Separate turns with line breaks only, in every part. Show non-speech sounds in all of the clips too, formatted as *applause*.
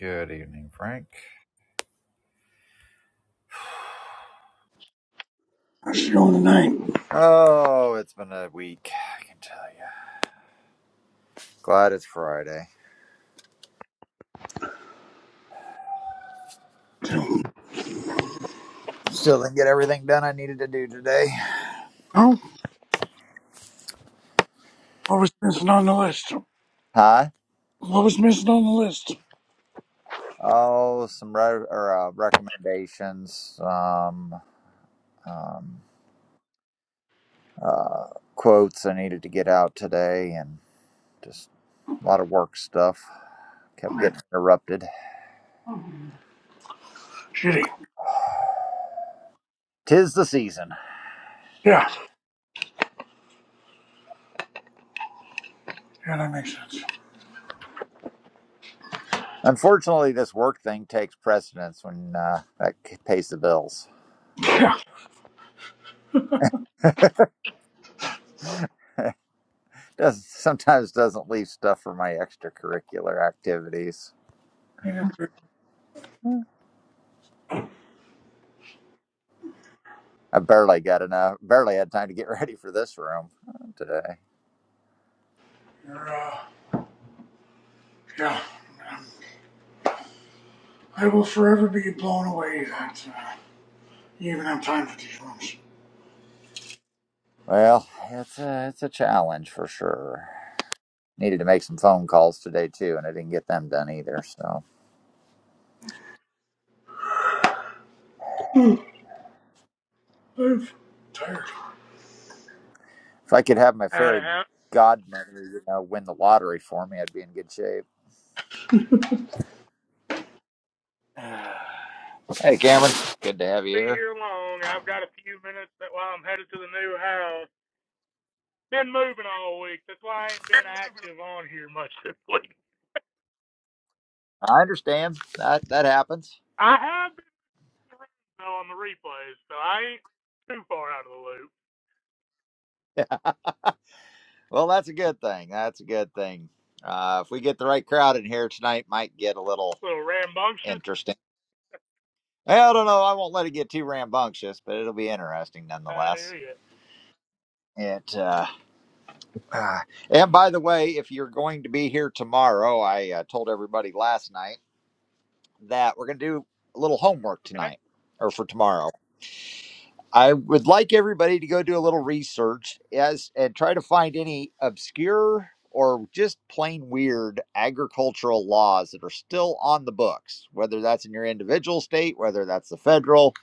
Good evening, Frank.
I should going tonight.
Oh, it's been a week, I can tell you. Glad it's Friday.
So,
Still didn't get everything done I needed to do today.
oh, what was missing on the list?
Huh?
What was missing on the list?
Oh, some re- or, uh, recommendations, um, um, uh, quotes I needed to get out today, and just a lot of work stuff. Kept getting interrupted.
Shitty.
Tis the season.
Yeah, yeah, that makes sense.
Unfortunately, this work thing takes precedence when uh, that pays the bills. Does sometimes doesn't leave stuff for my extracurricular activities.
You
Hmm. I barely got enough. Barely had time to get *laughs* ready for this room today.
are uh, yeah, I will forever be blown away that uh, you even have time for these rooms.
Well, it's a it's a challenge for sure. Needed to make some phone calls today too, and I didn't get them done either. So
I'm tired.
if I could have my
Out of
fairy
house.
godmother, you know, win the lottery for me, I'd be in good shape. *sighs* Hey, Cameron, good to have you
Be
here.
here long. I've got a few minutes that while I'm headed to the new house. Been moving all week. That's why I ain't been active on here much this *laughs* week.
I understand that that happens.
I have been in the room, though on the replays, so I ain't too far out of the loop.
Well, that's a good thing. That's a good thing. Uh, if we get the right crowd in here tonight, might get a little
little rambunctious.
interesting. Well, I don't know. I won't let it get too rambunctious, but it'll be interesting
I hear
nonetheless.
you.
It uh, uh, and by the way, if you're going to be here tomorrow, I uh, told everybody last night that we're going to do a little homework
Okay.
tonight or for tomorrow. I would like everybody to go do a little research as and try to find any obscure or just plain weird agricultural laws that are still on the books, whether that's in your individual state, whether that's the federal.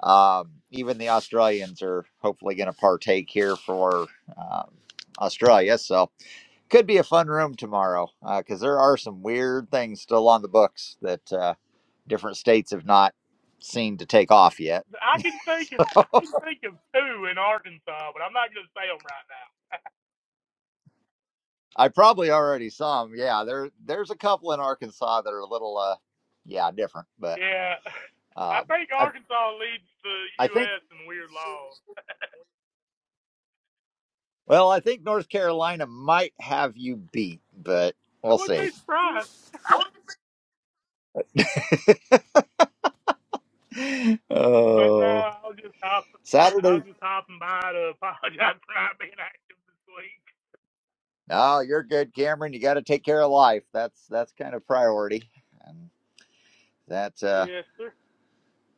Um, even the Australians are hopefully going to partake here for um, Australia. So could be a fun room tomorrow because there are some weird things still on the books that uh, different states have not seen to take off yet.
I can think of I can think of two in Arkansas, but I'm not gonna say them right now.
I probably already saw them. Yeah, there there's a couple in Arkansas that are a little uh yeah, different, but
Yeah. *laughs* I
um
think
I
Arkansas leads the
I think
U.S. in weird laws.
well, I think North Carolina might have you beat, but
I
we'll
wouldn't
see.
be surprised.
*laughs*
But no,
Oh,
I was just hopping. I
Saturday.
was just hopping by to *laughs* apologize for not being active this week.
No, you're good, Cameron. You got to take care of life. That's that's kind of priority. And that uh
Yes, sir.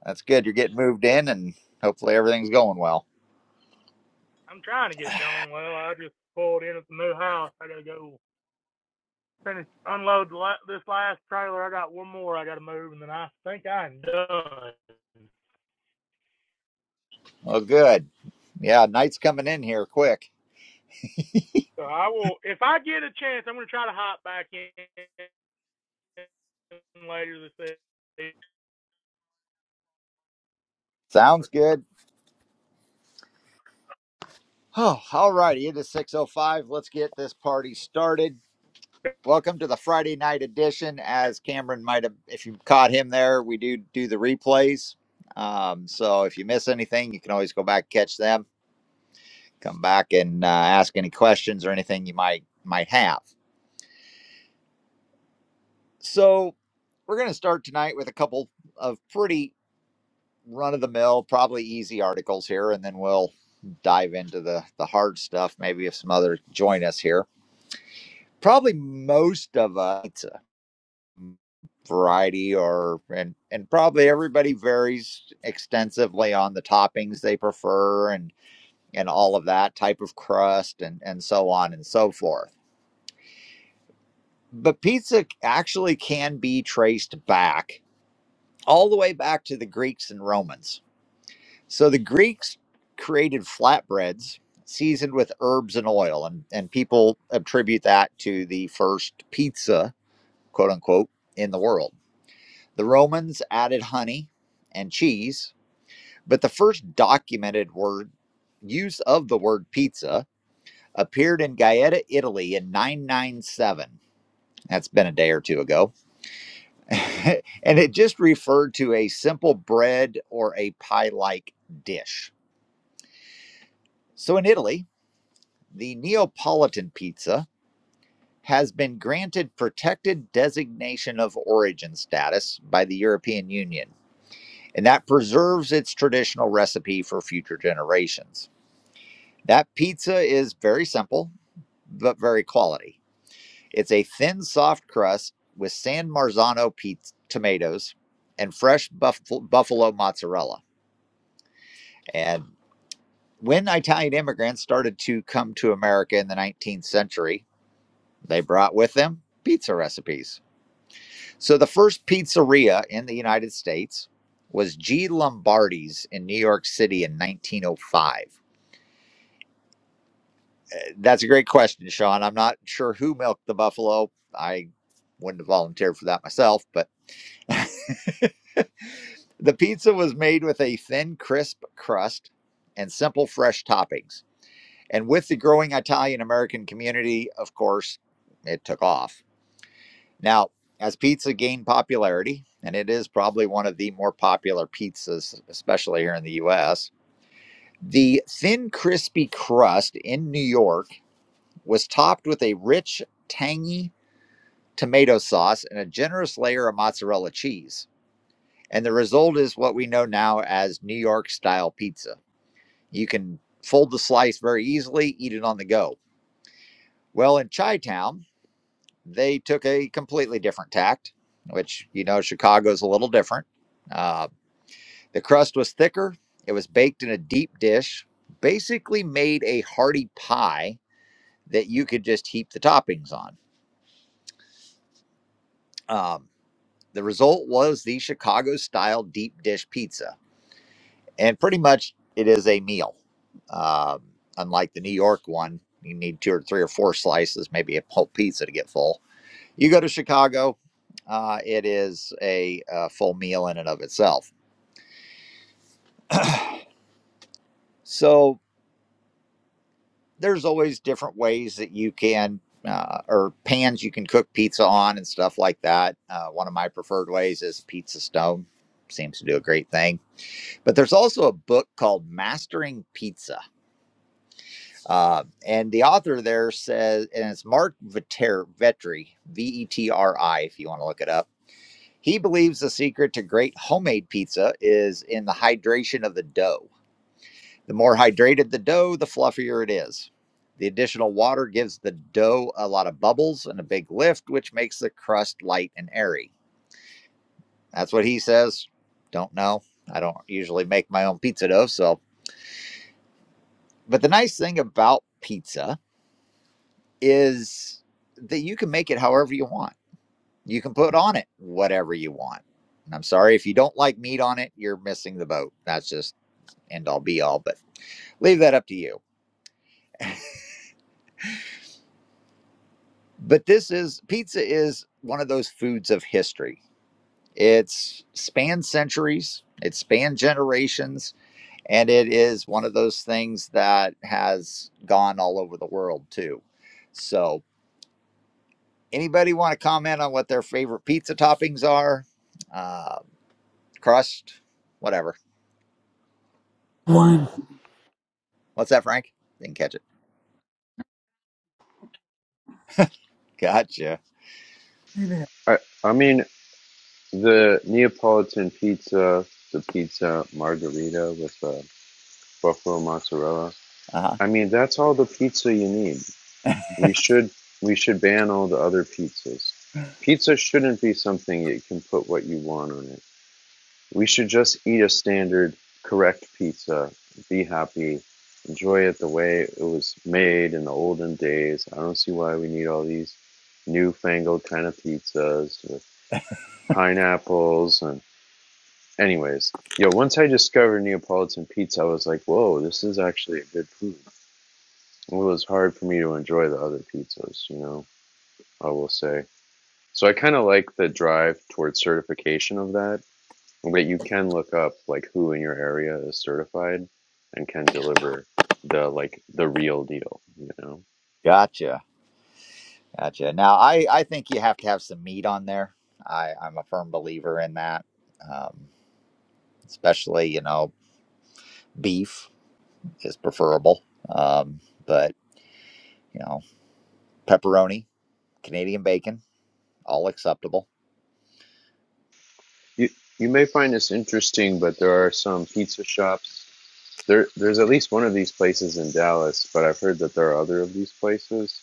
that's good. You're getting moved in and hopefully everything's going well.
I'm trying to get it going. Well, I just pulled in at the new house. I gotta go finish unload the la- this last trailer. I got one more I gotta move, and then I think I'm done.
Well, good. Yeah, night's coming in here quick.
So I will, if I get a chance, I'm gonna try to hop back in later this evening.
Sounds good. Oh, all righty. It is 6.05. Let's get this party started. Welcome to the Friday night edition. As Cameron might have, if you caught him there, we do do the replays. Um, so if you miss anything, you can always go back, catch them, come back and uh, ask any questions or anything you might might have. So we're going to start tonight with a couple of pretty run-of-the-mill, probably easy articles here, and then we'll dive into the the hard stuff. Maybe if some others join us here. probably most of us it's a variety or and and probably everybody varies extensively on the toppings they prefer and and all of that type of crust and and so on and so forth but pizza actually can be traced back all the way back to the greeks and romans so the greeks created flatbreads seasoned with herbs and oil and and people attribute that to the first pizza quote unquote in the world The Romans added honey and cheese, but the first documented word use of the word pizza appeared in Gaeta, Italy in 997. That's been a day or two ago. *laughs* and it just referred to a simple bread or a pie like dish. So in Italy, the Neapolitan pizza has been granted protected designation of origin status by the European Union. and that preserves its traditional recipe for future generations. That pizza is very simple, but very quality. It's a thin, soft crust with San Marzano pizza, tomatoes and fresh buff- buffalo mozzarella. And when Italian immigrants started to come to America in the 19th century, they brought with them pizza recipes. So the first pizzeria in the United States was G. Lombardi's in New York City in 1905 That's a great question, Sean. I'm not sure who milked the buffalo. I wouldn't have volunteered for that myself, but the pizza was made with a thin, crisp crust and simple, fresh toppings. And with the growing Italian American community, of course, it took off. Now, as pizza gained popularity, and it is probably one of the more popular pizzas, especially here in the US, the thin, crispy crust in New York was topped with a rich, tangy tomato sauce, and a generous layer of mozzarella cheese. And the result is what we know now as New York style pizza. You can fold the slice very easily, eat it on the go. Well, in Chi-town, they took a completely different tact, which, you know, Chicago's a little different. Uh, the crust was thicker, it was baked in a deep dish, basically made a hearty pie that you could just heap the toppings on. Um, the result was the Chicago style deep dish pizza and pretty much it is a meal. Um, unlike the New York one, you need two or three or four slices, maybe a whole pizza to get full. You go to Chicago, uh, it is a, uh full meal in and of itself. So there's always different ways that you can. Uh, or pans you can cook pizza on and stuff like that. Uh, one of my preferred ways is pizza stone. Seems to do a great thing. But there's also a book called Mastering Pizza Uh, and the author there says, and it's Mark Vetri, V E T R I, if you want to look it up. He believes the secret to great homemade pizza is in the hydration of the dough. The more hydrated the dough, the fluffier it is. The additional water gives the dough a lot of bubbles and a big lift, which makes the crust light and airy. That's what he says. Don't know. I don't usually make my own pizza dough, so. But the nice thing about pizza is that you can make it however you want. You can put on it whatever you want. And I'm sorry if you don't like meat on it, you're missing the boat. That's just end all be all, but leave that up to you. But this is pizza is one of those foods of history. It's spanned centuries, it's spanned generations, and it is one of those things that has gone all over the world too. So, anybody want to comment on what their favorite pizza toppings are? Uh, crust, whatever.
One.
What's that, Frank? Didn't catch it. Gotcha.
Maybe.
I I mean the Neapolitan pizza, the pizza margherita with the buffalo mozzarella.
Uh huh.
I mean that's all the pizza you need. We should we should ban all the other pizzas. Pizza shouldn't be something you can put what you want on it. We should just eat a standard correct pizza, be happy, enjoy it the way it was made in the olden days. I don't see why we need all these newfangled kind of pizzas with pineapples and. Anyways, yo, once I discovered Neapolitan pizza, I was like, whoa, this is actually a good food. It was hard for me to enjoy the other pizzas, you know, I will say. So I kind of like the drive towards certification of that, but you can look up like who in your area is certified and can deliver the like the real deal, you know.
Gotcha. Gotcha. Now, I I think you have to have some meat on there. I I'm a firm believer in that. Um, especially you know beef is preferable. Um, but you know pepperoni, Canadian bacon, all acceptable.
You you may find this interesting, but there are some pizza shops There, there's at least one of these places in Dallas, but I've heard that there are other of these places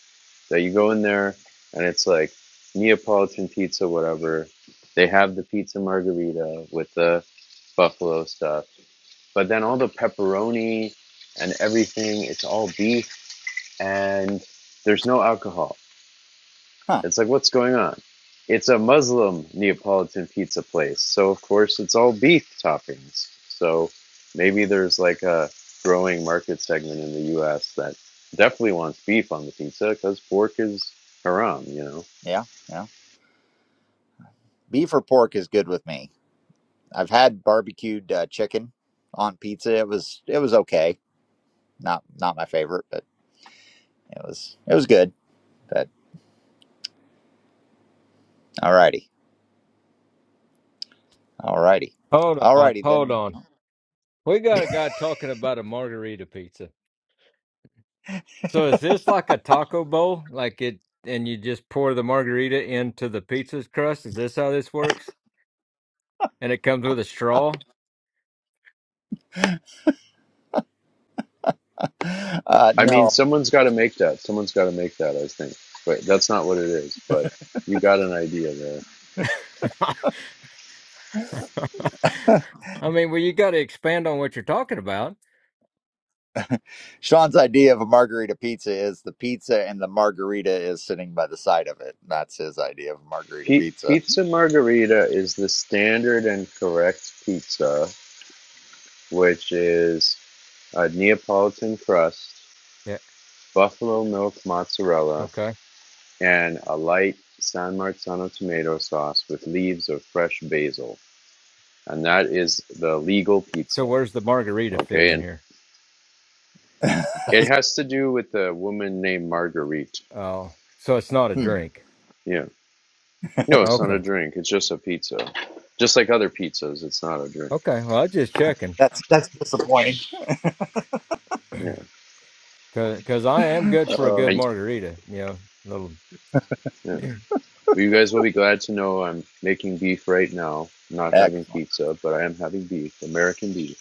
that you go in there and it's like Neapolitan pizza, whatever. They have the pizza margarita with the buffalo stuff, but then all the pepperoni and everything, it's all beef and there's no alcohol.
Huh.
It's like, what's going on? It's a Muslim Neapolitan pizza place, so of course it's all beef toppings. So maybe there's like a growing market segment in the U.S. that definitely wants beef on the pizza because pork is haram, you know.
Yeah. Yeah. Beef or pork is good with me. I've had barbecued uh, chicken on pizza. It was it was okay. Not not my favorite, but it was it was good. But All righty. All righty.
Hold
All
on,
righty.
hold
Then,
on. We got a guy talking about a margarita pizza. So is this like a taco bowl? Like it, and you just pour the margarita into the pizza's crust? Is this how this works? And it comes with a straw?
uh,
I mean,
no.
someone's got to make that. Someone's got to make that, I think. But that's not what it is. But you got an idea there.
*laughs* I mean, well, you got to expand on what you're talking about.
Sean's idea of a margarita pizza is the pizza and the margarita is sitting by the side of it. That's his idea of a margarita
P-
pizza.
pizza Margherita is the standard and correct pizza, which is a Neapolitan crust
Yeah.
buffalo milk mozzarella,
Okay.
and a light San Marzano tomato sauce with leaves of fresh basil. And that is the legal
So
pizza.
where's the margarita fit
Okay.
in
And
here?
*laughs*
it has to do with a woman named Marguerite.
Oh, so it's not a
Hmm.
drink.
Yeah. No, it's not a
Okay.
drink. It's just a pizza. Just like other pizzas, it's not a drink.
Okay. Well, I was just checking.
That's that's disappointing.
*clears throat*
Yeah.
Cause, 'cause I am good for a good
I,
margarita, you know, little.
yeah. Well, you guys will be glad to know I'm making beef right now. I'm not having
Excellent.
pizza, but I am having beef, American beef.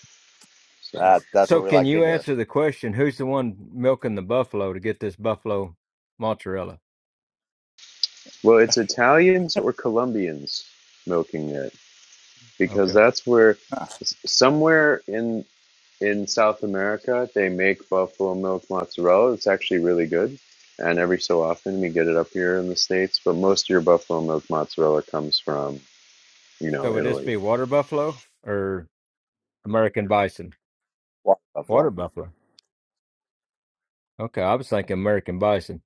So,
That, that's
So
what we
can
like to
you
hear.
answer the question, who's the one milking the buffalo to get this buffalo mozzarella?
well, it's Italians or Colombians milking it. because
Okay.
that's where
Huh.
somewhere in in South America they make buffalo milk mozzarella. It's actually really good, and every so often we get it up here in the states. But most of your buffalo milk mozzarella comes from you know
So would this
Italy.
be water buffalo or American bison?
Water
Water
buffalo.
buffalo. Okay, I was thinking American bison.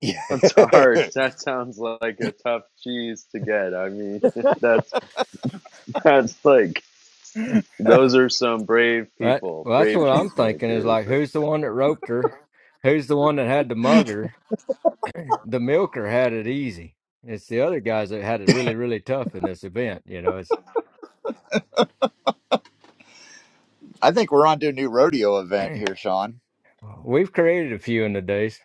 Yeah.
*laughs* That's hard.
*laughs*
That sounds like a tough cheese to get. I mean,
*laughs*
*laughs* that's that's like those are some brave
Right.
people,
Well, that's
brave
what I'm thinking is
cheesemakers.
like, who's the one that roped her? Who's the one that had to mug her? the milker had it easy. It's the other guys that had it really, really tough in this event. You know, it's
I think we're on to a new rodeo event
*clears throat*
here, Sean.
we've created a few in the days,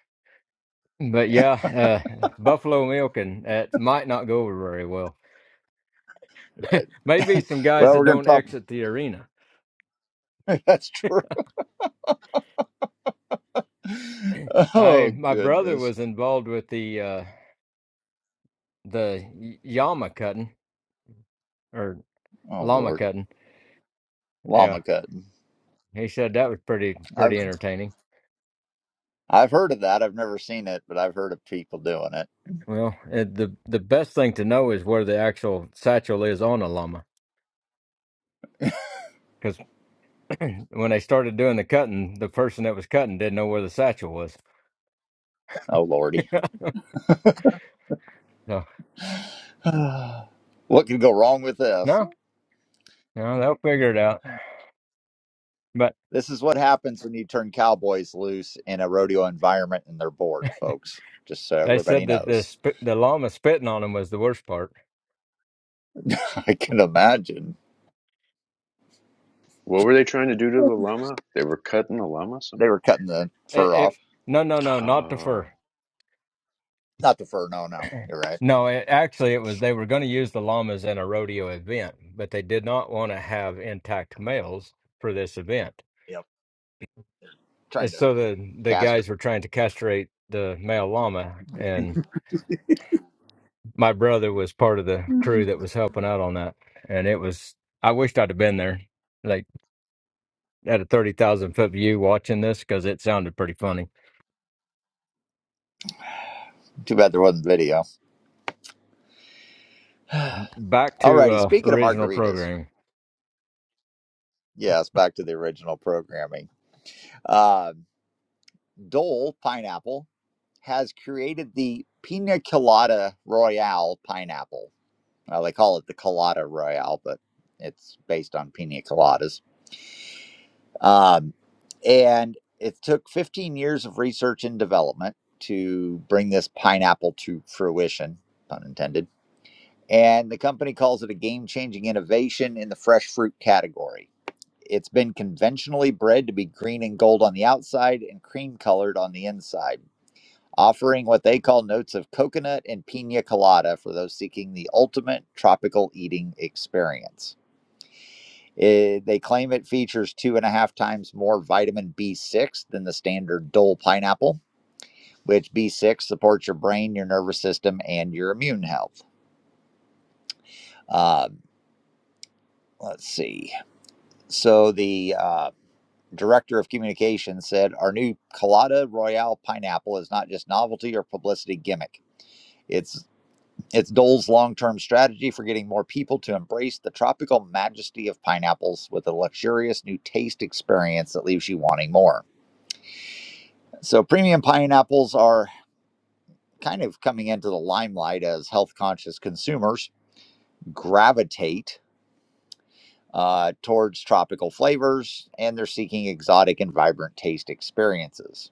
but yeah, uh, buffalo milking that might not go over very well. Maybe
*laughs*
some guys
Well,
that
we're going to
don't
probably.
exit the arena.
*laughs* That's true.
I
Oh,
my brother
goodness.
was involved with the uh, the y- llama cutting or
Oh,
llama
Lord.
cutting. Yeah,
Llama cutting.
he said that was pretty pretty
I've.
entertaining.
I've heard of that. I've never seen it, but I've heard of people doing it.
Well, uh the the best thing to know is where the actual satchel is on a llama *clears throat* when they started doing the cutting, the person that was cutting didn't know where the satchel was.
Oh, Lordy.
*laughs* No,
*sighs* what could go wrong with this?
no, no, they'll figure it out. But
This is what happens when you turn cowboys loose in a rodeo environment and they're bored, folks. Just so
they
everybody
said that the
knows.
spit, the llama spitting on him was the worst part.
*laughs* I can imagine.
What were they trying to do to the llama? They were cutting the llama. Some.
They were cutting the
It,
fur off.
it, no, no, no, not the fur.
Oh,
Not the fur, no, no. You're right.
No, it, actually, it was they were going to use the llamas in a rodeo event, but they did not want to have intact males for this event.
Yep.
And
Trying to
so the the
castrate.
guys were trying to castrate the male llama, and. my brother was part of the crew that was helping out on that, and it was. I wished I'd have been there, like at a thirty thousand foot view, watching this because it sounded pretty funny.
Too bad there wasn't video. *sighs*
And Back to
Alrighty,
uh,
speaking of
original
margaritas,
programming.
yes, back to the original programming. Uh, Dole pineapple has created the Pina Colada Royale pineapple. Well, they call it the Colada Royale, but it's based on pina coladas. Um, and it took 15 years of research and development to bring this pineapple to fruition, pun intended. And the company calls it a game changing innovation in the fresh fruit category. It's been conventionally bred to be green and gold on the outside and cream colored on the inside offering what they call notes of coconut and pina colada for those seeking the ultimate tropical eating experience. Eh, they claim it features two and a half times more vitamin B6 than the standard Dole pineapple, which B6 supports your brain, your nervous system, and your immune health. Um, let's see. So the uh, director of communications said our new colada royale pineapple is not just novelty or publicity gimmick it's It's Dole's long term strategy for getting more people to embrace the tropical majesty of pineapples with a luxurious new taste experience that leaves you wanting more. So, premium pineapples are kind of coming into the limelight as health conscious consumers gravitate uh, towards tropical flavors and they're seeking exotic and vibrant taste experiences.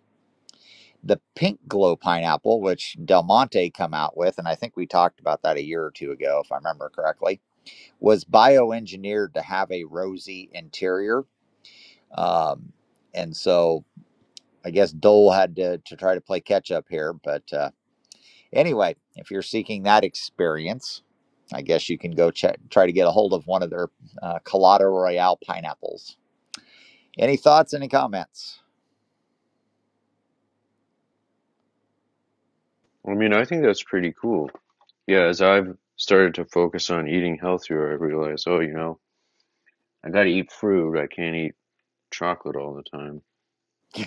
The pink glow pineapple, which Del Monte come out with, and I think we talked about that a year or two ago, if I remember correctly was bioengineered to have a rosy interior. Um, and so I guess Dole had to, to try to play catch up here. But uh, anyway, if you're seeking that experience, I guess you can go check, try to get a hold of one of their uh, Colada Royale pineapples. Any thoughts, any comments?
I mean, I think that's pretty cool. yeah, as I've started to focus on eating healthier, I realize, oh, you know, I got to eat fruit. I can't eat chocolate all the time,
*laughs*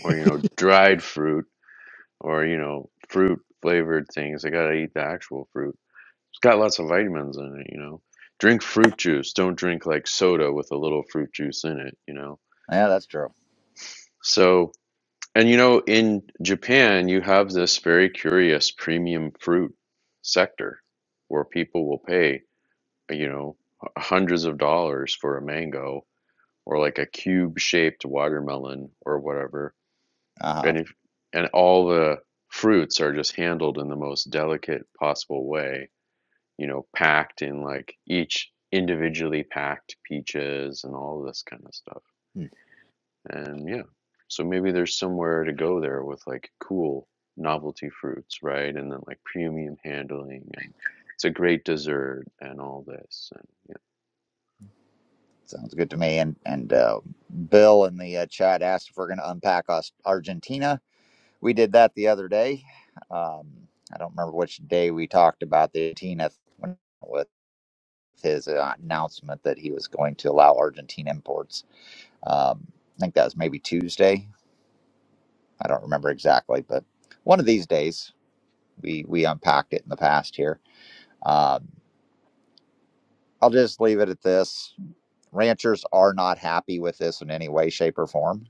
or you know, dried fruit, or you know, fruit flavored things. I got to eat the actual fruit. It's got lots of vitamins in it, you know. Drink fruit juice. Don't drink like soda with a little fruit juice in it, you know.
Yeah, that's true.
So, and you know, in Japan, you have this very curious premium fruit sector where people will pay. you know, hundreds of dollars for a mango or like a cube shaped watermelon or whatever.
Uh
And if, and all the fruits are just handled in the most delicate possible way, you know, packed in like each individually packed peaches and all this kind of stuff.
huh.
And yeah, so maybe there's somewhere to go there with like cool novelty fruits, right? And then like premium handling and it's a great dessert and all this. And yeah.
Sounds good to me. And and uh, Bill in the uh, chat asked if we're going to unpack us Argentina. we did that the other day. Um, I don't remember which day we talked about the 18th with his uh, announcement that he was going to allow Argentine imports. Um, I think that was maybe Tuesday. I don't remember exactly, but one of these days we we unpacked it in the past here. Um, I'll just leave it at this: ranchers are not happy with this in any way, shape, or form.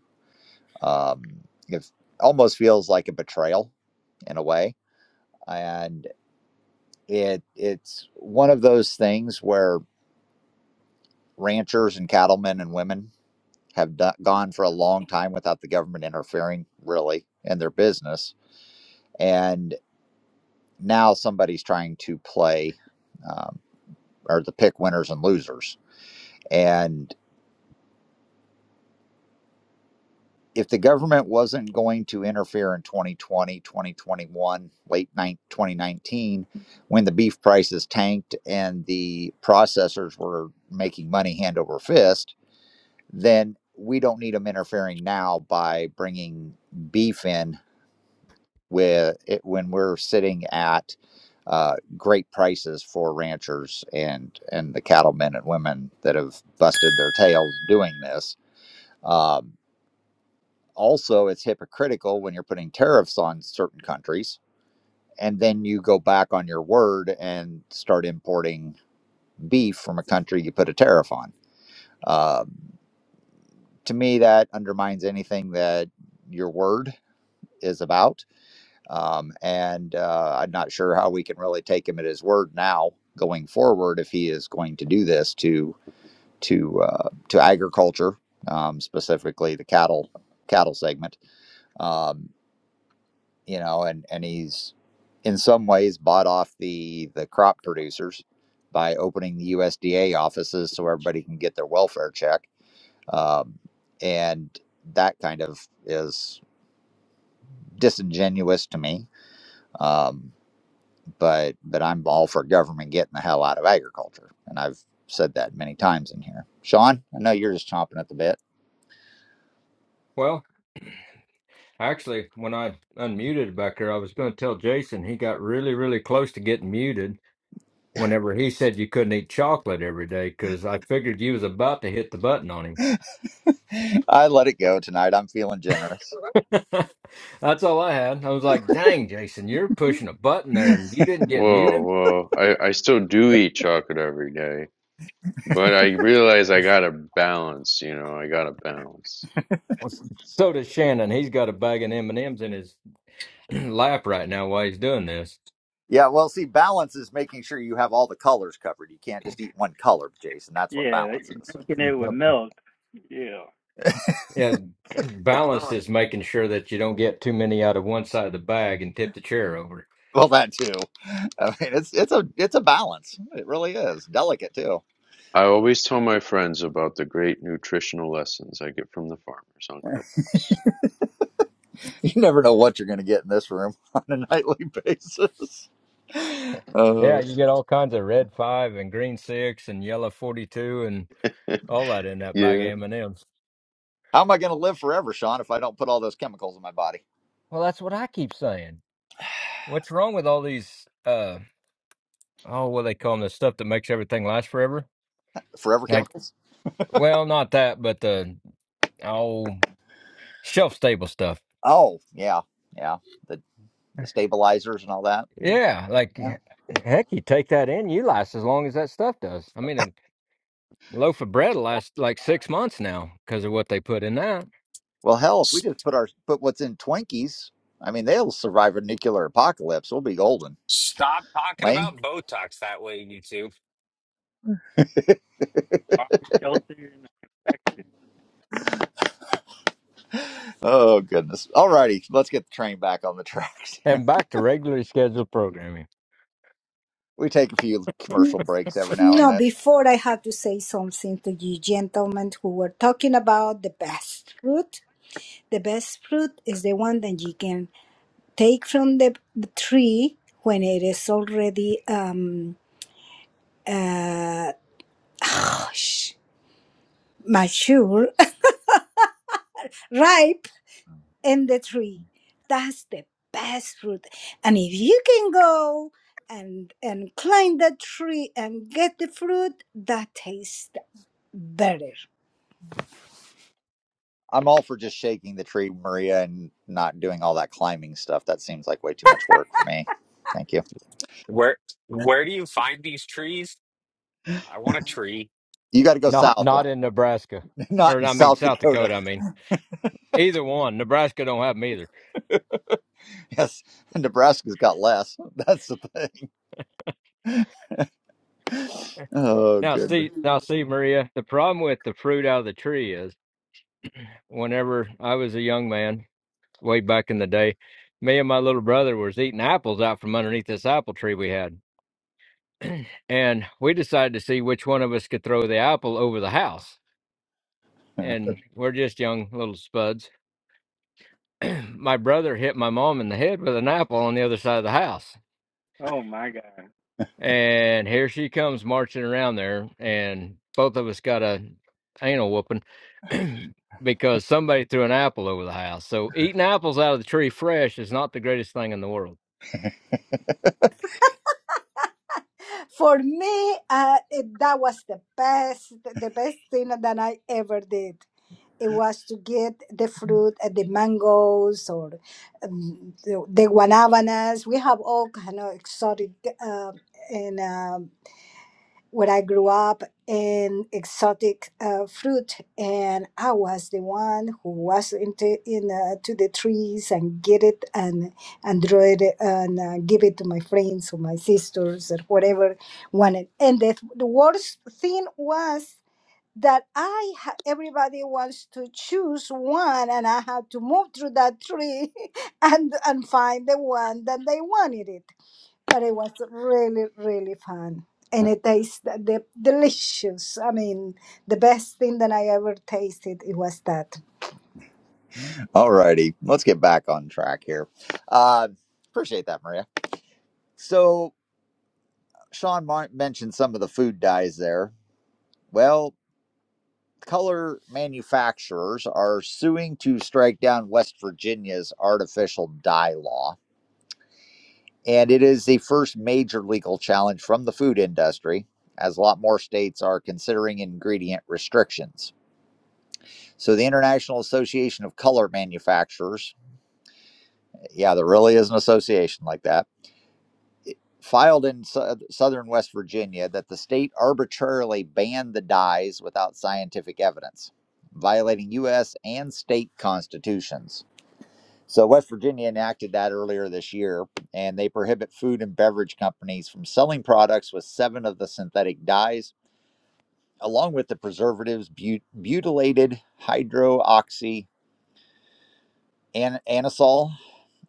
Um, it almost feels like a betrayal in a way, and It it's one of those things where ranchers and cattlemen and women have do- gone for a long time without the government interfering really in their business, and now somebody's trying to play um, or to pick winners and losers. And if the government wasn't going to interfere in 2020 2021 late 2019, when the beef prices tanked and the processors were making money hand over fist then we don't need them interfering now by bringing beef in with it when we're sitting at uh, great prices for ranchers and and the cattlemen and women that have busted their tails doing this. Um, also, it's hypocritical when you're putting tariffs on certain countries and then you go back on your word and start importing beef from a country you put a tariff on. Um to me, that undermines anything that your word is about. Um, and uh, I'm not sure how we can really take him at his word now going forward if he is going to do this to to uh, to agriculture, um, specifically the cattle cattle segment. Um, you know, and and he's in some ways bought off the the crop producers by opening the USDA offices so everybody can get their welfare check. Um, and that kind of is disingenuous to me. Um, but but I'm all for government getting the hell out of agriculture, and I've said that many times in here. Sean, I know you're just chomping at the bit.
Well, Actually, when I unmuted back there, I was going to tell Jason he got really, really close to getting muted whenever he said you couldn't eat chocolate every day because I figured you was about to hit the button on him.
*laughs* I let it go tonight. I'm feeling generous.
*laughs* That's all I had. I was like, dang, Jason, you're pushing a button there and you didn't get muted?
Whoa, whoa. I, I still do eat chocolate every day, but I realize I
*laughs*
gotta balance, you know, I gotta balance.
So does Shannon. He's got a bag of M&Ms in his *clears throat* lap right now while he's doing this.
Yeah, well, see, balance is making sure you have all the colors covered. You can't just eat one color, Jason. That's what
Yeah, that
balance
you're
is.
drinking it with
Yep.
milk. Yeah.
And *clears throat* balanced is making sure that you don't get too many out of one side of the bag and tip the chair over.
Well, that too. *laughs* I mean, it's it's a it's a balance. It really is delicate too. *laughs*
I always tell my friends about the great nutritional lessons I get from the farmers on Clubhouse.
You never know what you're going to get in this room *laughs* on a nightly *laughs* basis. Uh,
Yeah, you get all kinds of red five and green six and yellow 42 and all that in that bag
Yeah.
of M&Ms.
how am I going to live forever, Sean, if I don't put all those chemicals in my body?
Well, that's what I keep saying. What's wrong with all these uh oh, what do they call them, the stuff that makes everything last forever?
Forever
Like,
Chemicals.
well, not that, but the oh, shelf stable stuff.
Oh, yeah, yeah. The the stabilizers and all that.
Yeah, like
Yeah.
he- heck, you take that in, you last as long as that stuff does. I mean, a loaf of bread will
Oh,
last like
I-
6 months now because of what they put in that.
Well, hell, if we just put our put what's in Twinkies, I mean, they'll survive a nuclear apocalypse. We'll be golden.
Stop talking
Lane.
about Botox that way, YouTube.
I'm sheltered in the confection.
*laughs* Oh goodness. All righty, let's get the train back on the tracks. *laughs*
And back to regularly scheduled programming.
we take a few commercial breaks every now and
No,
then.
before I have to say something to you gentlemen who were talking about the best fruit. The best fruit is the one that you can take from the, the tree when it is already um uh *sighs* mature, *laughs* ripe in the tree. That's the best fruit. And if you can go and and climb the tree and get the fruit, that tastes better.
I'm all for just shaking the tree, Maria, and not doing all that climbing stuff. That seems like way too much work for me. Thank you.
Where where do you find these trees? I want a tree.
You got to go
Not
south,
not
one,
in Nebraska,
*laughs* not
or
in
I mean
South
South
Dakota.
Dakota. I mean either one. Nebraska don't have them either.
Yes, *laughs* Nebraska's got less. *laughs* That's the thing. Oh,
Now
good.
see, now see, Maria. The problem with the fruit out of the tree is, whenever I was a young man, way back in the day, me and my little brother was eating apples out from underneath this apple tree we had, and we decided to see which one of us could throw the apple over the house.
*laughs*
And we're just young little spuds. *clears throat* my brother hit my mom in the head with an apple on the other side of the house
Oh my God.
And here she comes marching around there, and both of us got a anal whooping *clears throat* because somebody threw an apple over the house. So eating apples out of the tree fresh is not the greatest thing in the world.
For me, uh, it, that was the best, the best thing that I ever did. It was to get the fruit, uh, the mangoes or um, the, the guanabanas. We have all kind of exotic uh, and um, where I grew up in exotic uh, fruit, and I was the one who was into in uh, to the trees and get it and and draw it and uh, give it to my friends or my sisters or whatever wanted. And the, the worst thing was that I ha- everybody wants to choose one, and I had to move through that tree *laughs* and and find the one that they wanted it. But it was really really fun, and it tasted de- delicious. I mean, the best thing that I ever tasted it was that.
All righty, let's get back on track here. Uh, appreciate that, Maria. So Sean Mar- mentioned some of the food dyes there. Well, color manufacturers are suing to strike down West Virginia's artificial dye law And it is the first major legal challenge from the food industry, as a lot more states are considering ingredient restrictions. So, the International Association of Color Manufacturers, yeah, there really is an association like that, filed in sou- southern West Virginia that the state arbitrarily banned the dyes without scientific evidence, violating U.S. and state constitutions. So West Virginia enacted that earlier this year, and they prohibit food and beverage companies from selling products with seven of the synthetic dyes, along with the preservatives but- butylated hydroxy an- anisole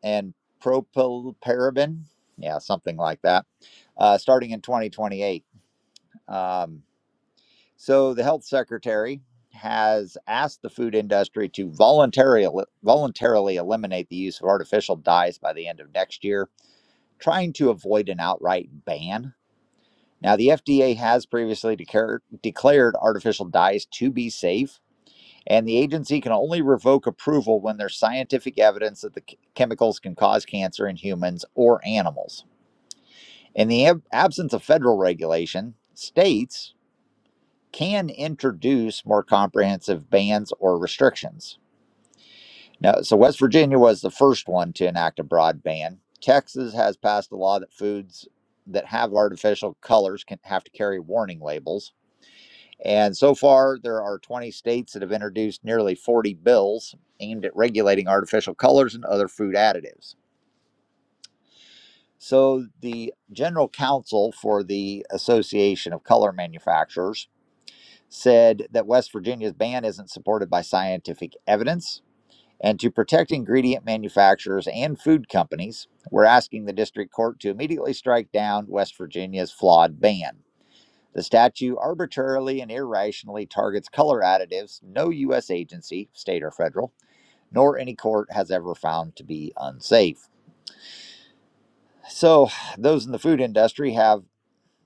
and propylparaben, yeah, something like that, uh, starting in 2028. Um, so the health secretary has asked the food industry to voluntarily voluntarily eliminate the use of artificial dyes by the end of next year trying to avoid an outright ban. Now, the FDA has previously declared, declared artificial dyes to be safe, and the agency can only revoke approval when there's scientific evidence that the ch- chemicals can cause cancer in humans or animals. In the ab- absence of federal regulation, states can introduce more comprehensive bans or restrictions. Now, so West Virginia was the first one to enact a broad ban. Texas has passed a law that foods that have artificial colors can have to carry warning labels. And so far, there are 20 states that have introduced nearly 40 bills aimed at regulating artificial colors and other food additives. So, the general counsel for the Association of Color Manufacturers said that West Virginia's ban isn't supported by scientific evidence And to protect ingredient manufacturers and food companies, we're asking the district court to immediately strike down West Virginia's flawed ban. The statute arbitrarily and irrationally targets color additives no U.S. agency, state or federal, nor any court has ever found to be unsafe. So, those in the food industry have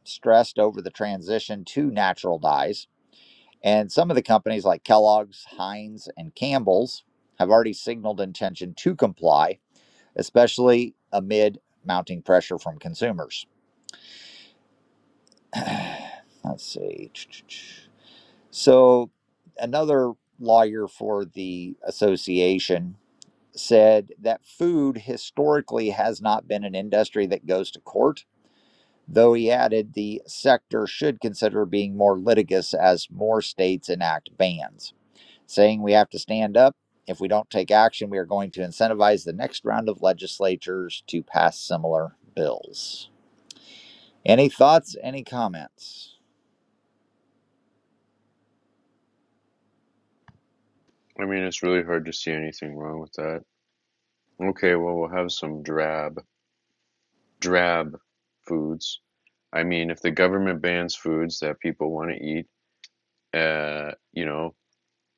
stressed over the transition to natural dyes. And some of the companies like Kellogg's, Heinz, and Campbell's have already signaled intention to comply especially amid mounting pressure from consumers. *sighs* Let's see. So, another lawyer for the association said that food historically has not been an industry that goes to court, though he added the sector should consider being more litigious as more states enact bans, saying we have to stand up. If we don't take action, we are going to incentivize the next round of legislatures to pass similar bills. Any thoughts? Any comments?
I mean, it's really hard to see anything wrong with that. Okay, well, we'll have some drab, drab foods. I mean, if the government bans foods that people want to eat, uh, you know,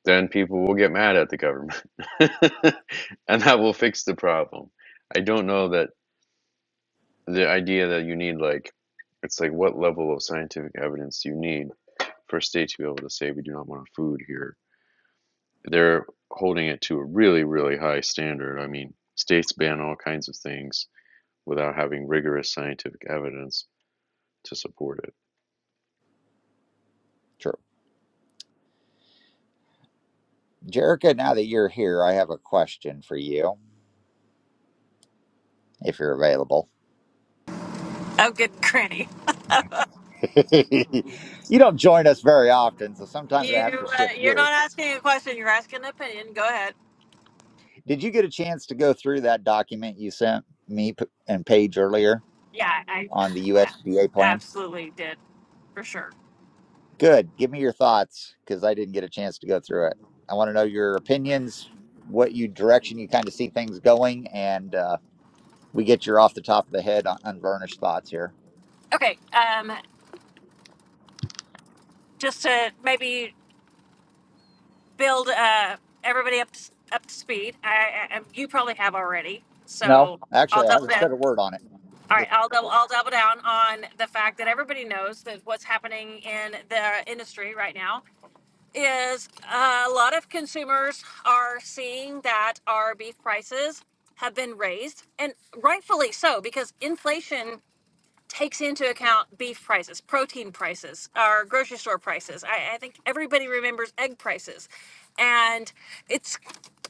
then people will get mad at the government *laughs* and that will fix the problem i don't know that the idea that you need like it's like what level of scientific evidence do you need for a state to be able to say we do not want food here they're holding it to a really really high standard i mean states ban all kinds of things without having rigorous scientific evidence to support it
True. Jerica, now that you're here, I have a question for you, if you're available.
Oh, good *laughs* granny.
*laughs* you don't join us very often, so sometimes I have to
You uh,
shift
you're
gears.
not asking a question. You're asking an opinion. Go ahead.
Did you get a chance to go through that document you sent me p- and Paige earlier
Yeah, I
on the USDA
a-
plan?
absolutely did for sure.
Good. Give me your thoughts because I didn't get a chance to go through it. I want to know your opinions, what you direction you kind of see things going, and uh, we get your off the top of the head, un- unvarnished thoughts here.
Okay, um, just to maybe build uh, everybody up to, up to speed. I, I, um, you probably have already,
No,
so I'll
actually, I
double
haven't
down.
said a word on it.
All right, I'll double I'll double down on the fact that everybody knows that what's happening in the industry right now is uh, a lot of consumers are seeing that our beef prices have been raised, and rightfully so, because inflation takes into account beef prices, protein prices, our grocery store prices. I, I think everybody remembers egg prices, and it's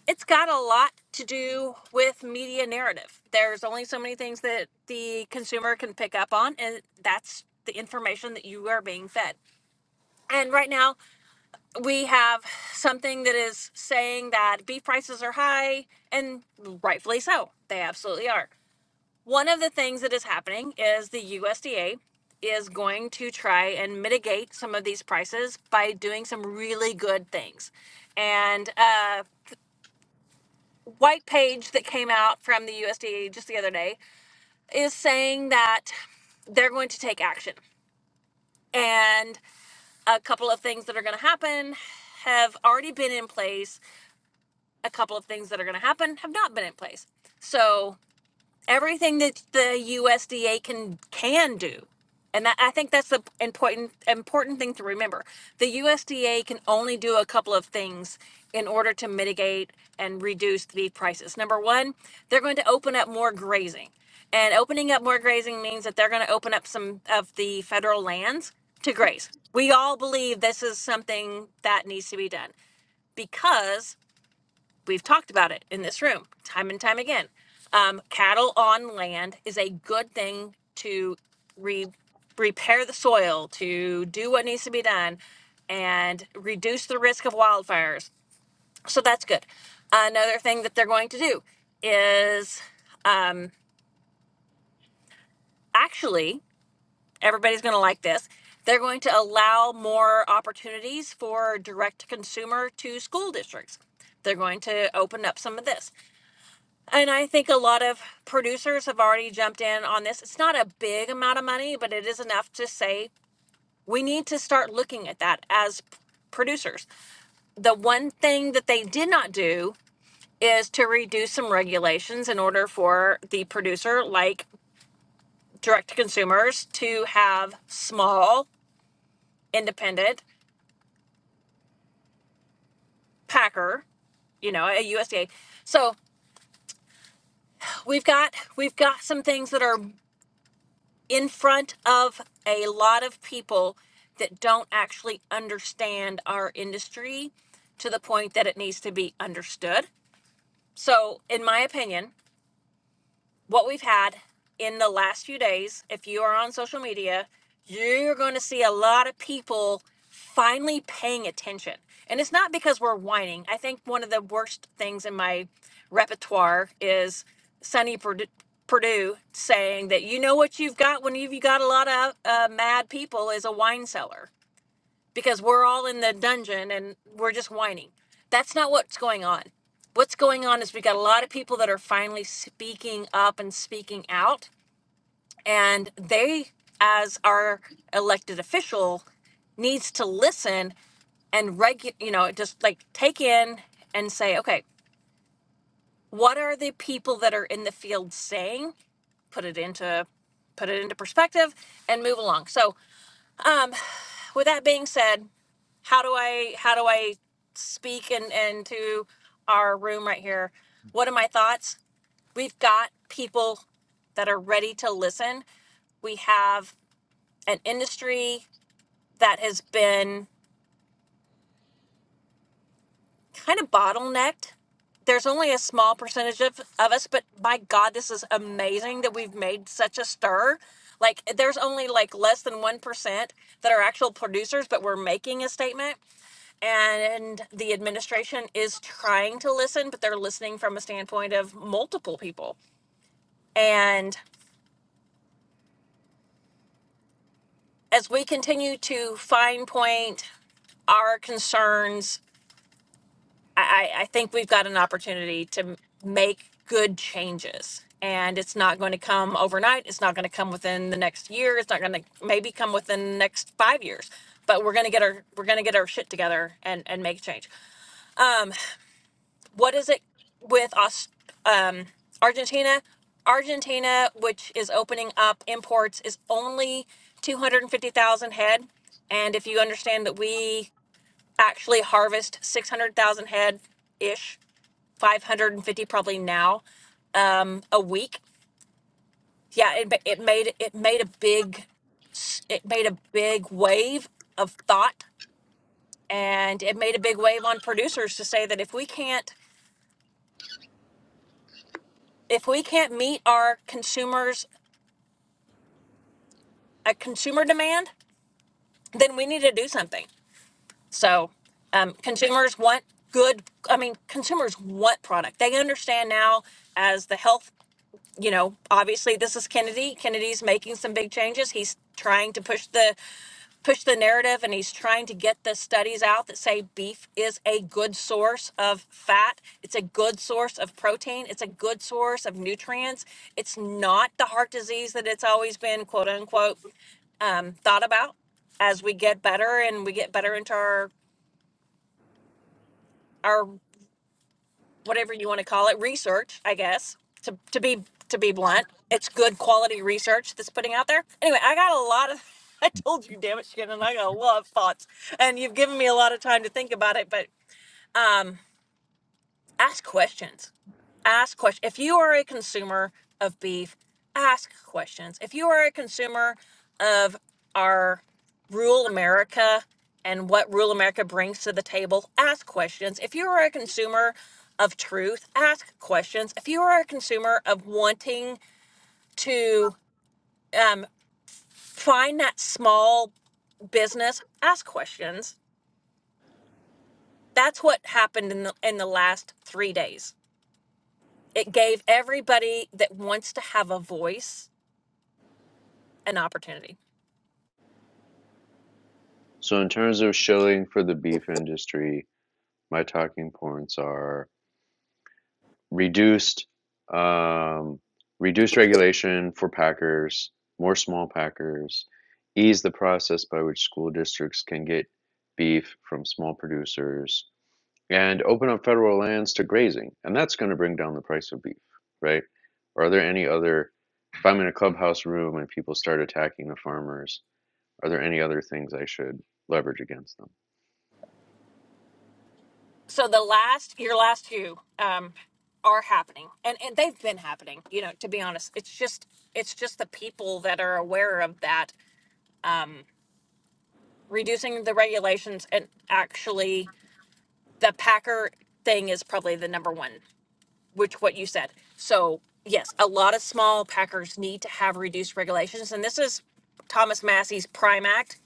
it's got a lot to do with media narrative. There's only so many things that the consumer can pick up on, and that's the information that you are being fed. And right now, we have something that is saying that beef prices are high, and rightfully so. They absolutely are. One of the things that is happening is the USDA is going to try and mitigate some of these prices by doing some really good things. And a white page that came out from the USDA just the other day is saying that they're going to take action. And a couple of things that are going to happen have already been in place a couple of things that are going to happen have not been in place. So everything that the USDA can can do, and that, I think that's the important important thing to remember. The USDA can only do a couple of things in order to mitigate and reduce the prices. Number one, they're going to open up more grazing, and opening up more grazing means that they're going to open up some of the federal lands to graze. We all believe this is something that needs to be done because We've talked about it in this room time and time again. Um, cattle on land is a good thing to re- repair the soil, to do what needs to be done, and reduce the risk of wildfires. So that's good. Another thing that they're going to do is um, actually, everybody's going to like this. They're going to allow more opportunities for direct to consumer to school districts. They're going to open up some of this. And I think a lot of producers have already jumped in on this. It's not a big amount of money, but it is enough to say we need to start looking at that as p- producers. The one thing that they did not do is to reduce some regulations in order for the producer, like direct to consumers, to have small, independent packer you know, at USDA. So we've got we've got some things that are in front of a lot of people that don't actually understand our industry to the point that it needs to be understood. So, in my opinion, what we've had in the last few days, if you are on social media, you're going to see a lot of people finally paying attention. And it's not because we're whining. I think one of the worst things in my repertoire is Sonny Perd- Perdue saying that you know what you've got when you've you got a lot of uh, mad people is a wine cellar because we're all in the dungeon and we're just whining. That's not what's going on. What's going on is we got a lot of people that are finally speaking up and speaking out, and they, as our elected official, needs to listen and regu- you know, just like take in and say, okay, what are the people that are in the field saying? Put it into put it into perspective and move along. So, um, with that being said, how do I how do I speak and and to our room right here? What are my thoughts? We've got people that are ready to listen. We have an industry that has been kind of bottlenecked. There's only a small percentage of, of us, but my God, this is amazing that we've made such a stir. Like, there's only like less than 1% that are actual producers, but we're making a statement. and the administration is trying to listen, but they're listening from a standpoint of multiple people. And as we continue to fine point our concerns, I, I I think we've got an opportunity to m- make good changes. And it's not going to come overnight. It's not going to come within the next year. It's not going to maybe come within the next five years. But we're going to get our we're going to get our shit together and and make change. What is it with us? Argentina, Argentina, which is opening up imports, is only 250,000 head. And if you understand that we actually harvest 600,000 head ish, 550 probably now um, a week. Yeah, it, ma- it made it made a big s- it made a big wave of thought and it made a big wave on producers to say that if we can't if we can't meet our consumers a consumer demand then we need to do something So um, consumers want good. I mean, consumers want product. They understand now as the health. You know, obviously this is Kennedy. Kennedy's making some big changes. He's trying to push the push the narrative, and he's trying to get the studies out that say beef is a good source of fat. It's a good source of protein. It's a good source of nutrients. It's not the heart disease that it's always been quote unquote um, thought about as we get better and we get better into our our whatever you want to call it, research, I guess, to, to be to be blunt. It's good quality research that's putting out there. Anyway, I got a lot of *laughs* I told you, damn it, Shannon, I got a lot of thoughts. And you've given me a lot of time to think about it, but um ask questions. Ask questions. If you are a consumer of beef, ask questions. If you are a consumer of our rural America and what rural America brings to the table, ask questions. If you are a consumer of truth, ask questions. If you are a consumer of wanting to um, find that small business, ask questions. That's what happened in the in the last three days it gave everybody that wants to have a voice an opportunity.
so in terms of shilling for the beef industry my talking points are reduced um, reduced regulation for packers, more small packers, ease the process by which school districts can get beef from small producers, and open up federal lands to grazing, and that's going to bring down the price of beef, right? Are there any other? If I'm in a clubhouse room and people start attacking the farmers, are there any other things I should leverage against them?
So the last, your last few, um, are happening, and and they've been happening. You know, to be honest, it's just it's just the people that are aware of that reducing the regulations, and actually the Packer thing is probably the number one, which what you said. So yes, a lot of small Packers need to have reduced regulations, and this is Thomas Massey's Prime Act,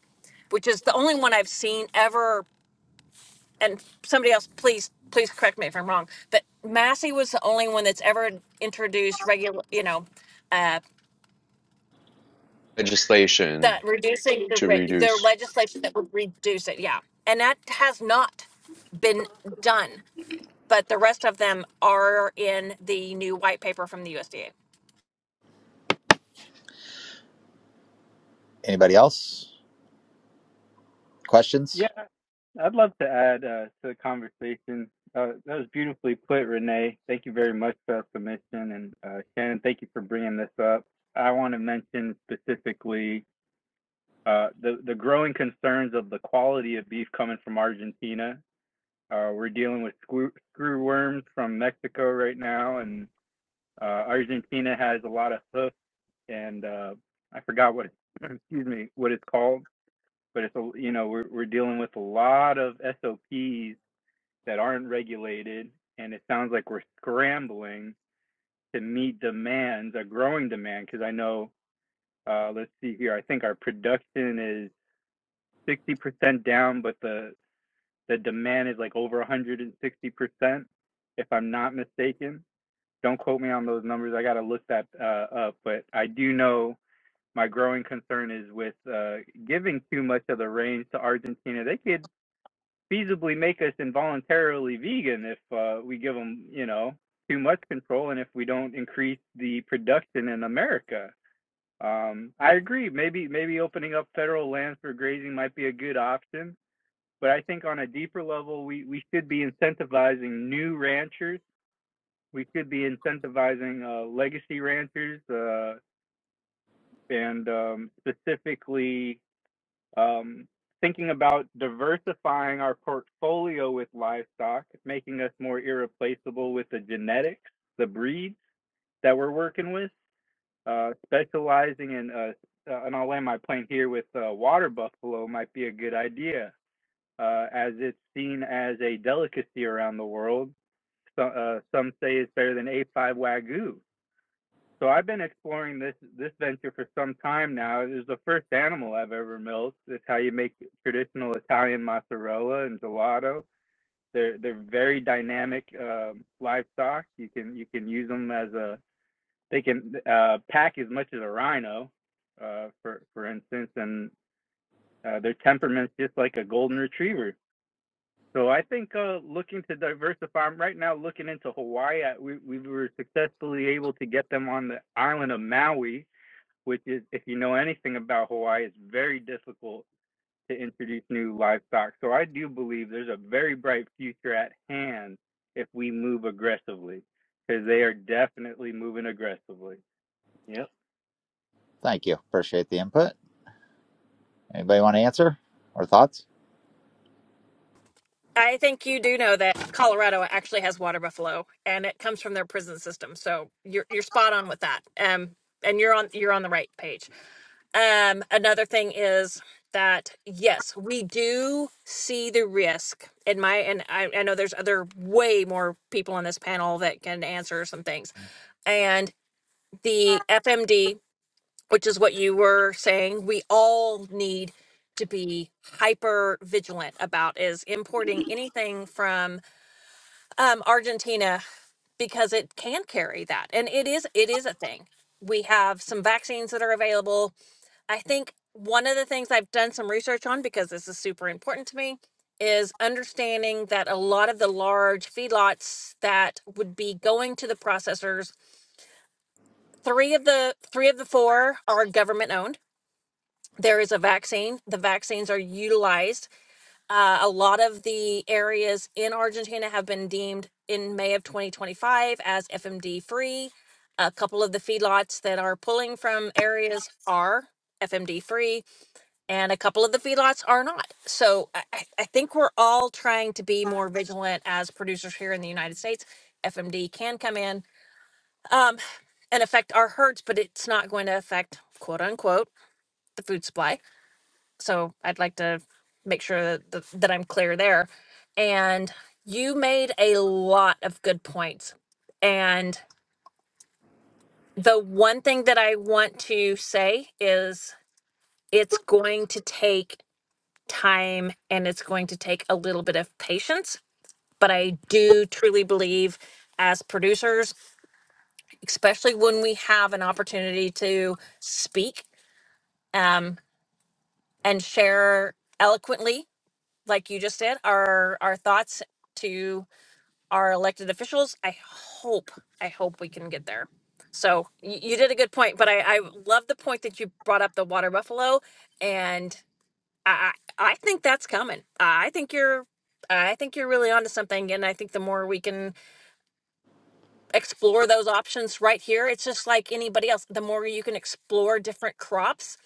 which is the only one I've seen ever and somebody else please please correct me if i'm wrong but massey was the only one that's ever introduced regular you know uh that
Legislation
reducing the
to
rate their
reduce.
legislation that would reduce it yeah and that has not been done but the rest of them are in the new white paper from the usda
Anybody else? Questions?
Yeah, I'd love to add uh, to the conversation. Uh, that was beautifully put, Renee. Thank you very much for that submission, and uh, Shannon, thank you for bringing this up. I want to mention specifically uh, the the growing concerns of the quality of beef coming from Argentina. Uh, we're dealing with screw, screw worms from Mexico right now, and uh, Argentina has a lot of hoof and uh, I forgot what *clears throat* *laughs* excuse me what it's called, but it's a, you know we're we're dealing with a lot of SOPs that aren't regulated, and it sounds like we're scrambling to meet demands, a growing demand, because I know uh, let's see here, I think our production is 60% down, but the the demand is like over 160%, if I'm not mistaken. Don't quote me on those numbers. I got to look that uh, up, but I do know my growing concern is with uh, giving too much of the reins to Argentina. They could feasibly make us involuntarily vegan if uh, we give them, you know, too much control, and if we don't increase the production in America. Um, I agree. Maybe maybe opening up federal lands for grazing might be a good option, but I think on a deeper level, we we should be incentivizing new ranchers. We should be incentivizing uh, legacy ranchers uh, and um, specifically Um, thinking about diversifying our portfolio with livestock, making us more irreplaceable with the genetics, the breeds that we're working with, uh, specializing in, uh, uh, and I'll land my plane here with uh, water buffalo might be a good idea, uh, as it's seen as a delicacy around the world. So, uh, some say it's better than A5 Wagyu. So I've been exploring this this venture for some time now. It was the first animal I've ever milked. It's how you make traditional Italian mozzarella and gelato. They're they're very dynamic um, livestock. You can you can use them as a they can uh, pack as much as a rhino, uh, for for instance, and uh, their temperament's just like a golden retriever. So I think uh, looking to diversify. I'm right now looking into Hawaii. We we were successfully able to get them on the island of Maui which is, if you know anything about Hawaii, it's very difficult to introduce new livestock. So I do believe there's a very bright future at hand if we move aggressively, because they are definitely moving aggressively. Yep,
Thank you. Appreciate the input. Anybody want to answer or thoughts?
i think you do know that colorado actually has water buffalo and it comes from their prison system so you're, you're spot on with that um and you're on you're on the right page Um, another thing is that yes, we do see the risk in my and I, I know there's other way more people on this panel that can answer some things. And the FMD, which is what you were saying, we all need to be hyper vigilant about is importing anything from um, Argentina because it can carry that. And it is it is a thing. We have some vaccines that are available I think one of the things I've done some research on because this is super important to me is understanding that a lot of the large feedlots that would be going to the processors, three of the three of the four are government owned. There is a vaccine. The vaccines are utilized. Uh, a lot of the areas in Argentina have been deemed in May of 2025 as FMD free. A couple of the feedlots that are pulling from areas are FMD free and a couple of the feedlots are not. So I, I I think we're all trying to be more vigilant as producers here in the United States. FMD can come in um, and affect our herds, but it's not going to affect quote unquote the food supply. So I'd like to make sure that, that, that I'm clear there. And you made a lot of good points. And the one thing that I want to say is it's going to take time and it's going to take a little bit of patience. But I do truly believe, as producers, especially when we have an opportunity to speak um, and share eloquently, like you just did, our, our thoughts to our elected officials, I hope, I hope we can get there. So y- you did a good point, but I, I love the point that you brought up the water buffalo. And I I I think that's coming. I think you're I think you're really onto something and I think the more we can explore those options right here, it's just like anybody else. The more you can explore different crops,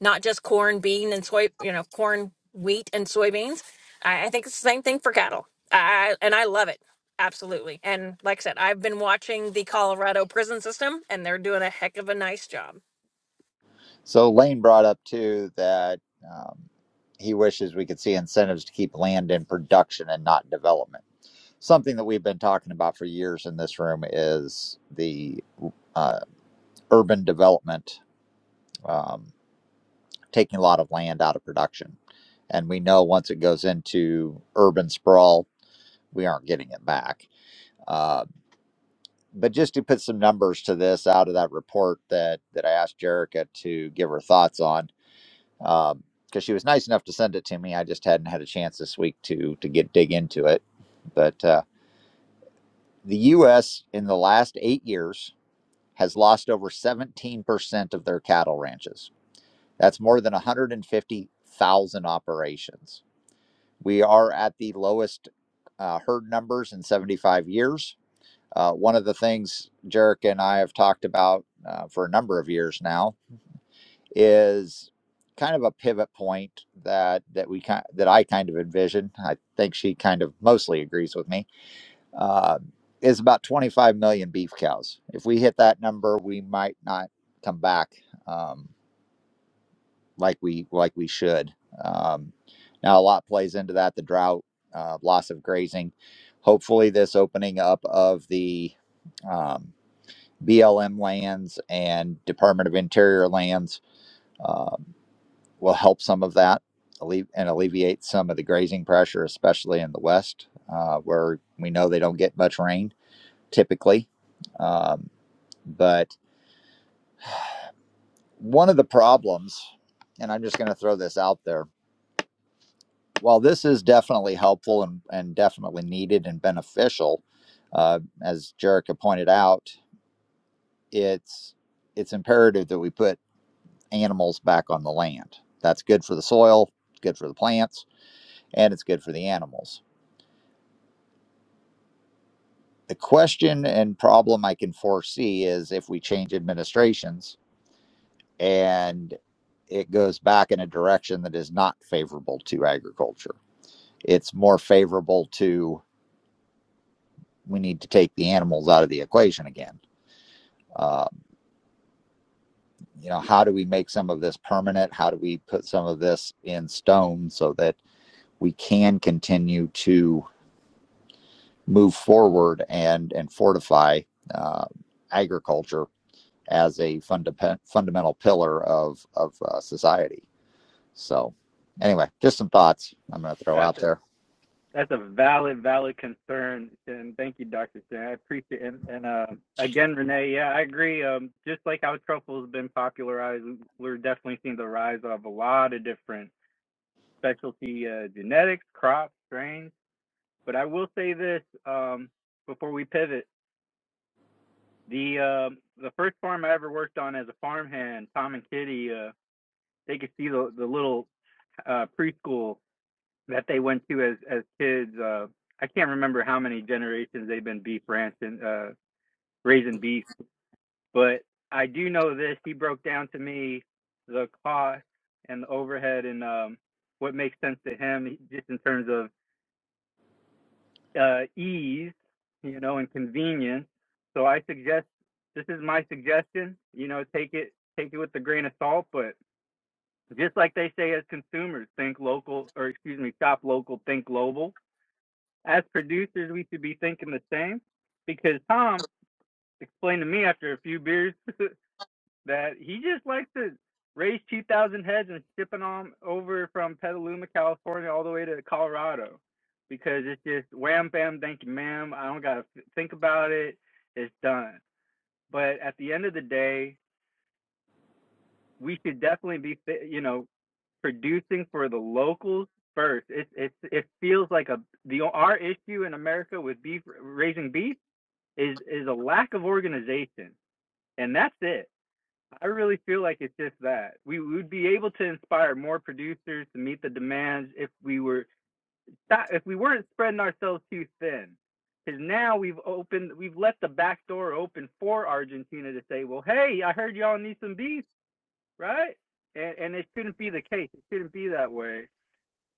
not just corn, bean and soy, you know, corn, wheat and soybeans. I, I think it's the same thing for cattle. I and I love it. Absolutely. And like I said, I've been watching the Colorado prison system and they're doing a heck of a nice job.
So Lane brought up too that um, he wishes we could see incentives to keep land in production and not development. Something that we've been talking about for years in this room is the uh, urban development um, taking a lot of land out of production, and we know once it goes into urban sprawl, we aren't getting it back Uh, but just to put some numbers to this out of that report that that I asked Jerrica to give her thoughts on, because um, she was nice enough to send it to me. I just hadn't had a chance this week to to get dig into it. But uh, the U.S. in the last eight years has lost over 17% of their cattle ranches. That's more than 150,000 operations. We are at the lowest uh, herd numbers in 75 years Uh, one of the things Jerk and I have talked about uh, for a number of years now is kind of a pivot point that that we kind that I kind of envision. I think she kind of mostly agrees with me. Uh, is about 25 million beef cows. If we hit that number, we might not come back um, like we like we should. Um, now a lot plays into that: the drought, uh, loss of grazing. Hopefully, this opening up of the um, BLM lands and Department of Interior lands um, will help some of that alle- and alleviate some of the grazing pressure, especially in the west, uh, where we know they don't get much rain typically. Um, but one of the problems, and I'm just going to throw this out there, while this is definitely helpful and, and definitely needed and beneficial, uh, as Jerica pointed out, it's it's imperative that we put animals back on the land. That's good for the soil, good for the plants, and it's good for the animals. The question and problem I can foresee is if we change administrations and it goes back in a direction that is not favorable to agriculture. It's more favorable to we need to take the animals out of the equation again. Um, you know, how do we make some of this permanent? How do we put some of this in stone so that we can continue to move forward and and fortify uh, agriculture as a funda- fundamental pillar of of uh, society. So, anyway, just some thoughts I'm going to throw
that's
out
a
there.
that's a valid valid concern, and thank you, Doctor Stan. I appreciate it. and and uh, again, Renee. Yeah, I agree. Um, just like how truffle's been popularized, we're definitely seeing the rise of a lot of different specialty uh, genetics, crops, strains But I will say this um, before we pivot: the um the first farm I ever worked on as a farmhand, Tom and Kitty, uh, they could see the the little uh, preschool that they went to as as kids. Uh, I can't remember how many generations they've been beef rancing, uh, raising beef, but I do know this. He broke down to me the cost and the overhead and um, what makes sense to him, just in terms of uh, ease, you know, and convenience. So I suggest this is my suggestion. You know, take it take it with a grain of salt, but just like they say as consumers, think local or excuse me, shop local, think global. As producers, we should be thinking the same because Tom explained to me after a few beers *laughs* that he just likes to raise 2,000 heads and shipping them over from Petaluma, California, all the way to Colorado because it's just wham, bam, thank you, ma'am. I don't got to f- think about it. It's done. But at the end of the day, we should definitely be, you know, producing for the locals first. It it it feels like a the our issue in America with beef raising beef is is a lack of organization, and that's it I really feel like it's just that we would be able to inspire more producers to meet the demands if we were if we weren't spreading ourselves too thin. Because now we've opened, we've left the back door open for Argentina to say, "Well, hey, I heard y'all need some beef, right?" And and it shouldn't be the case. It shouldn't be that way.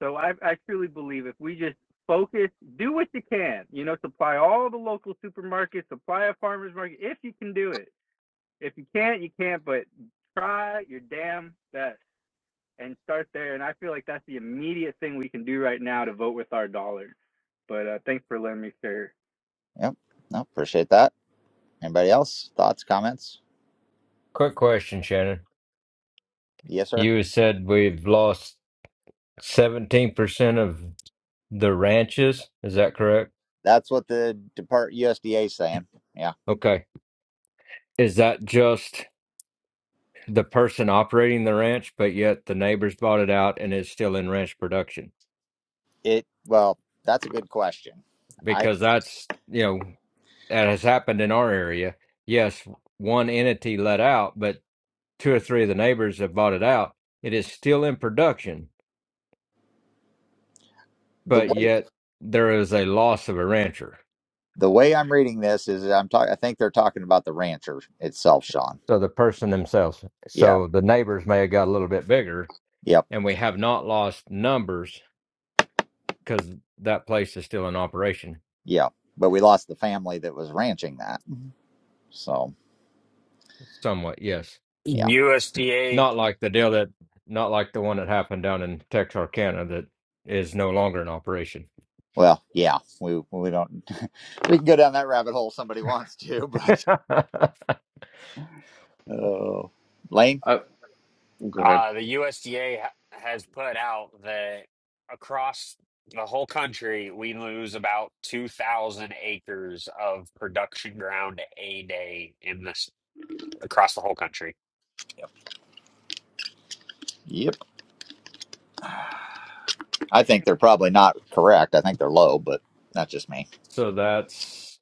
So I I truly believe if we just focus, do what you can, you know, supply all the local supermarkets, supply a farmers market if you can do it if you can't, you can't, but try your damn best and start there. And I feel like that's the immediate thing we can do right now to vote with our dollar. But uh, thanks for letting me share.
Yep, no, appreciate that. Anybody else? Thoughts, comments?
Quick question, Shannon.
Yes, sir.
You said we've lost 17% of the ranches. Is that correct?
That's what the Depart USDA is saying. Yeah.
Okay. Is that just the person operating the ranch, but yet the neighbors bought it out and it's still in ranch production?
It well, that's a good question. I
Because that's, you know, that has happened in our area. Yes, one entity let out, but two or three of the neighbors have bought it out. It is still in production,
the
but
way
yet there is a loss of a rancher.
the way I'm reading this is I'm talking. I think they're talking about the rancher itself, Sean.
So the person themselves,
Yeah.
so the neighbors may have got a little bit bigger,
Yep.
and we have not lost numbers because that place is still in operation
Yeah, but we lost the family that was ranching that. So
somewhat. Yes,
yeah,
USDA,
not like the deal that, not like the one that happened down in Texarkana that is no longer in operation.
well, yeah, we we don't *laughs* we can go down that rabbit hole. if Somebody wants to, *laughs*
*laughs*
but oh, Lane.
Uh, go ahead.
uh, the USDA ha- has put out that across the whole country, we lose about 2,000 acres of production ground a day in this across the whole country.
Yep, I think they're probably not correct. I think they're low, but that's just me.
so that's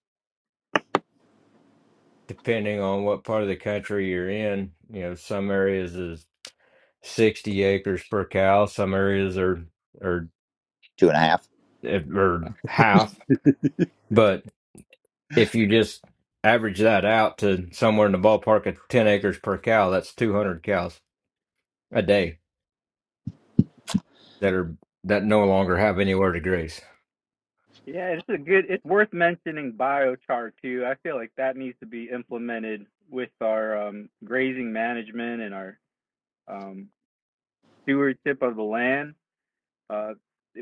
depending on what part of the country you're in. You know, some areas is 60 acres per cow, some areas are are
Two and a half.
eh, or half. But if you just average that out to somewhere in the ballpark of 10 acres per cow, that's 200 cows a day that are that no longer have anywhere to graze.
Yeah, it's a good. It's worth mentioning biochar too. I feel like that needs to be implemented with our um, grazing management and our um, stewardship of the land. Uh,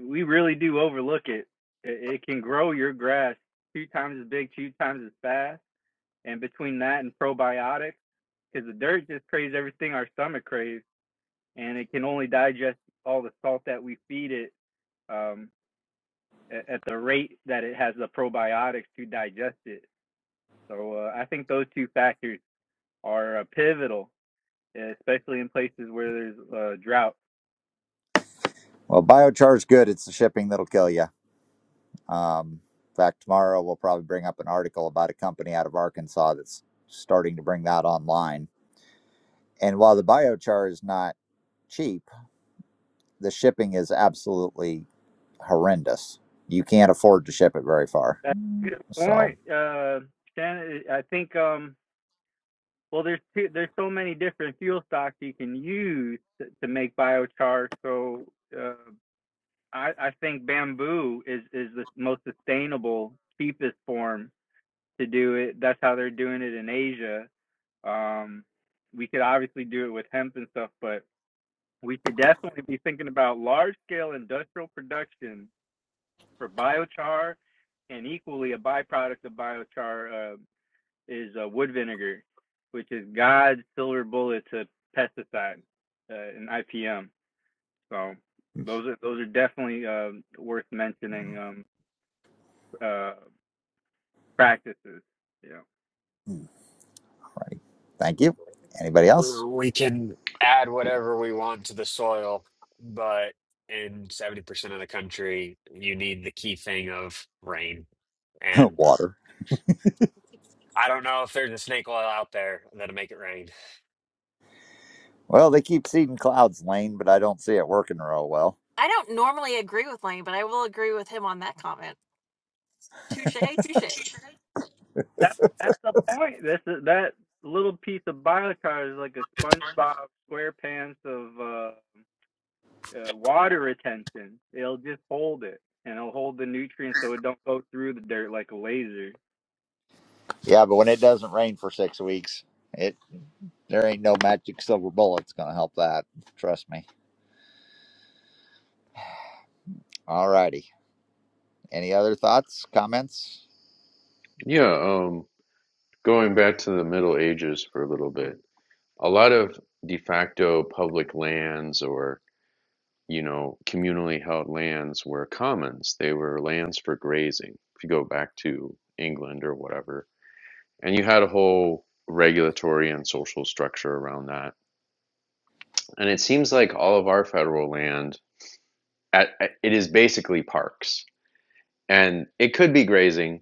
we really do overlook it. it. It can grow your grass two times as big, two times as fast And between that and probiotics, because the dirt just craves everything our stomach craves, and it can only digest all the salt that we feed it um, at, at the rate that it has the probiotics to digest it. So uh, I think those two factors are uh, pivotal, especially in places where there's uh, drought.
Well, biochar's good. It's the shipping that'll kill you. Um, in fact, tomorrow we'll probably bring up an article about a company out of Arkansas that's starting to bring that online. And while the biochar is not cheap, the shipping is absolutely horrendous. You can't afford to ship it very far.
That's a good
So,
point, uh, Shannon. I think um, well, there's two, there's so many different fuel stocks you can use to, to make biochar. So uh, I, I think bamboo is is the most sustainable, cheapest form to do it. That's how they're doing it in Asia. Um, we could obviously do it with hemp and stuff, but we could definitely be thinking about large scale industrial production for biochar, and equally a byproduct of biochar uh, is uh, wood vinegar, which is God's silver bullet to pesticide uh, and IPM. So those are those are definitely um worth mentioning.
righty.
Um, uh, practices. Yeah.
thank you. Anybody else?
we can add whatever we want to the soil, but in 70% of the country, you need the key thing of rain.
*laughs*
And
Water.
I don't know if there's a snake oil out there that'll make it rain.
Well, they keep seeding clouds, Lane, but I don't see it working real well.
I don't normally agree with Lane, but I will agree with him on that comment. Touche, touche.
That that's the point. This is that little piece of biochar is like a SpongeBob SquarePants of uh, uh, water retention. It'll just hold it and it'll hold the nutrients so it don't go through the dirt like a laser.
Yeah, but when it doesn't rain for six weeks, it there ain't no magic silver bullet's gonna help that. Trust me. All righty. Any other thoughts, comments?
Yeah. Um, going back to the Middle Ages for a little bit, a lot of de facto public lands or, you know, communally held lands were commons. They were lands for grazing, if you go back to England or whatever. And you had a whole regulatory and social structure around that. And it seems like all of our federal land, at, at- it is basically parks. And it could be grazing,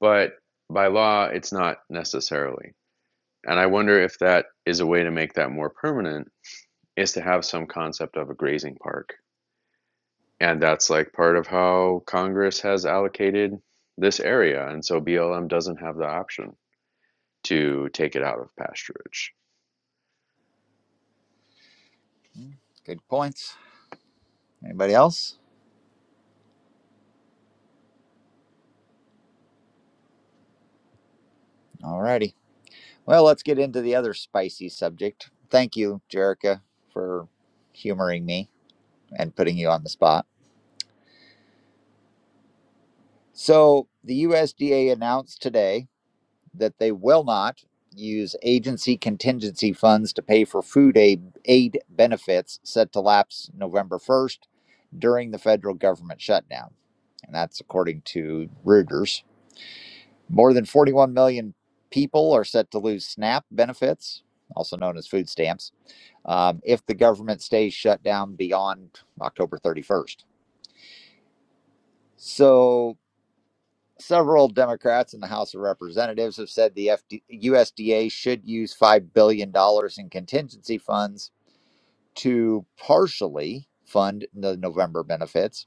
but by law, it's not necessarily. And I wonder if that is a way to make that more permanent is to have some concept of a grazing park. And that's like part of how Congress has allocated this area. And so BLM doesn't have the option to take it out of pasturage.
Hmm, Good points. Anybody else? All righty. Well, let's get into the other spicy subject. Thank you, Jerica, for humoring me. and putting you on the spot. So, the USDA announced today that they will not use agency contingency funds to pay for food aid, aid benefits set to lapse November 1st during the federal government shutdown. And that's according to Reuters. More than 41 million people are set to lose SNAP benefits, also known as food stamps, um, if the government stays shut down beyond October 31st. So Several Democrats in the House of Representatives have said the FD- USDA should use $5 billion dollars in contingency funds to partially fund the November benefits.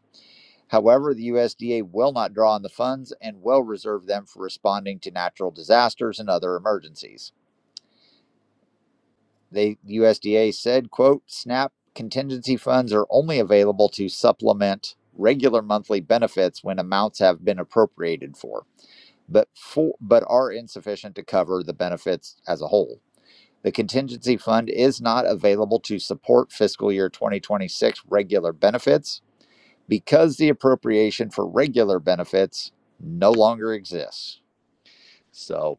However, the USDA will not draw on the funds and will reserve them for responding to natural disasters and other emergencies. The USDA said, quote, SNAP contingency funds are only available to supplement regular monthly benefits when amounts have been appropriated for. but for but are insufficient to cover the benefits as a whole. The contingency fund is not available to support fiscal year 2026 regular benefits because the appropriation for regular benefits no longer exists. So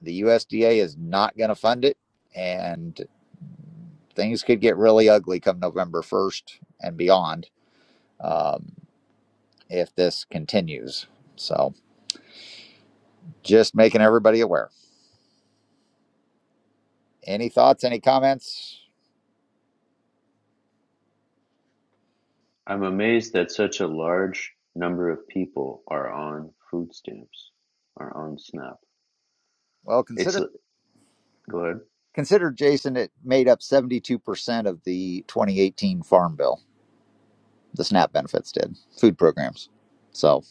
the USDA is not going to fund it, and things could get really ugly come November 1st and beyond um, if this continues. So just making everybody aware. Any thoughts? Any comments?
I'm amazed that such a large number of people are on food stamps, are on SNAP.
Well, consider.
It's a, good.
Consider, Jason, it made up 72% of the 2018 Farm Bill. The SNAP benefits did, food programs. So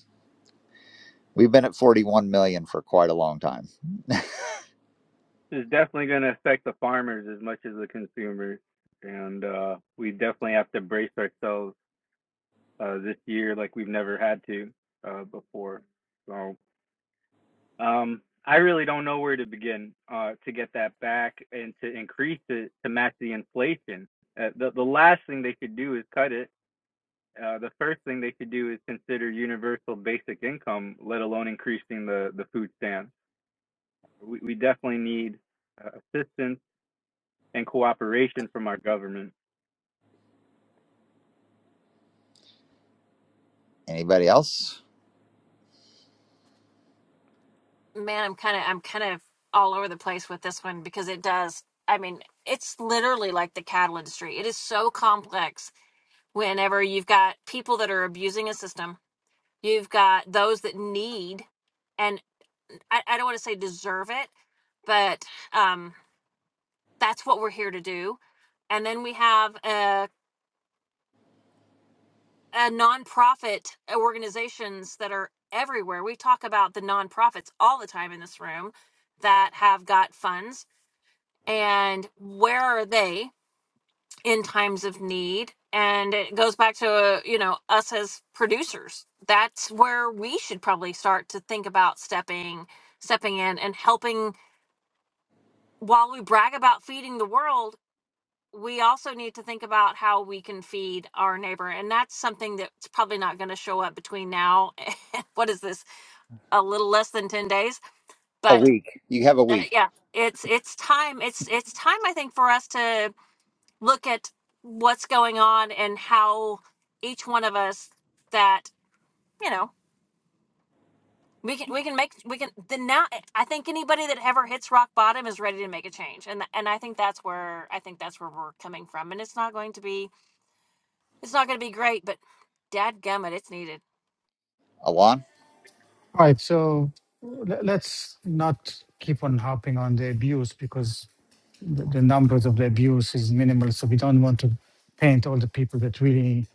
we've been at 41 million for quite a long time.
It's definitely going to affect the farmers as much as the consumers, and uh, we definitely have to brace ourselves uh, this year like we've never had to uh, before. So Um, I really don't know where to begin uh, to get that back and to increase it to match the inflation. Uh, the the last thing they could do is cut it. Uh, the first thing they could do is consider universal basic income, let alone increasing the the food stamps. We we definitely need uh, assistance and cooperation from our government.
Anybody else?
man i'm kind of i'm kind of all over the place with this one because it does i mean it's literally like the cattle industry it is so complex whenever you've got people that are abusing a system you've got those that need and i, I don't want to say deserve it but um that's what we're here to do and then we have a, a nonprofit organizations that are everywhere we talk about the nonprofits all the time in this room that have got funds and where are they in times of need and it goes back to uh, you know us as producers that's where we should probably start to think about stepping stepping in and helping while we brag about feeding the world we also need to think about how we can feed our neighbor and that's something that's probably not going to show up between now *laughs* and what is this a little less than 10 days
A
but
week. You have a
uh,
week.
yeah it's it's time it's it's time i think for us to look at what's going on and how each one of us that you know we can we can make we can then now i think anybody that ever hits rock bottom is ready to make a change and and i think that's where i think that's where we're coming from and it's not going to be it's not going to be great but dadgummit it's needed
Alon?
All right. So le- let's not keep on harping on the abuse because the, the numbers of the abuse is minimal. So we don't want to paint all the people that really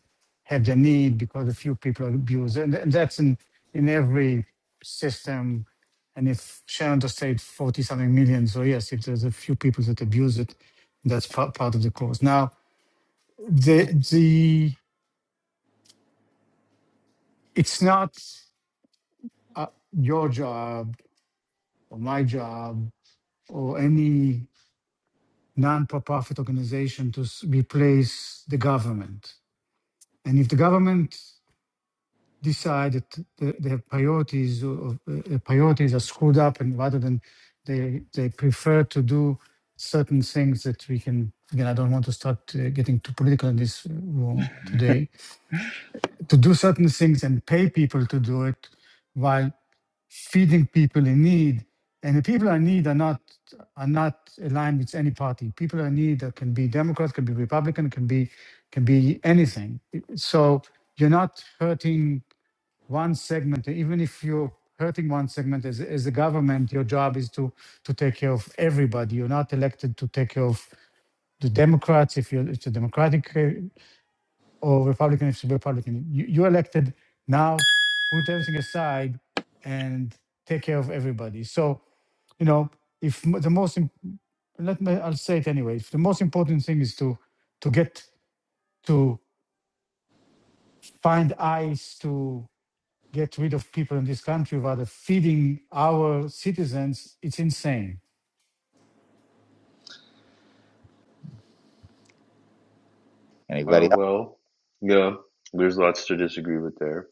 have the need because a few people are abused. And, and that's in, in every system. And if Shannon just said 40 something million, so yes, if there's a few people that abuse it, that's part, part of the cause. Now, the, the, it's not uh, your job or my job or any non-profit organization to s- replace the government. And if the government decide that the, their priorities or, uh, priorities are screwed up, and rather than they they prefer to do certain things that we can again, I don't want to start uh, getting too political in this uh, room today. To do certain things and pay people to do it, while feeding people in need. And the people in need are not are not aligned with any party. People in need that can be Democrat, can be Republican, can be can be anything. So you're not hurting one segment. Even if you're hurting one segment as, as a government, your job is to to take care of everybody. You're not elected to take care of the Democrats if you're it's a Democratic uh, or Republican if she's Republican. You, you elected now, put everything aside and take care of everybody. So, you know, if m- the most, im- let me, I'll say it anyway, if the most important thing is to, to get, to find eyes to get rid of people in this country rather feeding our citizens, it's insane.
Well,
Anybody else?
well, yeah. There's lots to disagree with there.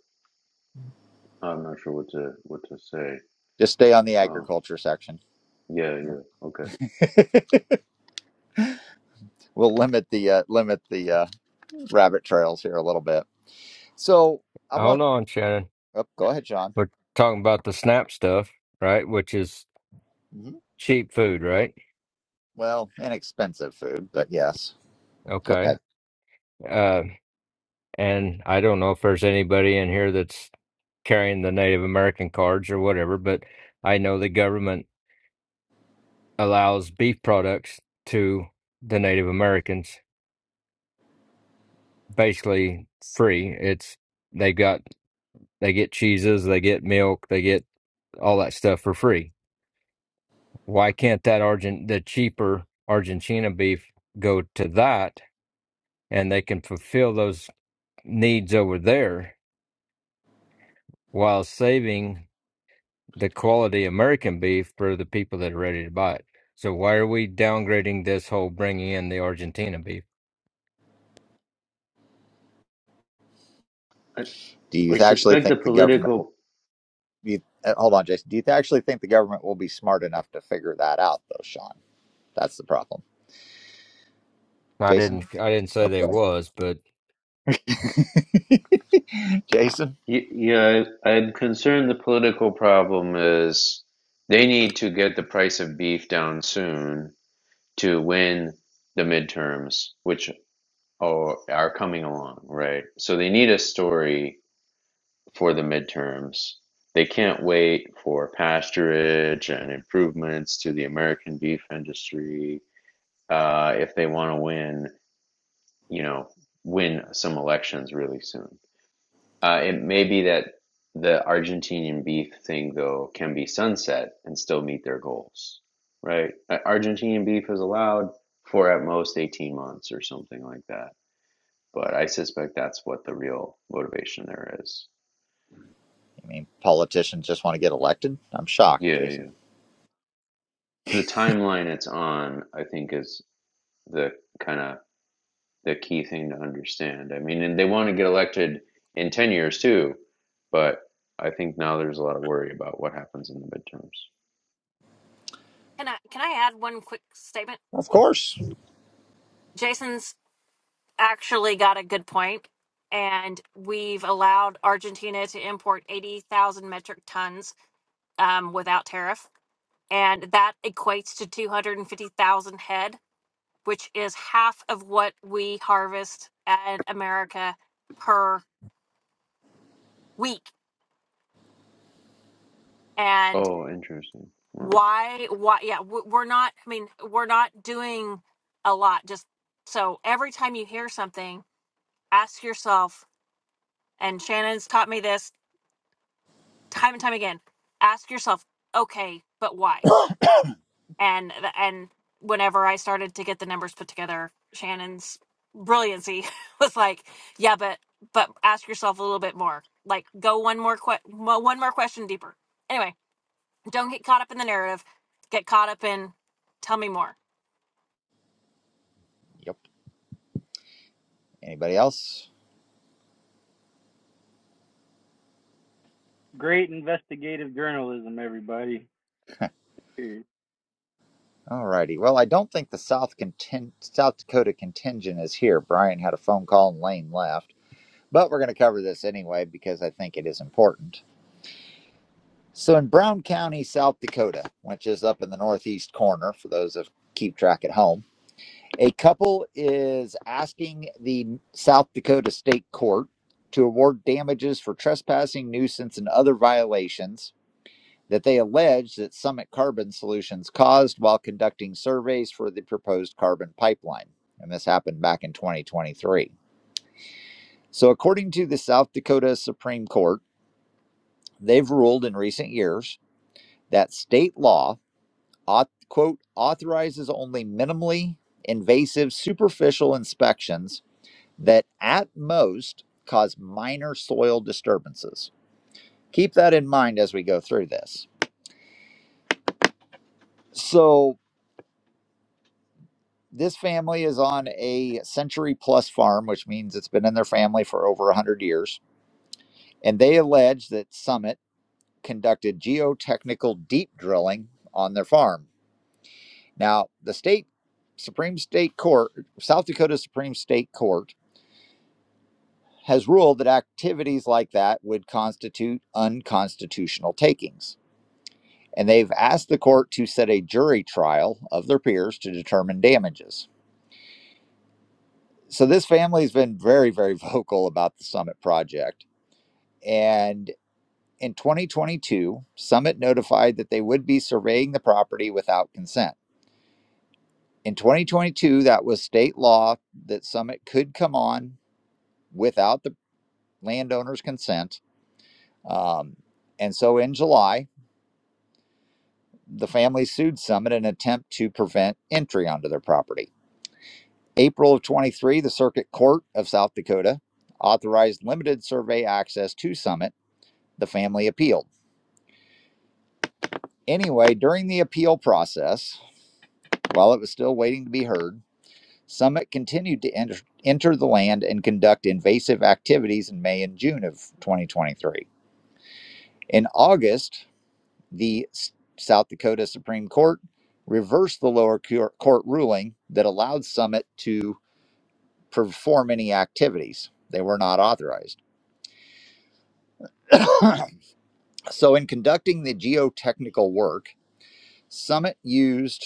I'm not sure what to what to say.
Just stay on the
Oh,
agriculture section.
yeah, yeah, okay.
We'll limit the uh, limit the uh, rabbit trails here a little bit. So I want.
Hold on, Shannon.
Oh, go ahead, John.
We're talking about the SNAP stuff, right? Which is
hmm
cheap food, right?
Well, inexpensive food, but yes. Go
Okay.
ahead.
Uh, and I don't know if there's anybody in here that's carrying the Native American cards or whatever, but I know the government allows beef products to the Native Americans basically free. It's they got they get cheeses, they get milk, they get all that stuff for free. Why can't that Argent the cheaper Argentina beef go to that and they can fulfill those needs over there while saving? the quality American beef for the people that are ready to buy it. So why are we downgrading this whole bringing in the Argentina beef?
I,
Do you
I
actually
suspect the
think the government?
political
You, uh, hold on, Jason. Do you th- actually think the government will be smart enough to figure that out, though, Sean? That's the problem.
I
Jason?
didn't I didn't say they
Okay.
was, but
*laughs* Jason?
Y- Yeah, I- I'm concerned the political problem is they need to get the price of beef down soon to win the midterms, which are, are coming along, right? So they need a story for the midterms. They can't wait for pasturage and improvements to the American beef industry uh, if they want to win, you know, win some elections really soon. Uh, it may be that the Argentinian beef thing, though, can be sunset and still meet their goals, right? Uh, Argentinian beef is allowed for at most 18 months or something like that. But I suspect that's what the real motivation there is.
You mean, politicians just want to get elected? I'm shocked,
Yeah,
Jason.
yeah. The timeline it's on, I think, is the kind of the key thing to understand. I mean, and they want to get elected in 10 years too, but I think now there's a lot of worry about what happens in the midterms.
can i can i add one quick statement
Of course.
jason's actually got a good point and we've allowed argentina to import 80000 metric tons um, without tariff and that equates to 250,000 head, which is half of what we harvest in America per week. And
Oh, interesting. Wow.
why? Why? Yeah, we- we're not. I mean, we're not doing a lot. Just so every time you hear something, ask yourself. And Shannon's taught me this time and time again. Ask yourself, okay, but why? and and whenever I started to get the numbers put together, Shannon's brilliancy *laughs* was like, yeah, but but ask yourself a little bit more. Like, go one more que- mo- one more question deeper. Anyway, don't get caught up in the narrative. Get caught up in tell me more.
Yep. Anybody else?
Great investigative journalism, everybody. Period.
Alrighty. Well, I don't think the South contin- South Dakota contingent is here. Brian had a phone call and Lane left. but we're going to cover this anyway because I think it is important. So, in Brown County, South Dakota, which is up in the northeast corner for those of keep track at home, a couple is asking the South Dakota State Court to award damages for trespassing, nuisance, and other violations that they allege that Summit Carbon Solutions caused while conducting surveys for the proposed carbon pipeline. And this happened back in 2023. So, according to the South Dakota Supreme Court, They've ruled in recent years that state law, quote, authorizes only minimally invasive superficial inspections that at most cause minor soil disturbances. Keep that in mind as we go through this. So, this family is on a century plus farm, which means it's been in their family for over 100 years. And they allege that Summit conducted geotechnical deep drilling on their farm Now, the state Supreme State Court, South Dakota Supreme State Court, has ruled that activities like that would constitute unconstitutional takings. And they've asked the court to set a jury trial of their peers to determine damages. So this family's been very, very *laughs* vocal about the Summit project. And in 2022, Summit notified that they would be surveying the property without consent. In 2022, that was state law that Summit could come on without the landowner's consent. Um, and so in July, the family sued Summit in an attempt to prevent entry onto their property. April of 23, the Circuit Court of South Dakota authorized limited survey access to Summit. The family appealed. Anyway, during the appeal process, while it was still waiting to be heard, Summit continued to enter, enter the land and conduct invasive activities in May and June of 2023. In August, the South Dakota Supreme Court reversed the lower court ruling that allowed Summit to perform any activities they were not authorized. *coughs* so, in conducting the geotechnical work, Summit used,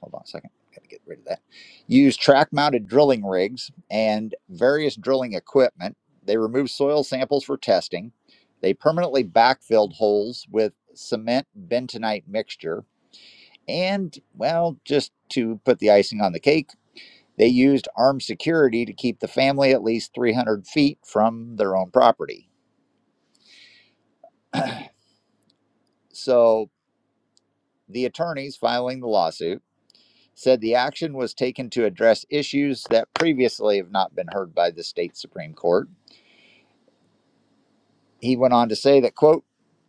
hold on a second, gotta get rid of that, used track mounted drilling rigs and various drilling equipment. They removed soil samples for testing. They permanently backfilled holes with cement bentonite mixture And, well, just to put the icing on the cake, they used armed security to keep the family at least 300 feet from their own property. So the attorneys filing the lawsuit said the action was taken to address issues that previously have not been heard by the state Supreme Court. He went on to say that, quote,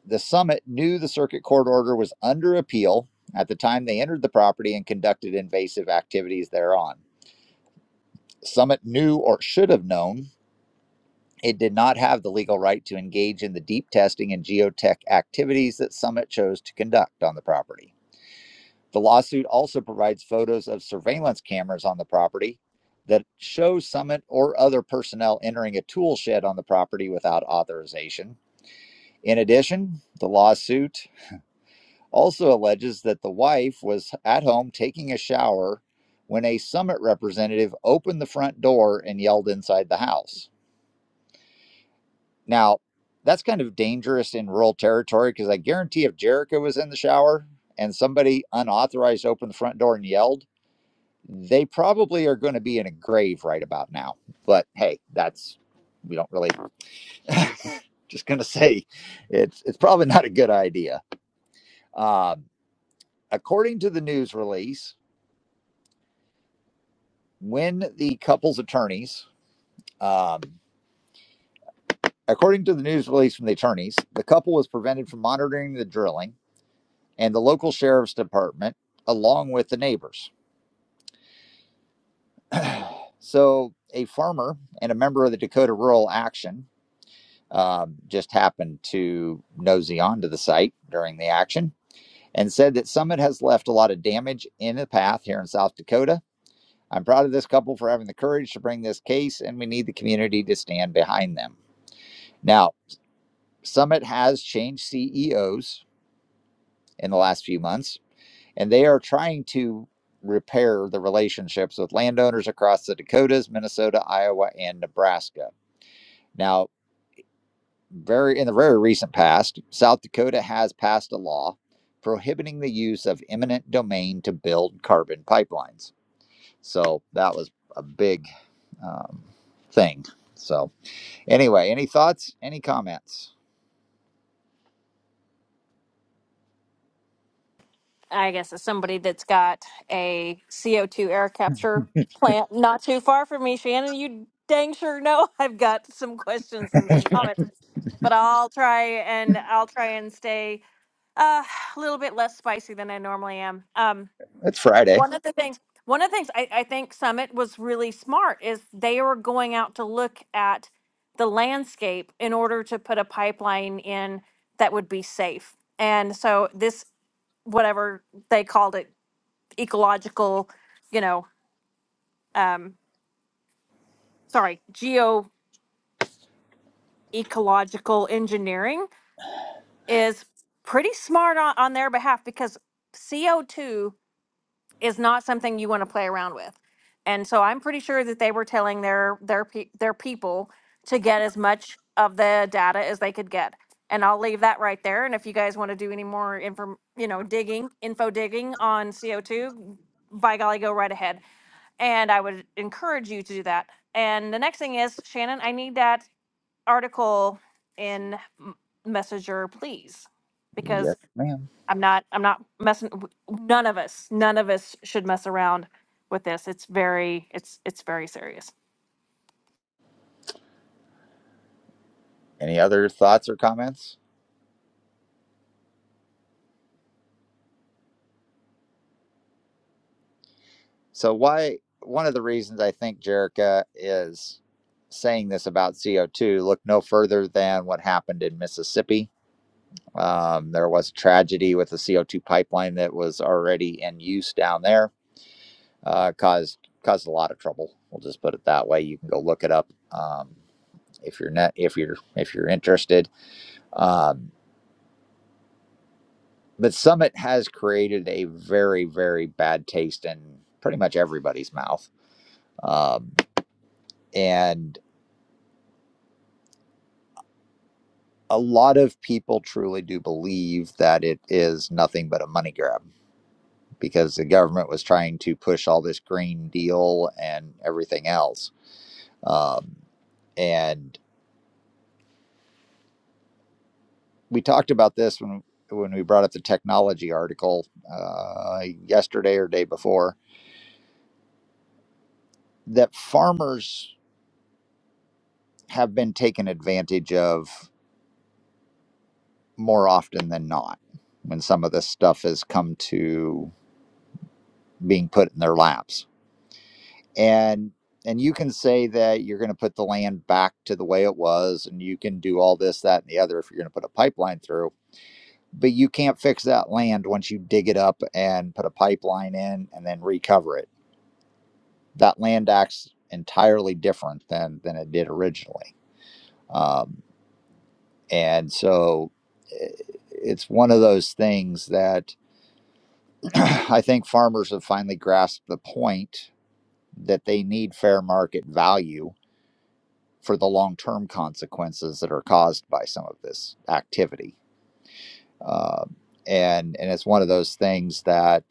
the summit knew the circuit court order was under appeal at the time they entered the property and conducted invasive activities thereon. Summit knew or should have known It did not have the legal right to engage in the deep testing and geotech activities that Summit chose to conduct on the property. The lawsuit also provides photos of surveillance cameras on the property that show Summit or other personnel entering a tool shed on the property without authorization. In addition, the lawsuit also alleges that the wife was at home taking a shower when a Summit representative opened the front door and yelled inside the house. Now, that's kind of dangerous in rural territory because I guarantee if Jericho was in the shower and somebody unauthorized opened the front door and yelled, they probably are going to be in a grave right about now. But hey, that's we don't really *laughs* just going to say it's it's probably not a good idea. Um, according to the news release, when the couple's attorneys, um, according to the news release from the attorneys, the couple was prevented from monitoring the drilling and the local sheriff's department, along with the neighbors. So, a farmer and a member of the Dakota Rural Action um, just happened to nosy onto the site during the action and said that Summit has left a lot of damage in the path here in South Dakota. I'm proud of this couple for having the courage to bring this case, and we need the community to stand behind them. Now, Summit has changed CEOs in the last few months and they are trying to repair the relationships with landowners across the Dakotas, Minnesota, Iowa, and Nebraska. Now, very in the very recent past, South Dakota has passed a law prohibiting the use of eminent domain to build carbon pipelines. So that was a big um, thing. So anyway, any thoughts? Any comments?
I guess as somebody that's got a CO2 air capture plant not too far from me, Shannon, you dang sure know *laughs* I've got some questions and some comments, but I'll try and I'll try and stay Uh, a little bit less spicy than I normally am. Um,
It's Friday.
one of the things, one of the things I, I think Summit was really smart is they were going out to look at the landscape in order to put a pipeline in that would be safe. And so this, whatever they called it, ecological, you know, um, sorry, geo ecological engineering is pretty smart on, on their behalf because CO2 is not something you want to play around with. And so I'm pretty sure that they were telling their their pe- their people to get as much of the data as they could get. And I'll leave that right there. And if you guys want to do any more info, you know, digging, info digging on CO2, by golly, go right ahead. And I would encourage you to do that. And the next thing is, Shannon, I need that article in M- Messenger, please, because
Yes, ma'am.
I'm not I'm not messing w- none of us none of us should mess around with this. It's very it's it's very serious.
Any other thoughts or comments? So why one of the reasons I think Jerica is saying this about CO2, look no further than what happened in Mississippi. Um, there was a tragedy with the CO2 pipeline that was already in use down there, uh, caused caused a lot of trouble. We'll just put it that way. You can go look it up um, if you're net if you're if you're interested. Um, but Summit has created a very very bad taste in pretty much everybody's mouth. Um, and a lot of people truly do believe that it is nothing but a money grab because the government was trying to push all this green deal and everything else. Um, and we talked about this when when we brought up the technology article uh, yesterday or day before that farmers have been taken advantage of more often than not when some of this stuff has come to being put in their laps and and you can say that you're going to put the land back to the way it was and you can do all this that and the other if you're going to put a pipeline through but you can't fix that land once you dig it up and put a pipeline in and then recover it that land acts entirely different than than it did originally um, and so i- it's one of those things that *clears throat* i think farmers have finally grasped the point that they need fair market value for the long term consequences that are caused by some of this activity. Uh, and, and it's one of those things that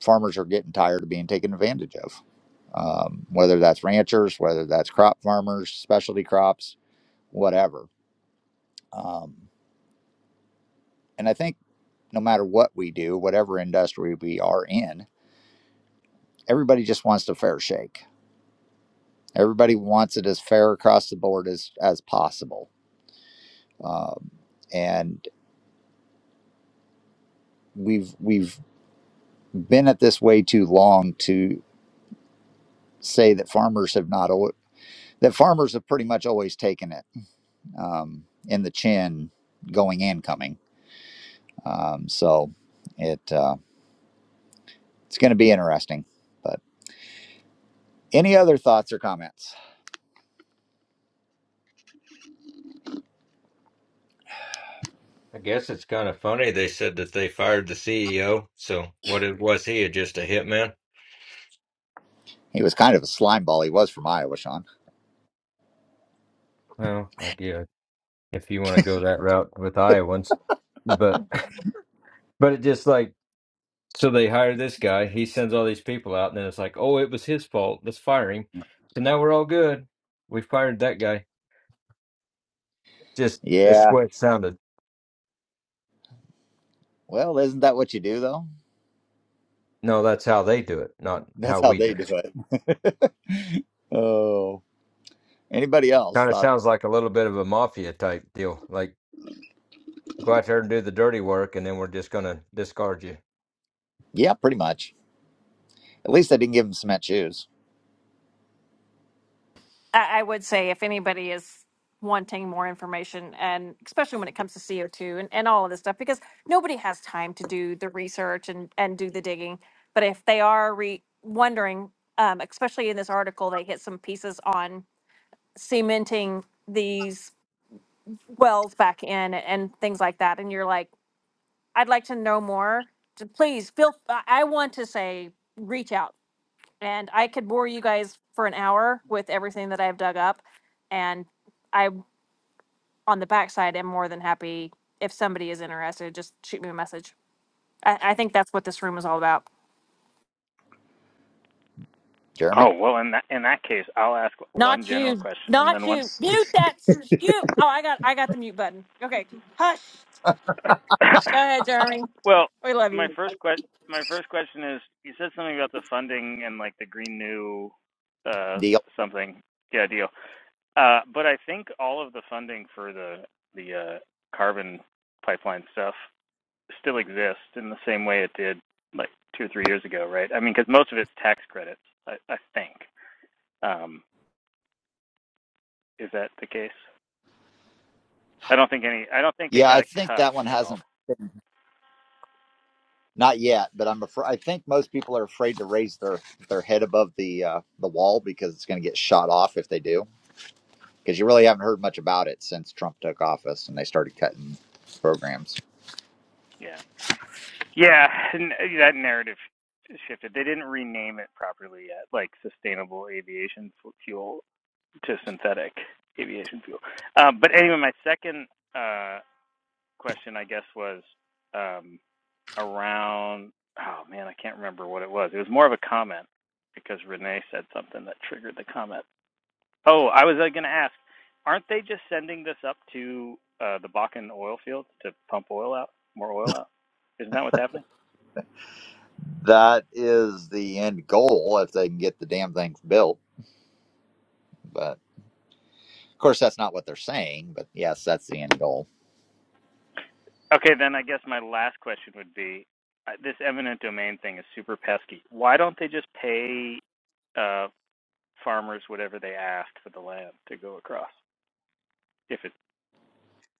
farmers are getting tired of being taken advantage of, um, whether that's ranchers, whether that's crop farmers, specialty crops, whatever. Um, and I think no matter what we do, whatever industry we are in, everybody just wants a fair shake. Everybody wants it as fair across the board as, as possible. Um, and we've we've been at this way too long to say that farmers have not al- that farmers have pretty much always taken it um, in the chin, going and coming. Um, so it uh, it's going to be interesting. But any other thoughts or comments?
I guess it's kind of funny they said that they fired the CEO. So what it was he just a hitman?
He was kind of a slime ball. He was from Iowa, Sean.
Well, I guess if you want to go that route with Iowans, but *laughs* but it just like so they hire this guy, he sends all these people out, and then it's like, oh, it was his fault. Let's fire him. So now we're all good. We fired that guy. Just that's
Yeah.
what it sounded.
Well, isn't that what you do though?
No, that's how they do it, not
That's
how
how
we do
they do
it.
it. *laughs* oh. Anybody else
Kind of
thought?
sounds like a little bit of a mafia type deal. Like go out there and do the dirty work, and then we're just gonna discard you.
Yeah, pretty much. At least I didn't give him cement shoes.
I, I would say if anybody is wanting more information and especially when it comes to CO2 and, and all of this stuff because nobody has time to do the research and and do the digging. But if they are re- wondering um, especially in this article they hit some pieces on cementing these wells back in and things like that and you're like I'd like to know more. To please feel. I I want to say reach out, and I could bore you guys for an hour with everything that I've dug up, and I on the backside am more than happy if somebody is interested. Just shoot me a message. I, I think that's what this room is all about.
Oh,
Jeremy.
well, in that, in that case, I'll ask one
Not
general
you.
question and
Not
then one.
you. Mute that. Mute. Oh, I got. I got the mute button. Okay. Hush.
*coughs*
Go ahead, Jeremy.
well,
We love
my
you
first que- my first question is you said something about the funding and like the green new uh
The
s- something yeah deal. Uh but I think all of the funding for the the uh carbon pipeline stuff still exists in the same way it did like 2 or 3 years ago, right? I mean cuz most of it's tax credits, I I think. Um is that the case? I don't think any I don't think it
Yeah, I
got
think
cut
that one
at all.
hasn't been, not yet, but I'm afraid I think most people are afraid to raise their their head above the uh, the wall because it's going to get shot off if they do. Because you really haven't heard much about it since Trump took office and they started cutting programs.
Yeah. Yeah, and uh, yeah, that narrative shifted. They didn't rename it properly yet, like sustainable aviation fuel to synthetic aviation fuel. Um, but anyway, my second uh, question, I guess, was um, around. Oh man, I can't remember what it was. It was more of a comment because Renee said something that triggered the comment. Oh, I was uh, going to ask, aren't they just sending this up to uh, the Bakken oil field to pump oil out, more oil out? Isn't that what's happening?
That is the end goal if they can get the damn thing built. But of course, that's not what they're saying. But yes, that's the end goal.
Okay, then I guess my last question would be uh, this eminent domain thing is super pesky. Why don't they just pay uh, farmers whatever they asked for the land to go across? If it,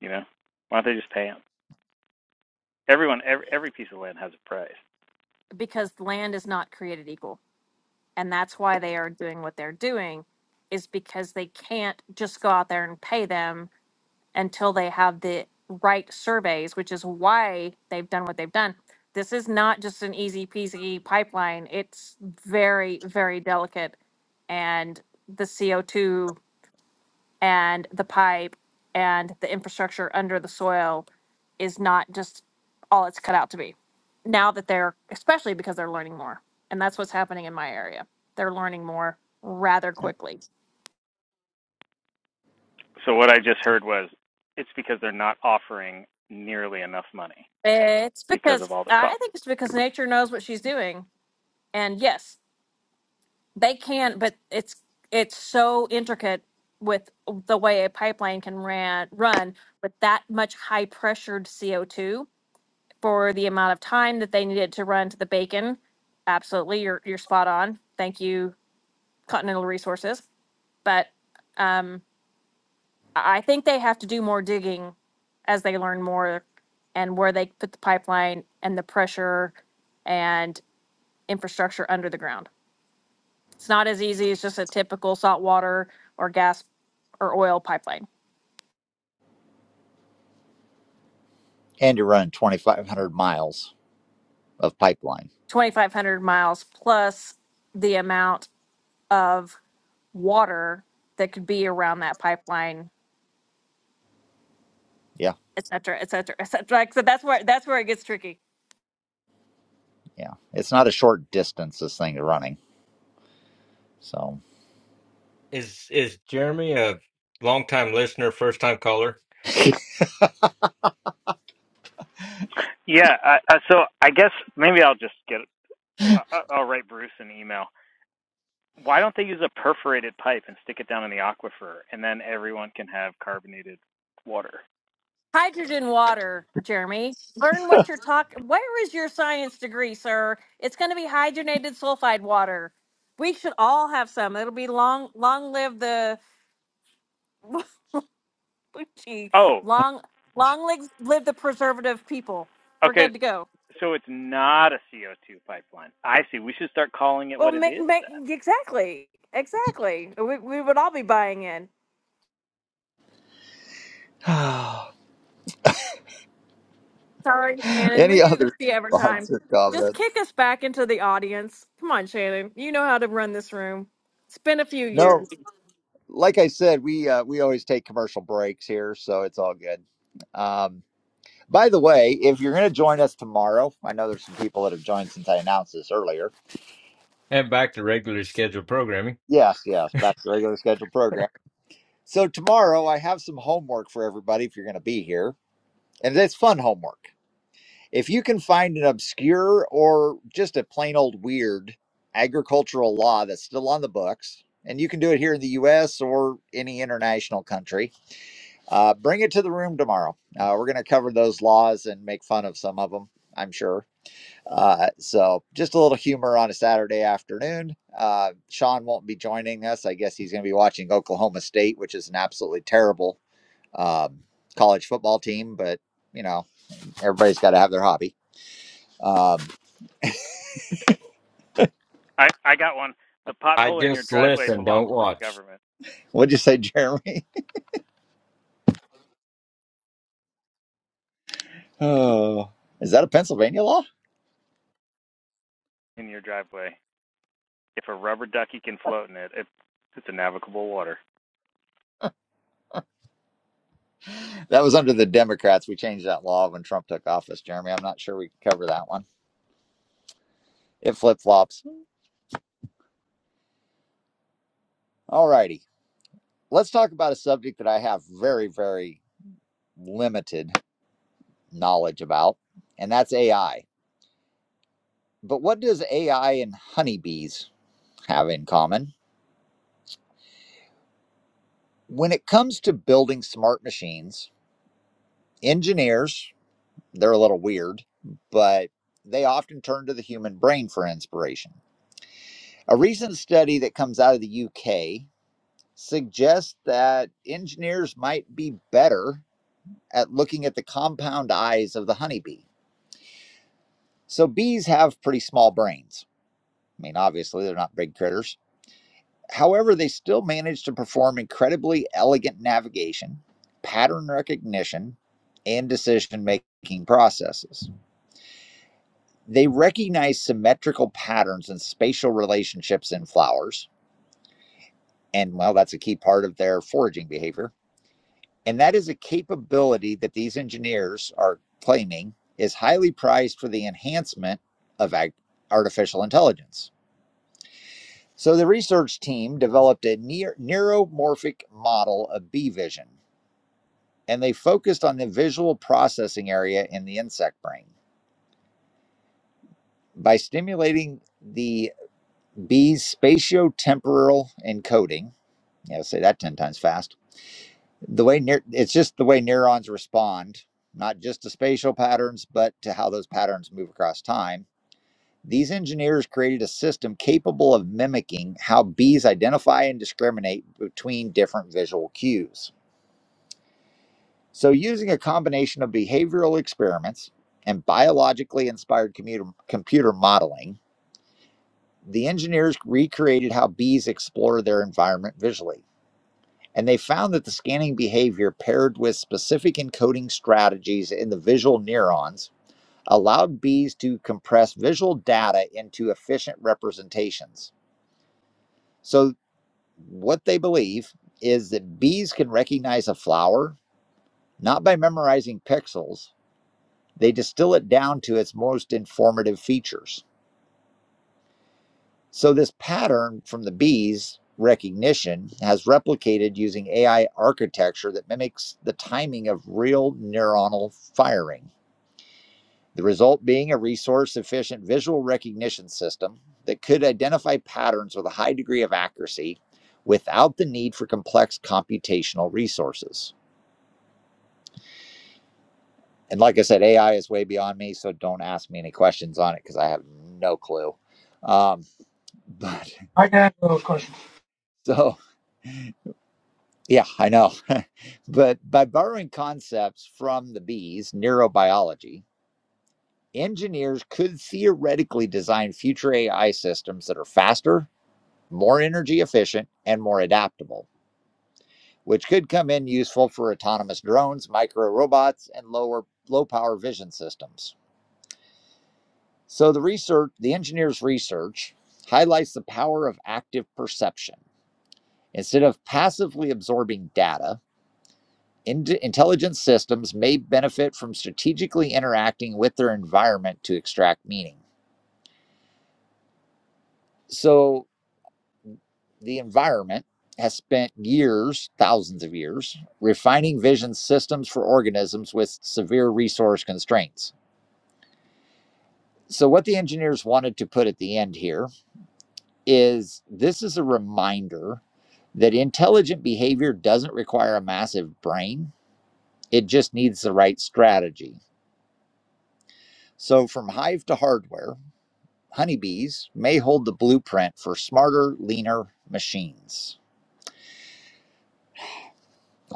you know, why don't they just pay them? Everyone, every, every piece of land has a price.
because land is not created equal. and that's why they are doing what they're doing is because they can't just go out there and pay them until they have the right surveys which is why they've done what they've done this is not just an easy peasy pipeline it's very very delicate and the co2 and the pipe and the infrastructure under the soil is not just all it's cut out to be. Now that they're, especially because they're learning more. And that's what's happening in my area. They're learning more rather
Yeah.
quickly.
So what I just heard was it's because they're not offering nearly enough money
It's
because
because,
of all the
I
cost.
think it's because nature knows what she's doing. And yes, they can, but it's, it's so intricate with the way a pipeline can ran, run with that much high pressured CO2 for the amount of time that they needed to run to the bacon. Absolutely, you're you're spot on. Thank you, Continental Resources. But um, I I think they have to do more digging as they learn more and where they put the pipeline and the pressure and infrastructure under the ground. It's not as easy as just a typical saltwater or gas or oil pipeline.
And you're running 2,500 miles of pipeline.
2,500 miles plus the amount of water that could be around that pipeline
Yeah,
et cetera, et cetera, et cetera. Like, so that's where that's where it gets tricky.
yeah. It's not a short distance this thing is running. So.
Is is Jeremy a longtime listener, first time caller,
Yeah, I, I, so I guess maybe I'll just get I, I- I'll write Bruce an email why don't they use a perforated pipe and stick it down in the aquifer and then everyone can have carbonated water?
Hydrogen water, Jeremy. Learn what you're talking. Where is your science degree, sir? It's going to be hydrogenated sulfide water. We should all have some. It'll be long, long live the *laughs* gee,
Oh,
long, long live, live the preservative people. We're
okay.
good to go.
So it's not a CO2 pipeline. I see. We should start calling it
Well,
what it
make,
is
make
then.
exactly, exactly. We we would all be buying in.
*sighs*
Sorry,
*laughs*
Shannon. We
Any
do this
other
the every
thoughts
time.
or
Just
comments?
kick us back into the audience. Come on, Shannon. You know how to run this room. It's been a few
No,
years.
like I said, we uh, we always take commercial breaks here, so it's all good. Um, by the way, if you're going to join us tomorrow, I know there's some people that have joined since I announced this earlier.
and back to regular scheduled programming?
Yes, yes, back to regular scheduled program. So tomorrow, I have some homework for everybody if you're going to be here, and it's fun homework. If you can find an obscure or just a plain old weird agricultural law that's still on the books, and you can do it here in the US or any international country, uh, bring it to the room tomorrow. Uh, we're going to cover those laws and make fun of some of them, I'm sure. Uh, so just a little humor on a Saturday afternoon. Uh, Sean won't be joining us. I guess he's going to be watching Oklahoma State, which is an absolutely terrible um, college football team, but you know, everybody's got to have their hobby. Um,
I, I got one. The
I
pothole in your
just
driveway
listen,
belongs
don't
to the
watch.
government
What'd you say, *laughs* Jeremy? Oh, is that a Pennsylvania law?
in your driveway. If a rubber ducky can float in it, it it's a navigable water.
That was under the Democrats. We changed that law when Trump took office, Jeremy. I'm not sure we can cover that one. It flip flops. All righty. Let's talk about a subject that I have very, very limited knowledge about, and that's AI. But what does AI and honeybees have in common? When it comes to building smart machines, engineers, they're a little weird, but they often turn to the human brain for inspiration. A recent study that comes out of the UK suggests that engineers might be better at looking at the compound eyes of the honeybee. So, bees have pretty small brains. I mean, obviously, they're not big critters. However, they still manage to perform incredibly elegant navigation, pattern recognition, and decision making processes. They recognize symmetrical patterns and spatial relationships in flowers. And, well, that's a key part of their foraging behavior And that is a capability that these engineers are claiming is highly prized for the enhancement of artificial intelligence. So the research team developed a near- neuromorphic model of bee vision, and they focused on the visual processing area in the insect brain. By stimulating the bee's spatiotemporal encoding, yeah, say that 10 times fast the way neur- it's just the way neurons respond not just to spatial patterns but to how those patterns move across time these engineers created a system capable of mimicking how bees identify and discriminate between different visual cues so using a combination of behavioral experiments and biologically inspired commuter- computer modeling the engineers recreated how bees explore their environment visually And they found that the scanning behavior paired with specific encoding strategies in the visual neurons allowed bees to compress visual data into efficient representations. So, what they believe is that bees can recognize a flower not by memorizing pixels, they distill it down to its most informative features. So, this pattern from the bees recognition has replicated using AI architecture that mimics the timing of real neuronal firing. The result being a resource efficient visual recognition system that could identify patterns with a high degree of accuracy without the need for complex computational resources. And like I said, AI is way beyond me, so don't ask me any questions on it because I have no clue. Um, *laughs* but
I got a little question.
so Yeah, I know. *laughs* but by borrowing concepts from the bees, neurobiology, engineers could theoretically design future AI systems that are faster, more energy efficient, and more adaptable, which could come in useful for autonomous drones, micro robots, and lower low power vision systems. So the research, the engineers' research highlights the power of active perception. Instead of passively absorbing data, Intelligence systems may benefit from strategically interacting with their environment to extract meaning. So, the environment has spent years, thousands of years, refining vision systems for organisms with severe resource constraints. So, what the engineers wanted to put at the end here is this is a reminder that intelligent behavior doesn't require a massive brain, it just needs the right strategy. So, from hive to hardware, honeybees may hold the blueprint for smarter, leaner machines.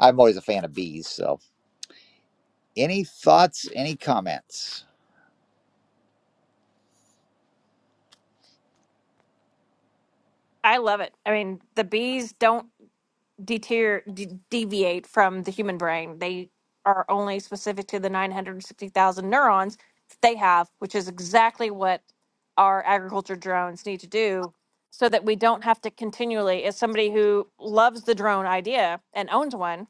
I'm always a fan of bees, so any thoughts, any comments?
I love it. I mean, the bees don't deter de- deviate from the human brain. They are only specific to the 960,000 neurons that they have, which is exactly what our agriculture drones need to do so that we don't have to continually as somebody who loves the drone idea and owns one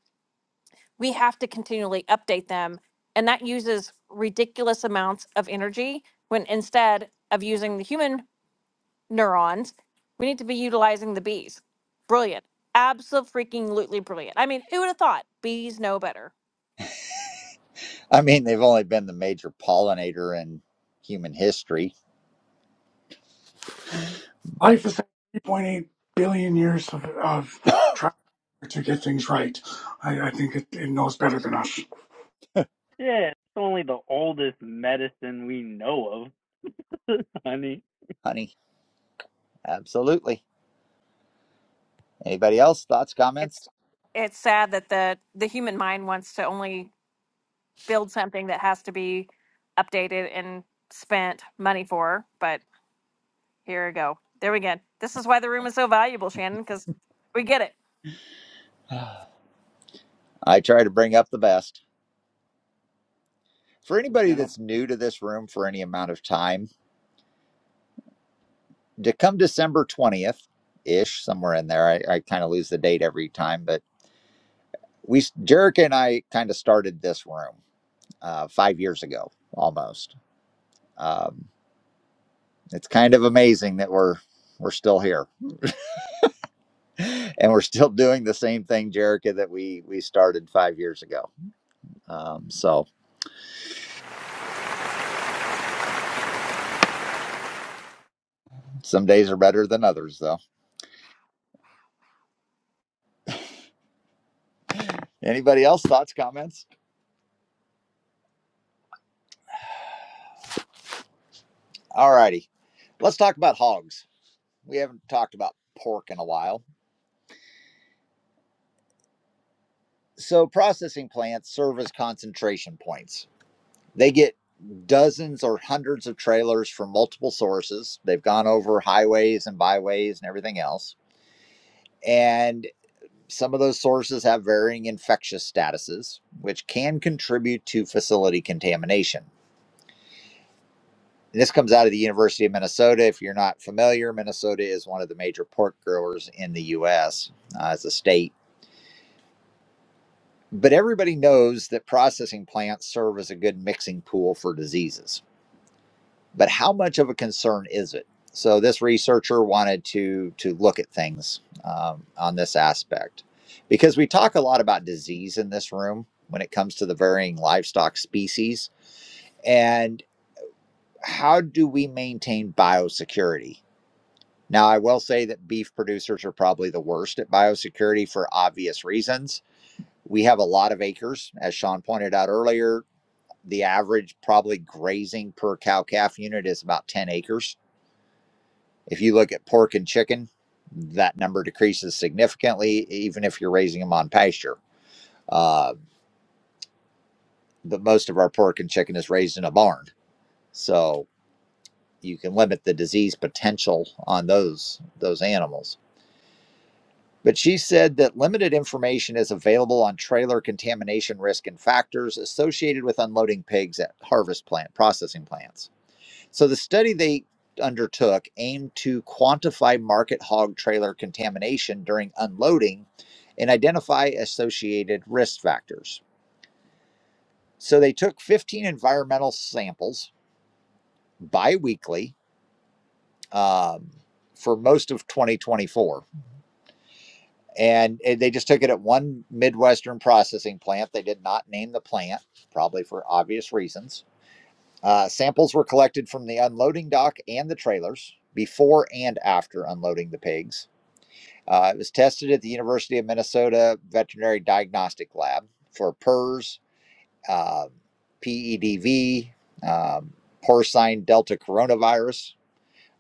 we have to continually update them. And that uses ridiculous amounts of energy when instead of using the human neurons, we need to be utilizing the bees. Brilliant. Absolutely brilliant. I mean, who would have thought bees know better?
I mean, they've only been the major pollinator in human history, but
Life is 3.8 billion years of, of trying to get things right. I, I think it, it knows better than us.
Yeah, it's only the oldest medicine we know of, *laughs* honey.
honey, absolutely. Anybody else? Thoughts,
It's
comments?
it's sad that the the human mind wants to only build something that has to be updated and spent money for, but here we go. There we go. This is why the room is so valuable, Shannon, because we get it.
*sighs* I try to bring up the best. For anybody
You know.
that's new to this room for any amount of time, to come December 20th ish, somewhere in there, I, I kind of lose the date every time, but we, Jerica and I kind of started this room uh, five years ago almost. Um, it's kind of amazing that we're we're still here and we're still doing the same thing, Jerica, that we we started five years ago. Um, so some days are better than others, though. Anybody else thoughts, comments? All righty, let's talk about hogs. We haven't talked about pork in a while. So processing plants serve as concentration points They get dozens or hundreds of trailers from multiple sources. They've gone over highways and byways and everything else. And some of those sources have varying infectious statuses, which can contribute to facility contamination. And this comes out of the University of Minnesota. If you're not familiar, Minnesota is one of the major pork growers in the U.S. uh, as a state. But everybody knows that processing plants serve as a good mixing pool for diseases but how much of a concern is it? So this researcher wanted to to look at things um, on this aspect because we talk a lot about disease in this room when it comes to the varying livestock species and how do we maintain biosecurity? Now I will say that beef producers are probably the worst at biosecurity for obvious reasons. We have a lot of acres, as Sean pointed out earlier. The average probably grazing per cow calf unit is about 10 acres If you look at pork and chicken, that number decreases significantly, even if you're raising them on pasture. Uh, but most of our pork and chicken is raised in a barn, so you can limit the disease potential on those those animals. But she said that limited information is available on trailer contamination risk and factors associated with unloading pigs at harvest plant processing plants. So the study they undertook aimed to quantify market hog trailer contamination during unloading and identify associated risk factors. So they took 15 environmental samples biweekly um, for most of 2024. And eh, they just took it at one Midwestern processing plant. They did not name the plant, probably for obvious reasons. Uh, samples were collected from the unloading dock and the trailers before and after unloading the pigs Uh, it was tested at the University of Minnesota Veterinary Diagnostic Lab for PERS, um, PEDV, um, porcine delta coronavirus,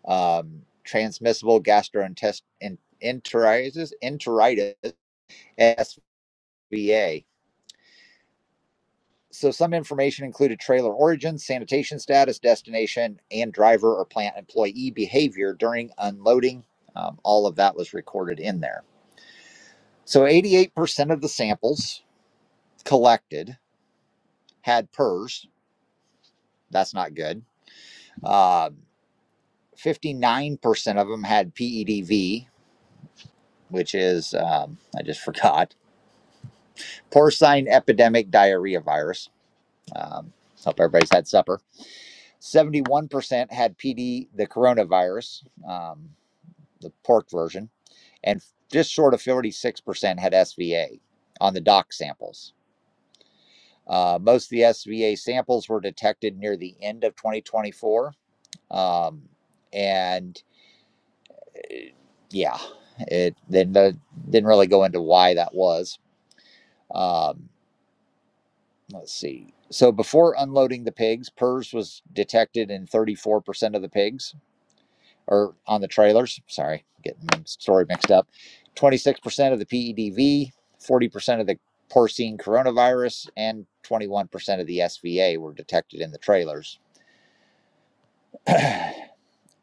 um, transmissible gastroenteritis, enteritis, SVA. So, some information included trailer origin, sanitation status, destination, and driver or plant employee behavior during unloading. Um, all of that was recorded in there. So, 88% of the samples collected had PERS. That's not good. Um, 59% of them had PEDV, which is, um, I just *laughs* forgot, porcine epidemic diarrhea virus. Um, hope everybody's had supper. 71% had PD, the coronavirus, um, the pork version, and just short of 46% had SVA on the doc samples. Uh, most of the SVA samples were detected near the end of 2024. Um, and yeah, it then not didn't really go into why that was. Um, let's see. So before unloading the pigs, PERS was detected in 34% of the pigs, or on the trailers. Sorry, getting the story mixed up. 26% of the PEDV, 40% of the porcine coronavirus, and 21% of the SVA were detected in the trailers.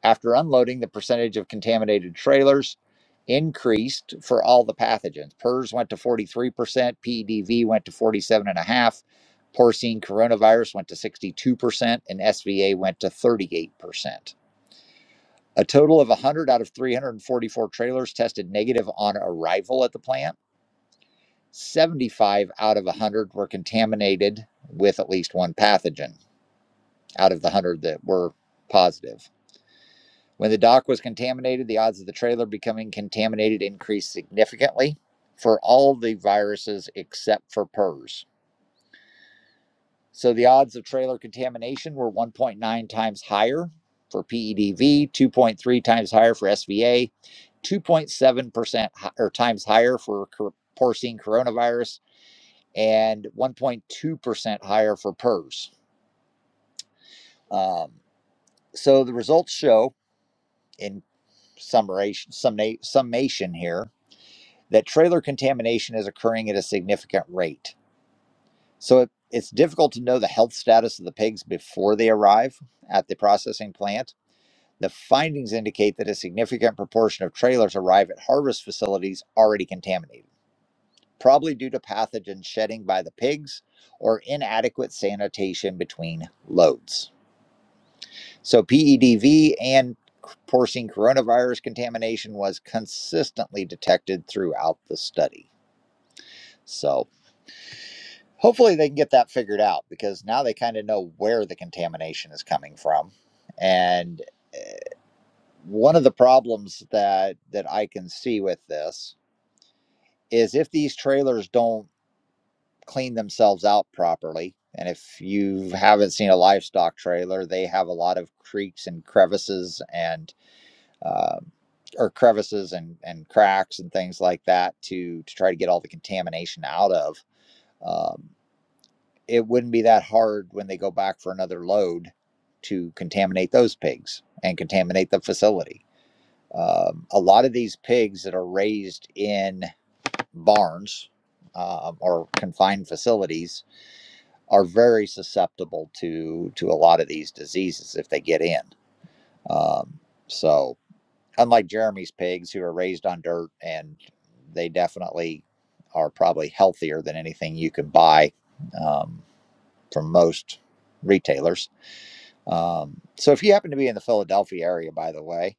After unloading, the percentage of contaminated trailers increased for all the pathogens. PERS went to 43%, PEDV went to 47.5%, porcine coronavirus went to 62%, and SVA went to 38%. A total of 100 out of 344 trailers tested negative on arrival at the plant. 75 out of 100 were contaminated with at least one pathogen out of the 100 that were positive. When the dock was contaminated, the odds of the trailer becoming contaminated increased significantly for all the viruses except for PERS. So the odds of trailer contamination were 1.9 times higher for PEDV, 2.3 times higher for SVA, 2.7% or times higher for porcine coronavirus, and 1.2% higher for PERS. Um, so the results show, in summation, summation here, that trailer contamination is occurring at a significant rate. So it, it's difficult to know the health status of the pigs before they arrive at the processing plant. The findings indicate that a significant proportion of trailers arrive at harvest facilities already contaminated, probably due to pathogen shedding by the pigs or inadequate sanitation between loads. So PEDV and porcine coronavirus contamination was consistently detected throughout the study. So, hopefully they can get that figured out because now they kind of know where the contamination is coming from and one of the problems that that i can see with this is if these trailers don't clean themselves out properly and if you haven't seen a livestock trailer they have a lot of creaks and crevices and um or crevices and and cracks and things like that to to try to get all the contamination out of Um, it wouldn't be that hard when they go back for another load to contaminate those pigs and contaminate the facility. Um, a lot of these pigs that are raised in barns um, or confined facilities are very susceptible to to a lot of these diseases if they get in. Um, so unlike Jeremy's pigs who are raised on dirt and they definitely are probably healthier than anything you can buy. Um, from most retailers. Um, so if you happen to be in the Philadelphia area, by the way,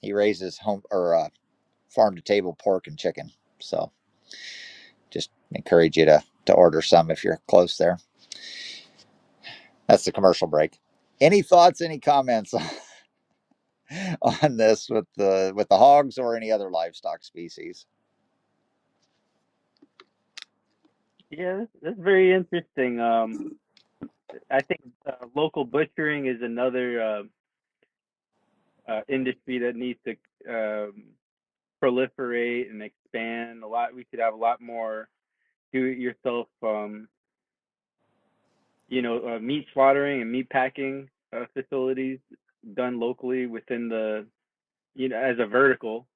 he raises home or uh, farm to table pork and chicken. So just encourage you to to order some if you're close there. That's the commercial break. Any thoughts? Any comments *laughs* on, on this with the with the hogs or any other livestock species?
Yeah, that's, that's very interesting. Um, I think uh, local butchering is another uh, uh, industry that needs to um, proliferate and expand a lot. We could have a lot more do-it-yourself, um, you know, uh, meat slaughtering and meat packing uh, facilities done locally within the, you know, as a vertical.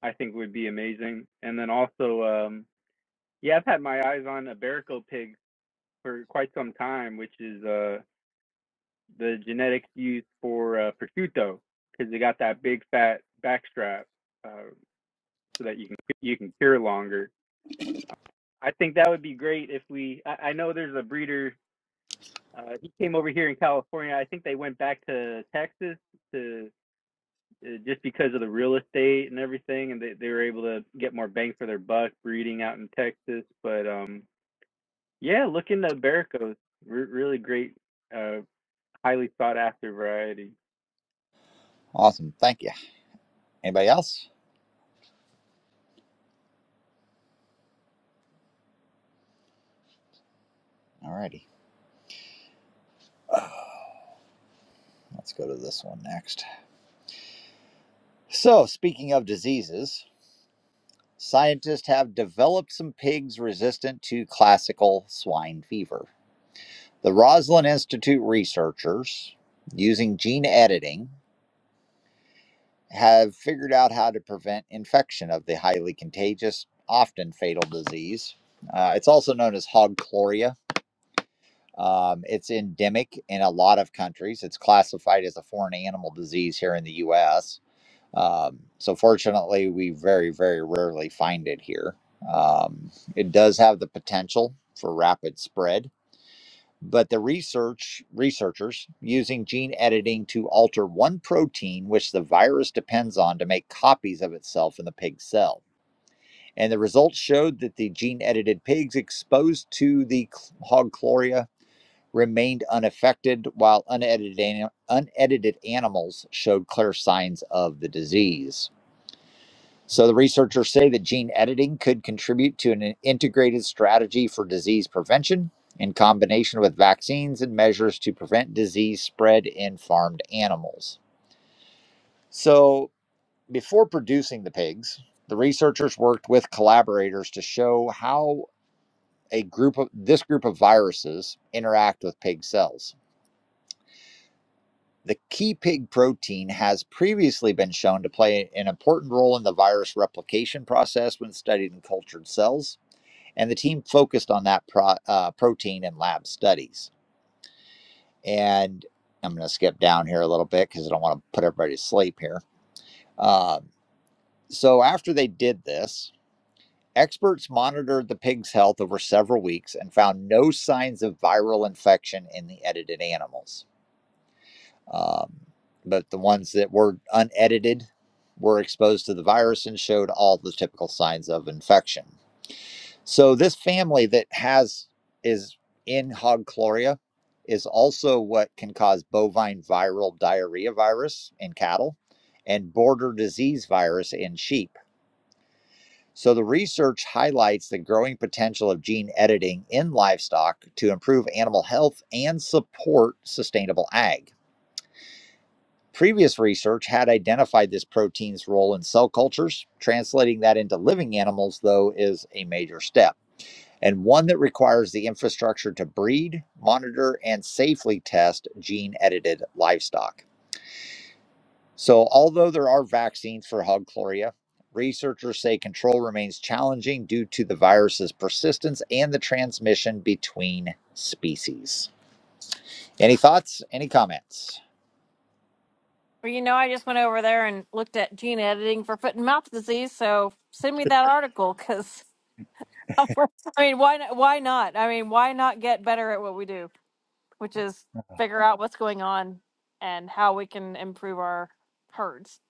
I think would be amazing. And then also, um, yeah, I've had my eyes on Iberico pigs for quite some time, which is uh, the genetics used for uh, prosciutto because they got that big fat backstrap uh, so that you can you can cure longer. I think that would be great if we. I, I know there's a breeder. Uh, he came over here in California. I think they went back to Texas to uh, just because of the real estate and everything, and they, they were able to get more bang for their buck breeding out in Texas. But um, yeah, look into Bericos. Re- really great, uh, highly sought after variety.
Awesome, thank you. Anybody else? All righty. let's go to this one next. So speaking of diseases, Scientists have developed some pigs resistant to classical swine fever. The Roslin Institute researchers, using gene editing, have figured out how to prevent infection of the highly contagious, often fatal disease. Uh, it's also known as hog chloria. Um, it's endemic in a lot of countries. It's classified as a foreign animal disease here in the U.S Um, so fortunately, we very, very rarely find it here. Um, it does have the potential for rapid spread, but the research researchers using gene editing to alter one protein which the virus depends on to make copies of itself in the pig cell. And the results showed that the gene edited pigs exposed to the cl- hog chloria remained unaffected, while unedited, ani- unedited animals showed clear signs of the disease. So the researchers say that gene editing could contribute to an integrated strategy for disease prevention in combination with vaccines and measures to prevent disease spread in farmed animals. So before producing the pigs, the researchers worked with collaborators to show how a group of this group of viruses interact with pig cells. The key pig protein has previously been shown to play an important role in the virus replication process when studied in cultured cells. And the team focused on that pro, uh, protein in lab studies. And I'm going to skip down here a little bit because I don't want to put everybody to sleep here. Um, so, after they did this, experts monitored the pig's health over several weeks and found no signs of viral infection in the edited animals. Um, but the ones that were unedited were exposed to the virus and showed all the typical signs of infection. So this family that has is in hogchloria is also what can cause bovine viral diarrhea virus in cattle and border disease virus in sheep. So the research highlights the growing potential of gene editing in livestock to improve animal health and support sustainable ag. Previous research had identified this protein's role in cell cultures. Translating that into living animals, though, is a major step. and one that requires the infrastructure to breed, monitor, and safely test gene edited livestock. So, although there are vaccines for hog chloria, researchers say control remains challenging due to the virus's persistence and the transmission between species. Any thoughts? Any comments?
Well, you know, I just went over there and looked at gene editing for foot and mouth disease. So send me that article because *laughs* I mean, why not? Why not? I mean, why not get better at what we do, which is figure out what's going on and how we can improve our herds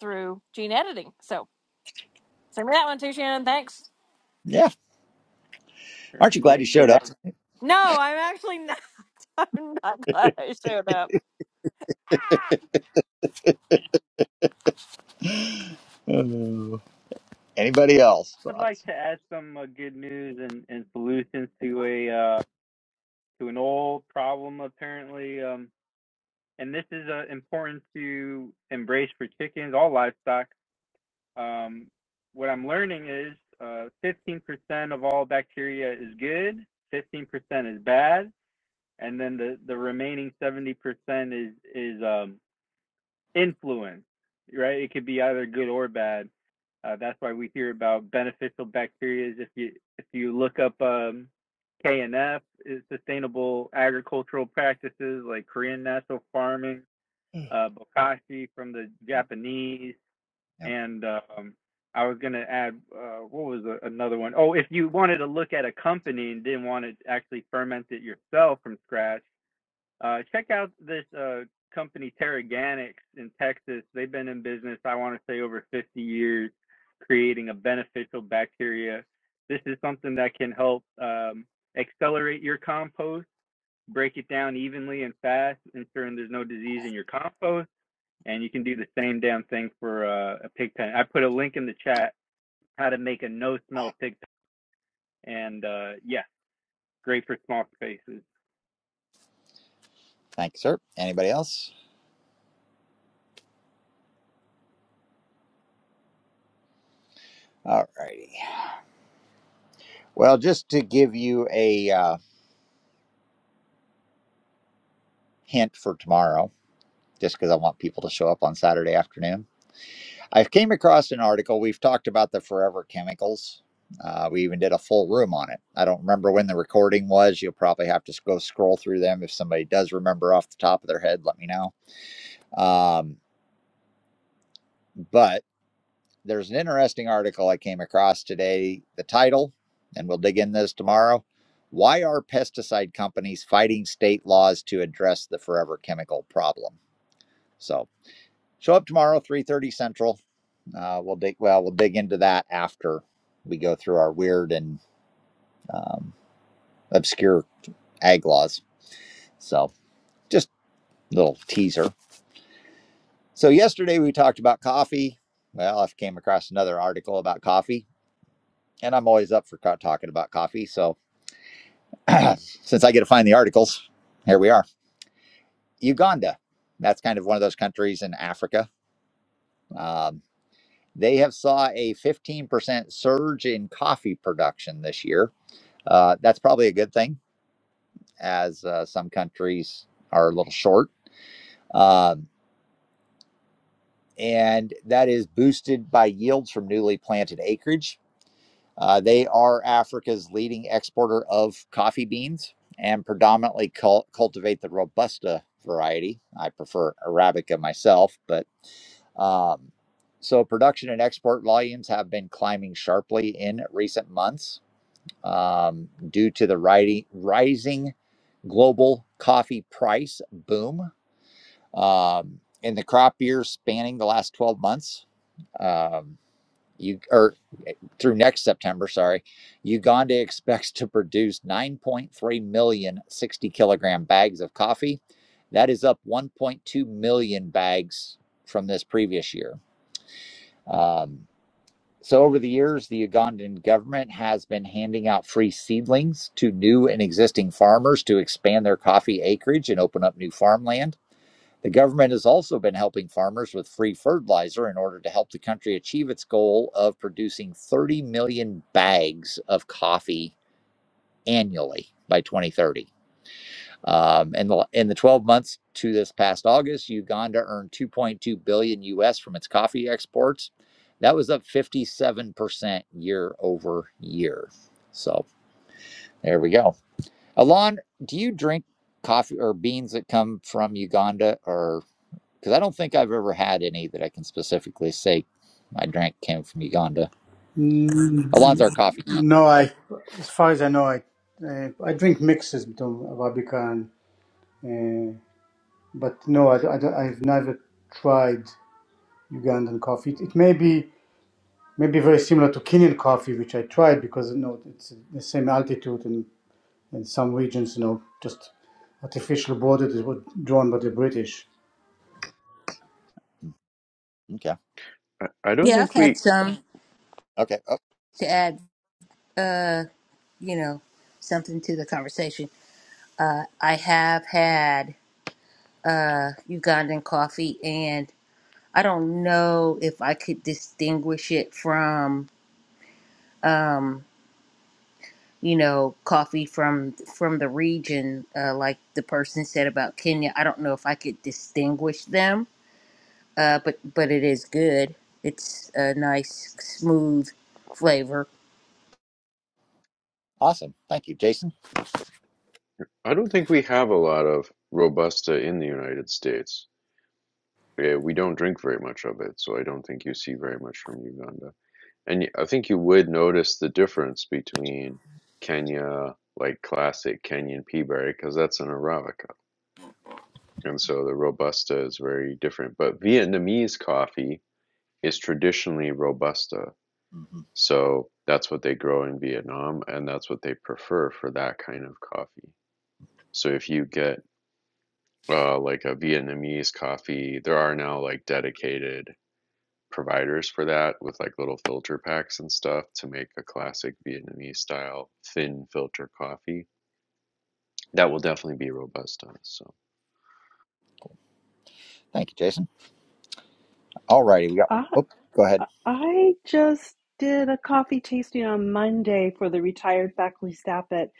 through gene editing. So send me that one too, Shannon. Thanks.
Yeah. Aren't you glad
Renee
you
said
showed up?
No,
uh,
I'm actually not. *laughs* I'm not glad I showed up.
Oh. Anybody else?
would
Thoughts?
like to add some uh, good news and, and solutions to a uh, to an old problem apparently, um, and this is uh, important to embrace for chickens, all livestock. Um, what I'm learning is uh, 15% of all bacteria is good, 15% is bad, and then the, the remaining 70% is is um, influence, right? It could be either good or bad. Uh, that's why we hear about beneficial bacteria. If you if you look up um, KNF, is sustainable agricultural practices like Korean natural farming,
Mm.
uh, bokashi from the Japanese,
Yep.
and um, I was going to add uh, what was the, another one? Oh, if you wanted to look at a company and didn't want to actually ferment it yourself from scratch uh, check out this uh, company, Terraganics in Texas. They've been in business, I want to say, over 50 years, creating a beneficial bacteria. This is something that can help um, accelerate your compost, break it down evenly and fast, ensuring there's no disease in your compost. And you can do the same damn thing for uh, a pig pen. I put a link in the chat how to make a no smell pig pen. And uh, yeah, great for small spaces.
Thank you, sir. Anybody else? All righty. Well, just to give you a uh, hint for tomorrow, just because I want people to show up on Saturday afternoon, I came across an article. We've talked about the forever chemicals. Uh, we even did a full room on it. I don't remember when the recording was. You'll probably have to s- go scroll through them. If somebody does remember off the top of their head, let me know. Um, there's an interesting article I came across today. The title, and we'll dig in this tomorrow. Why are pesticide companies fighting state laws to address the forever chemical problem? So show up tomorrow, three thirty Central. Uh, we'll dig. Well, we'll dig into that after we go through our weird and um, obscure ag laws. So just a little teaser. So yesterday we talked about coffee. Well, I came across another article about coffee, and I'm always up for talking about coffee. So *clears throat* since I get to find the articles, here we are. Uganda. That's kind of one of those countries in Africa. Um, they have saw a 15% surge in coffee production this year. Uh, that's probably a good thing, as uh, some countries are a little short. Um, and that is boosted by yields from newly planted acreage Uh, they are Africa's leading exporter of coffee beans and predominantly cul- cultivate the Robusta variety. I prefer Arabica myself, but um, so production and export volumes have been climbing sharply in recent months um, due to the riding, rising global coffee price boom um, in the crop year spanning the last 12 months. Um, you or through next September, sorry, Uganda expects to produce 9.3 million 60 kilogram bags of coffee. That is up 1.2 million bags from this previous year. Um, so, over the years, the Ugandan government has been handing out free seedlings to new and existing farmers to expand their coffee acreage and open up new farmland. The government has also been helping farmers with free fertilizer in order to help the country achieve its goal of producing 30 million bags of coffee annually by 2030. Um, in, the, in the 12 months to this past August, Uganda earned 2.2 billion US from its coffee exports. That was up 57% year over year. So there we go. Alon, do you drink coffee or beans that come from Uganda or because I don't think I've ever had any that I can specifically say my drink came from Uganda.
Mm,
Alonzo Coffee.
No,
Oh,
I, as far as I know, I, uh, I drink mixes between Arabica and but no, I, have never tried Ugandan coffee. It, it may be maybe very similar to Kenyan coffee, which I tried because you know it's the same altitude and in some regions, you know, just artificial borders that were drawn by the British.
okay.
I, I don't
Yeah, I've
think
had
we
some
Okay. Oh,
to add, uh, you know, something to the conversation. Uh, I have had uh, Ugandan coffee, and I don't know if I could distinguish it from, um, you know, coffee from from the region, uh, like the person said about Kenya. I don't know if I could distinguish them, uh, but but it is good. It's a nice, smooth flavor
awesome. Thank you, Jason.
I don't think we have a lot of Robusta in the United States. Yeah, we don't drink very much of it, so I don't think you see very much from Uganda. And y- I think you would notice the difference between Kenya, like classic Kenyan pea berry, because that's an Arabica. And so the Robusta is very different. But Vietnamese coffee is traditionally Robusta.
hmm
So that's what they grow in Vietnam, and that's what they prefer for that kind of coffee. So if you get uh, like a Vietnamese coffee, there are now like dedicated providers for that with like little filter packs and stuff to make a classic Vietnamese style thin filter coffee. That will definitely be Robusta. So
Thank you, Jason. All righty. We got.
I
Oh, go ahead,
I just did a coffee tasting on Monday for the retired faculty staff at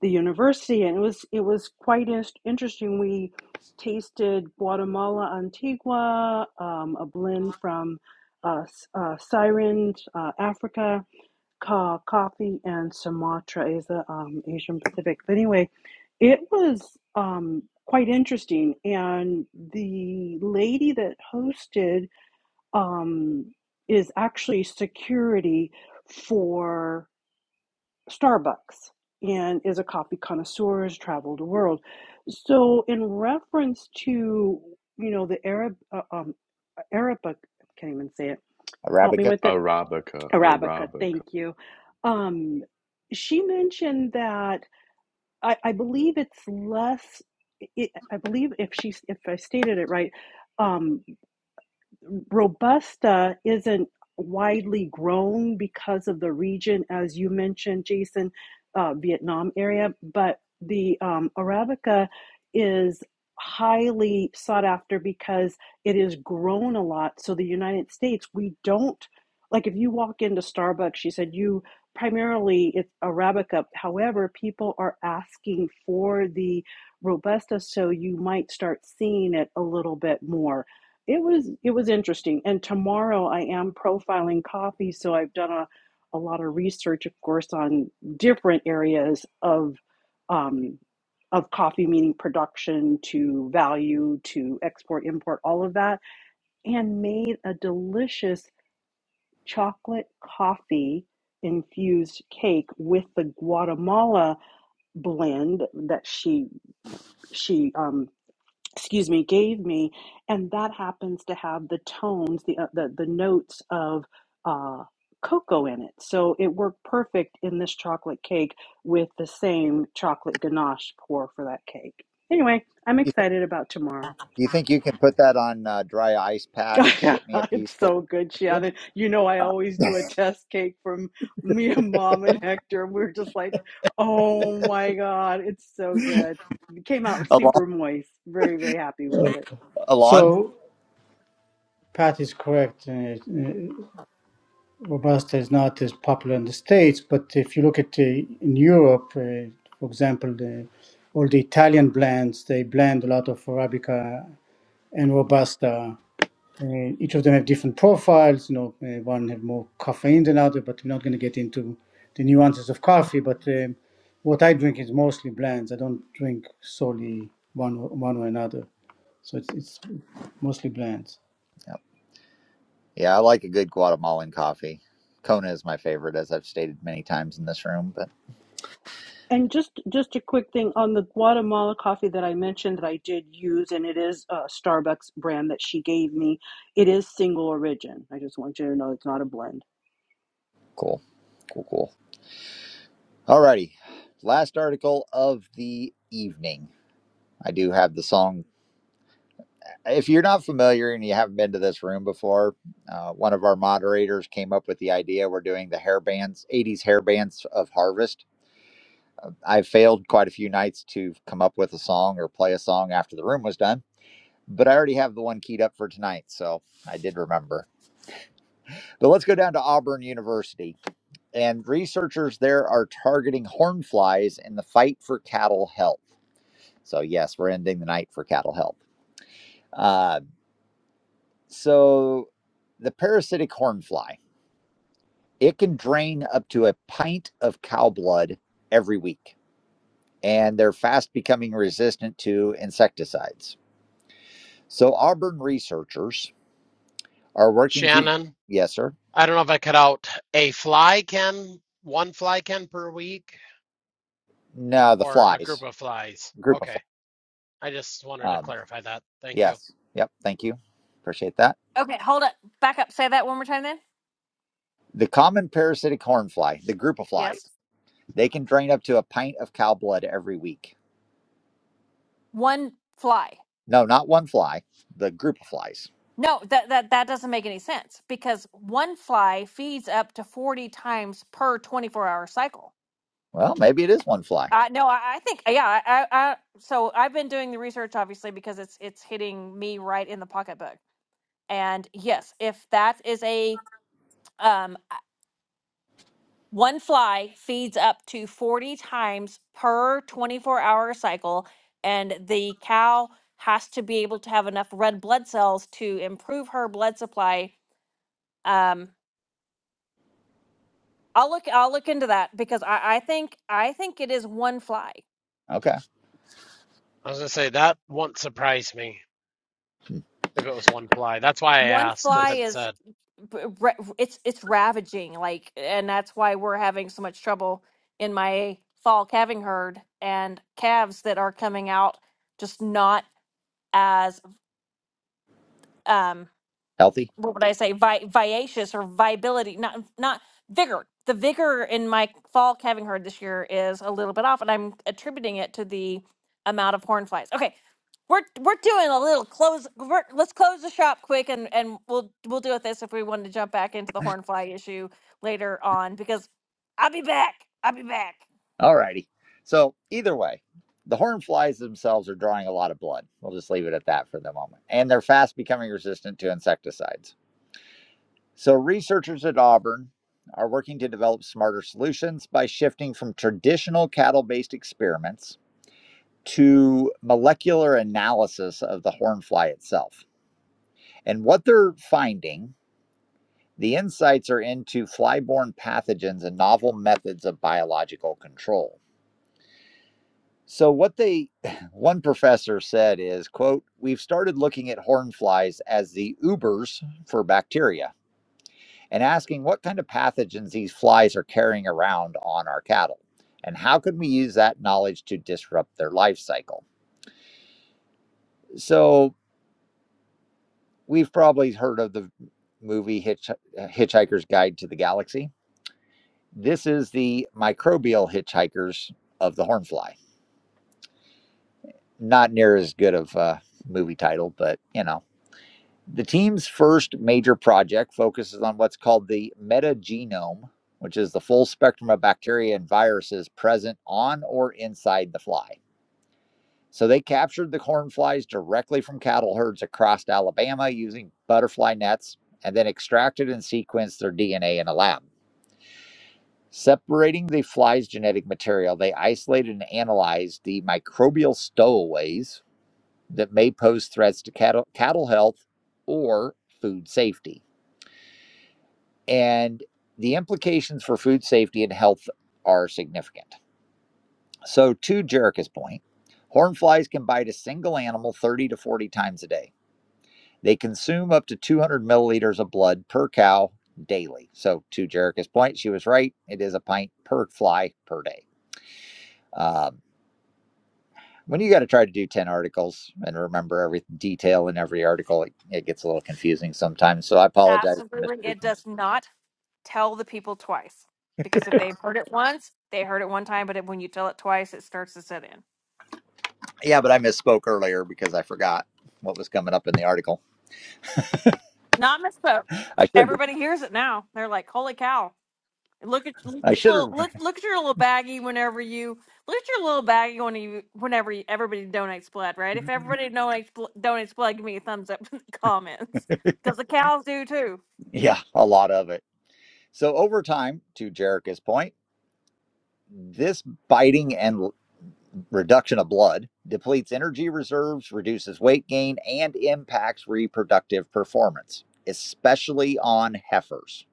the university, and it was it was quite in- interesting. We tasted Guatemala Antigua, um, a blend from uh, S- uh, Siren, uh, Africa, ca- coffee, and Sumatra is the um, Asian Pacific. But anyway, it was um, quite interesting, and the lady that hosted um, is actually security for Starbucks and is a coffee connoisseur, has traveled the world. So, in reference to you know the Arab uh, um, Arabica, I can't even say it. Help me
Arabica.
with it.
Arabica,
Arabica.
Arabica.
Thank you. Um, she mentioned that I, I believe it's less. It, I believe if she if I stated it right, um, Robusta isn't widely grown because of the region, as you mentioned, Jason, uh, Vietnam area, but the um, Arabica is highly sought after because it is grown a lot. So the United States, we don't, like if you walk into Starbucks, she said you primarily it's Arabica. However, people are asking for the Robusta, so you might start seeing it a little bit more it was it was interesting. And tomorrow I am profiling coffee, so I've done a, a lot of research, of course, on different areas of um, of coffee, meaning production to value to export, import, all of that, and made a delicious chocolate coffee infused cake with the Guatemala blend that she she um, excuse me gave me and that happens to have the tones the uh, the, the notes of uh, cocoa in it so it worked perfect in this chocolate cake with the same chocolate ganache pour for that cake anyway i'm
You, th-
excited about tomorrow
you think you can put that on uh, dry ice, Pat, and
*laughs* yeah,
ship me a piece,
it's
please?
so good,
Thank
Shannon. You know, I always do a test cake from me and mom and Hector. We're just like, oh my God, it's so
you.
good. It came out
*laughs* Alon.
super moist. Very, very happy with it.
Alon.
So Pat is correct. Uh, uh, Robusta is not as popular in the States, but if you look at uh, in Europe, uh, for example, the, all the Italian blends, they blend a lot of Arabica and Robusta. Uh, each of them have different profiles. You know, uh, one have more caffeine than other, but we're not going to get into the nuances of coffee. But um, what I drink is mostly blends. I don't drink solely one one or another. So it's it's mostly blends.
Yep. Yeah, I like a good Guatemalan coffee. Kona is my favorite, as I've stated many times in this room. But
And just just a quick thing on the Guatemala coffee that I mentioned that I did use, and it is a Starbucks brand that she gave me. It is single origin. I just want you to know it's not a blend.
cool, cool, cool. Alrighty, last article of the evening. I do have the song. If you're not familiar and you haven't been to this room before, uh, one of our moderators came up with the idea. We're doing the hair bands, 80s hair bands of Harvest. I failed quite a few nights to come up with a song or play a song after the room was done, but I already have the one keyed up for tonight, so I did remember. But let's go down to Auburn University. And researchers there are targeting hornflies in the fight for cattle health. So, yes, we're ending the night for cattle health. Uh, so, the parasitic horn fly, it can drain up to a pint of cow blood every week, and they're fast becoming resistant to insecticides. So, Auburn researchers are working to,
Shannon,
yes, sir.
I don't know if I cut out a fly can, one fly can per week,
No, the
or a group
flies,
of flies.
group of
Okay.
flies.
I just wanted to
Um,
clarify that. Thank you.
yes, yep, thank you. Appreciate that.
Okay, hold up. Back up. Say that one more time then.
The common parasitic horn fly, the group of flies,
Yes.
they can drain up to a pint of cow blood every week
One fly.
No, not one fly, the group of flies.
No, that that that doesn't make any sense because one fly feeds up to forty times per twenty four hour cycle.
Well, maybe it is one fly.
Uh, no, I, I think yeah. I, I, I so I've been doing the research obviously because it's it's hitting me right in the pocketbook. And yes, if that is a um uh, one fly feeds up to forty times per twenty four hour cycle, and the cow has to be able to have enough red blood cells to improve her blood supply. Um, I'll look I'll look into that because I, I think I think it is one fly.
Okay,
I was going to say that won't surprise me if it was one fly. That's why I
One
asked if
fly
it
is
said
b- ra- it's it's ravaging like and that's why we're having so much trouble in my fall calving herd and calves that are coming out just not as um
healthy.
what would I say, vi- vivacious or viability, not not vigor. The vigor in my fall calving herd this year is a little bit off, and I'm attributing it to the amount of horn flies. Okay, we're we're doing a little close. We're, let's close the shop quick, and and we'll we'll deal with this if we wanted to jump back into the horn fly issue later on because I'll be back. I'll be back.
All righty. So, either way, the horn flies themselves are drawing a lot of blood. We'll just leave it at that for the moment. And they're fast becoming resistant to insecticides. So, researchers at Auburn are working to develop smarter solutions by shifting from traditional cattle based experiments to molecular analysis of the horn fly itself. And what they're finding The insights are into fly-borne pathogens and novel methods of biological control. So what they *clears throat* one professor said is, quote, we've started looking at horn flies as the Ubers for bacteria and asking what kind of pathogens these flies are carrying around on our cattle and how can we use that knowledge to disrupt their life cycle. So we've probably heard of the movie Hitch, uh, Hitchhiker's Guide to the Galaxy This is the microbial hitchhikers of the Hornfly. Not near as good of a movie title, but you know. The team's first major project focuses on what's called the metagenome, which is the full spectrum of bacteria and viruses present on or inside the fly. So they captured the cornflies directly from cattle herds across Alabama using butterfly nets and then extracted and sequenced their DNA in a lab. Separating the fly's genetic material, they isolated and analyzed the microbial stowaways that may pose threats to cattle, cattle health or food safety. And the implications for food safety and health are significant. So, to Jerica's point, hornflies can bite a single animal 30 to 40 times a day. They consume up to 200 milliliters of blood per cow daily. So, to Jerica's point, she was right. It is a pint per fly per day. Um, when you got to try to do 10 articles and remember every detail in every article it, it gets a little confusing sometimes so i apologize for
Absolutely, it
misspeaking
does not tell the people twice because if they've heard it once, they heard it one time, but if, when you tell it twice, it starts to set in.
yeah but i misspoke earlier because i forgot what was coming up in the article
Not misspoke.
i should
Everybody hears it now. They're like, "Holy cow!" Look at look, at
i
your
should
little-
have
look look at your little baggie whenever you look at your little baggie when you whenever you, everybody donates blood, right? If everybody donates bl- donates blood, give me a thumbs up *laughs* in the comments because the cows do too.
yeah a lot of it so over time to jerica's point this biting and l- reduction of blood depletes energy reserves reduces weight gain and impacts reproductive performance especially on heifers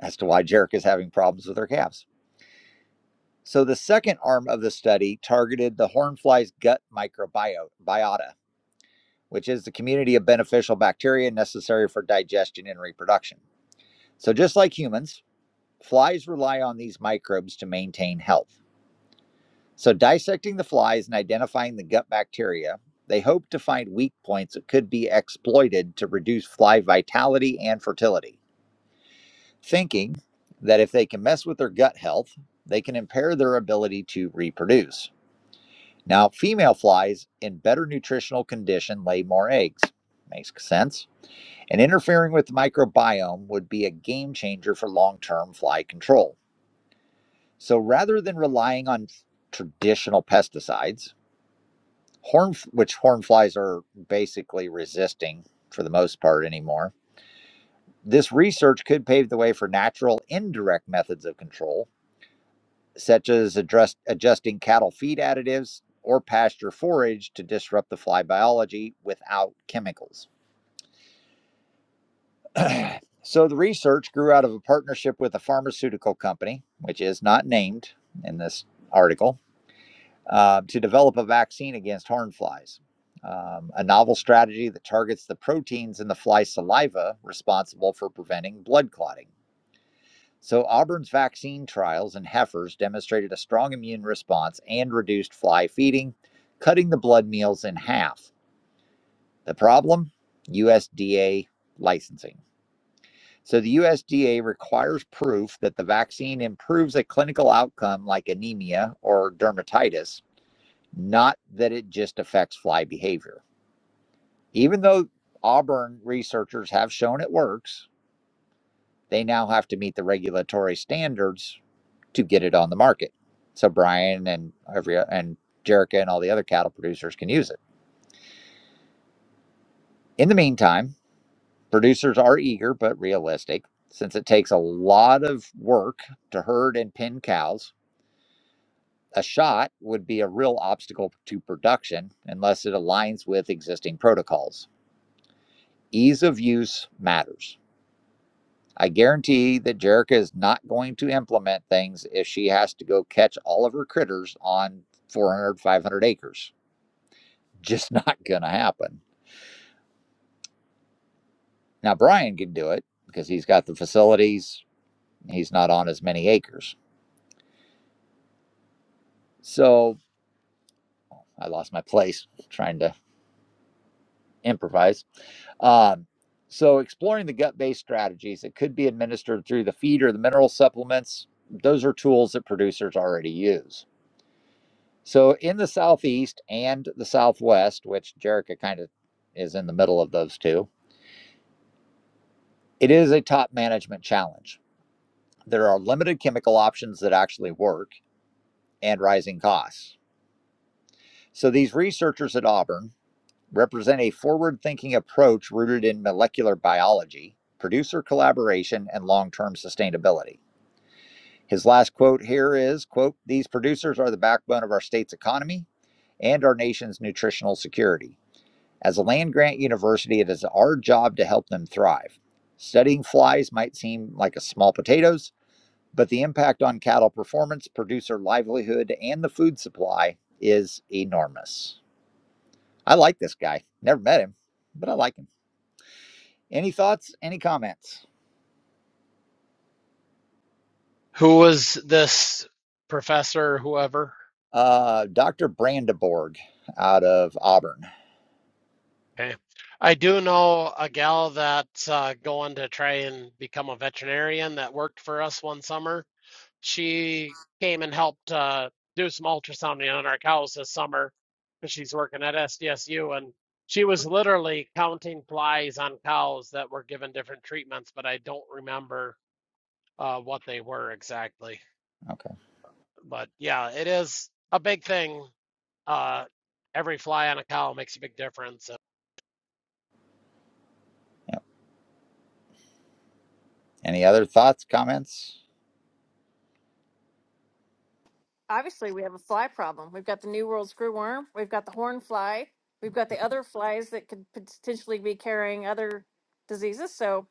as to why jerica's having problems with her calves So the second arm of the study targeted the hornfly's gut microbiota, which is the community of beneficial bacteria necessary for digestion and reproduction. So just like humans, flies rely on these microbes to maintain health. So dissecting the flies and identifying the gut bacteria, they hope to find weak points that could be exploited to reduce fly vitality and fertility, thinking that if they can mess with their gut health, they can impair their ability to reproduce. Now, female flies in better nutritional condition lay more eggs. Makes sense. And interfering with the microbiome would be a game changer for long term fly control. So rather than relying on traditional pesticides, horn, which horn flies are basically resisting for the most part anymore, this research could pave the way for natural indirect methods of control such as address, adjusting cattle feed additives or pasture forage to disrupt the fly biology without chemicals. *clears throat* so the research grew out of a partnership with a pharmaceutical company, which is not named in this article, uh, to develop a vaccine against horn flies. Um, a novel strategy that targets the proteins in the fly saliva responsible for preventing blood clotting. So, Auburn's vaccine trials in heifers demonstrated a strong immune response and reduced fly feeding, cutting the blood meals in half. The problem? USDA licensing. So, the USDA requires proof that the vaccine improves a clinical outcome like anemia or dermatitis, not that it just affects fly behavior. Even though Auburn researchers have shown it works, they now have to meet the regulatory standards to get it on the market. So Brian and every and Jerica and all the other cattle producers can use it. In the meantime, producers are eager but realistic since it takes a lot of work to herd and pin cows. A shot would be a real obstacle to production unless it aligns with existing protocols. Ease of use matters. I guarantee that Jerica is not going to implement things if she has to go catch all of her critters on 400, 500 acres just *laughs* not going to happen. Now, Brian can do it because he's got the facilities. He's not on as many acres. So I lost my place *laughs* trying to improvise. Um, so, exploring the gut based strategies that could be administered through the feed or the mineral supplements, those are tools that producers already use. So, in the Southeast and the Southwest, which Jerica kind of is in the middle of those two, it is a top management challenge. There are limited chemical options that actually work and rising costs. So these researchers at Auburn represent a forward thinking approach rooted in molecular biology, producer collaboration, and long term sustainability. His last quote here is quote, These producers are the backbone of our state's economy and our nation's nutritional security. As a land grant university, it is our job to help them thrive. Studying flies might seem like a small potatoes, But the impact on cattle performance, producer livelihood, and the food supply is enormous. I like this guy. Never met him, but I like him. Any thoughts? Any comments?
who was this professor or whoever.
Uh, Dr. Brandeborg out of Auburn.
Okay. I do know a gal that's uh, going to try and become a veterinarian that worked for us one summer She came and helped uh, do some ultrasounding on our cows this summer because she's working at SDSU. And she was literally counting flies on cows that were given different treatments, but I don't remember uh, what they were exactly.
Okay.
But yeah, it is a big thing. Uh, every fly on a cow makes a big difference.
Yep. Any other thoughts, comments,
Obviously, we have a fly problem. We've got the New World screwworm. We've got the horn fly. We've got the other flies that could potentially be carrying other diseases. So,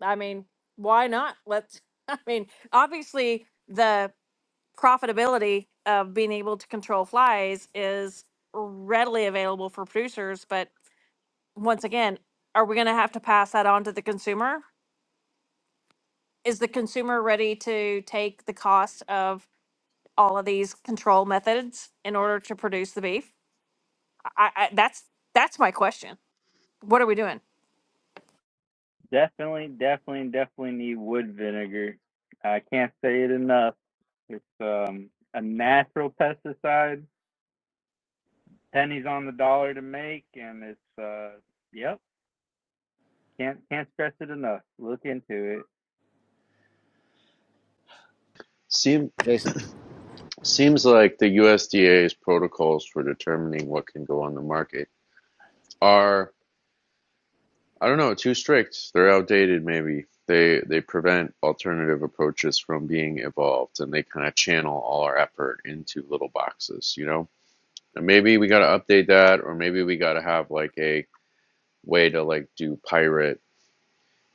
I mean, why not? Let's. *laughs* I mean, obviously the profitability of being able to control flies is readily available for producers. But once again, are we going to have to pass that on to the consumer? Is the consumer ready to take the cost of all of these control methods in order to produce the beef? I, I that's that's my question. What are we doing?
Definitely, definitely, definitely need wood vinegar. I can't say it enough. It's um, a natural pesticide, pennies on the dollar to make, and it's uh, yep, can't can't stress it enough. Look into it.
Seem,
Jason?
seems like the USDA's protocols for determining what can go on the market are I don't know, too strict. They're outdated maybe. They they prevent alternative approaches from being evolved and they kind of channel all our effort into little boxes, you know? And maybe we got to update that or maybe we got to have like a way to like do pirate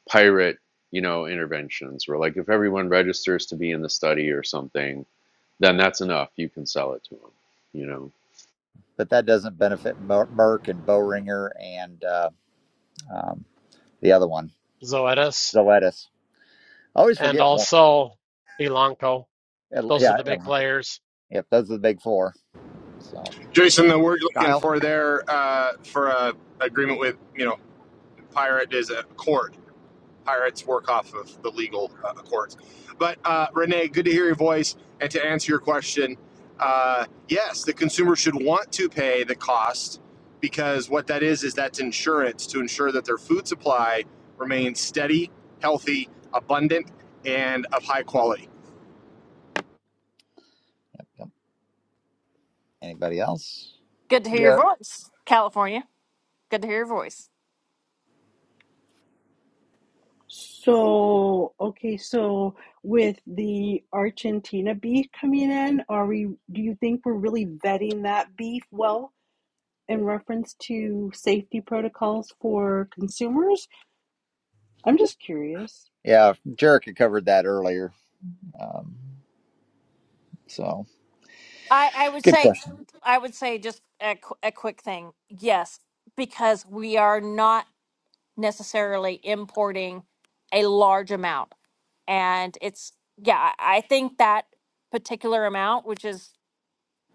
pirate, you know, interventions where like if everyone registers to be in the study or something, then that's enough. You can sell it to them, you know.
But that doesn't benefit Mer- Merck and Boehringer and uh, um, the other one,
Zoetis
the lettuce. I always
and
forget one.
also Elanco. Those are
Yeah.
the big players.
Yep. Those are the big four. So,
Jason, the word looking
Kyle.
for there uh, for a agreement with you know pirate is a court. Pirates work off of the legal uh, courts. But uh, Renee, good to hear your voice and to answer your question. Uh, yes, the consumer should want to pay the cost because what that is is that's insurance to ensure that their food supply remains steady, healthy, abundant, and of high quality.
Yep. yep. Anybody else?
Good to hear your
Yeah,
voice, California. Good to hear your voice.
So, okay, so with the Argentina beef coming in, are we, do you think we're really vetting that beef well in reference to safety protocols for consumers? I'm just curious.
Yeah, Jerica covered that earlier. Um, so,
I, I would
good
say,
question.
I would say just a, qu- a quick thing. Yes, because we are not necessarily importing a large amount. And it's, yeah, I I think that particular amount, which is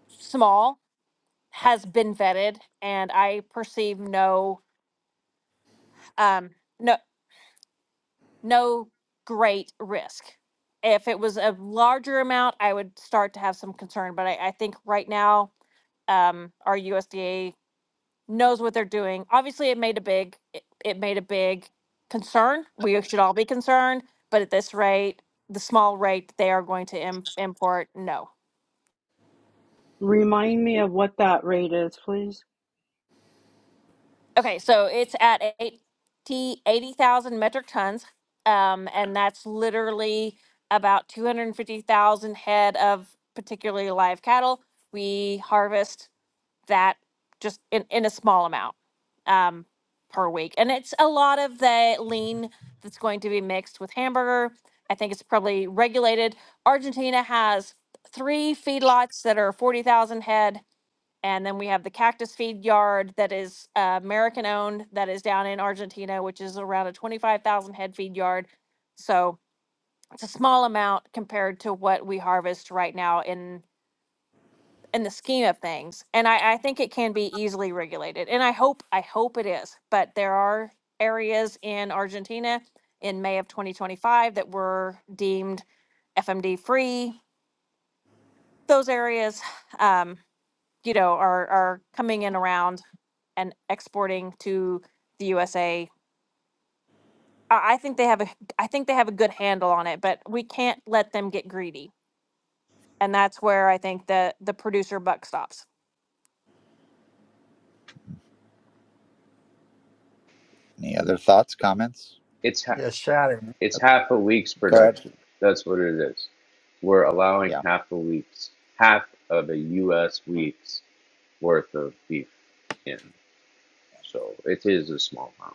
small, has been vetted and I perceive no, um, no, no great risk. If it was a larger amount, I would start to have some concern, but I, I think right now, um, our USDA knows what they're doing. Obviously, it made a big it, it made a big concern. We should all be concerned, but at this rate, the small rate that they are going to im- import, no.
Remind me of what that rate is, please.
Okay, so it's at 80 80,000 metric tons, um, and that's literally about 250,000 head of particularly live cattle. We harvest that just in, in a small amount um, per week. And it's a lot of the lean that's going to be mixed with hamburger. I think it's probably regulated. Argentina has three feedlots that are 40,000 head. And then we have the Cactus Feed Yard that is uh, American owned, that is down in Argentina, which is around a 25,000 head feed yard. So it's a small amount compared to what we harvest right now in in the scheme of things. And I, I think it can be easily regulated. And I hope, I hope it is. But there are areas in Argentina in May of 2025 that were deemed FMD free. Those areas, um, you know, are, are coming in around and exporting to the USA. I I think they have a, I think they have a good handle on it, but we can't let them get greedy. And that's where I think the, the producer buck stops.
Any other thoughts, comments?
It's.
yeah, Shannon,
It's half a week's
Go ahead.
production. That's what it is. We're allowing
Yeah,
half a week's, half of a U.S. week's worth of beef in. So it is a small amount.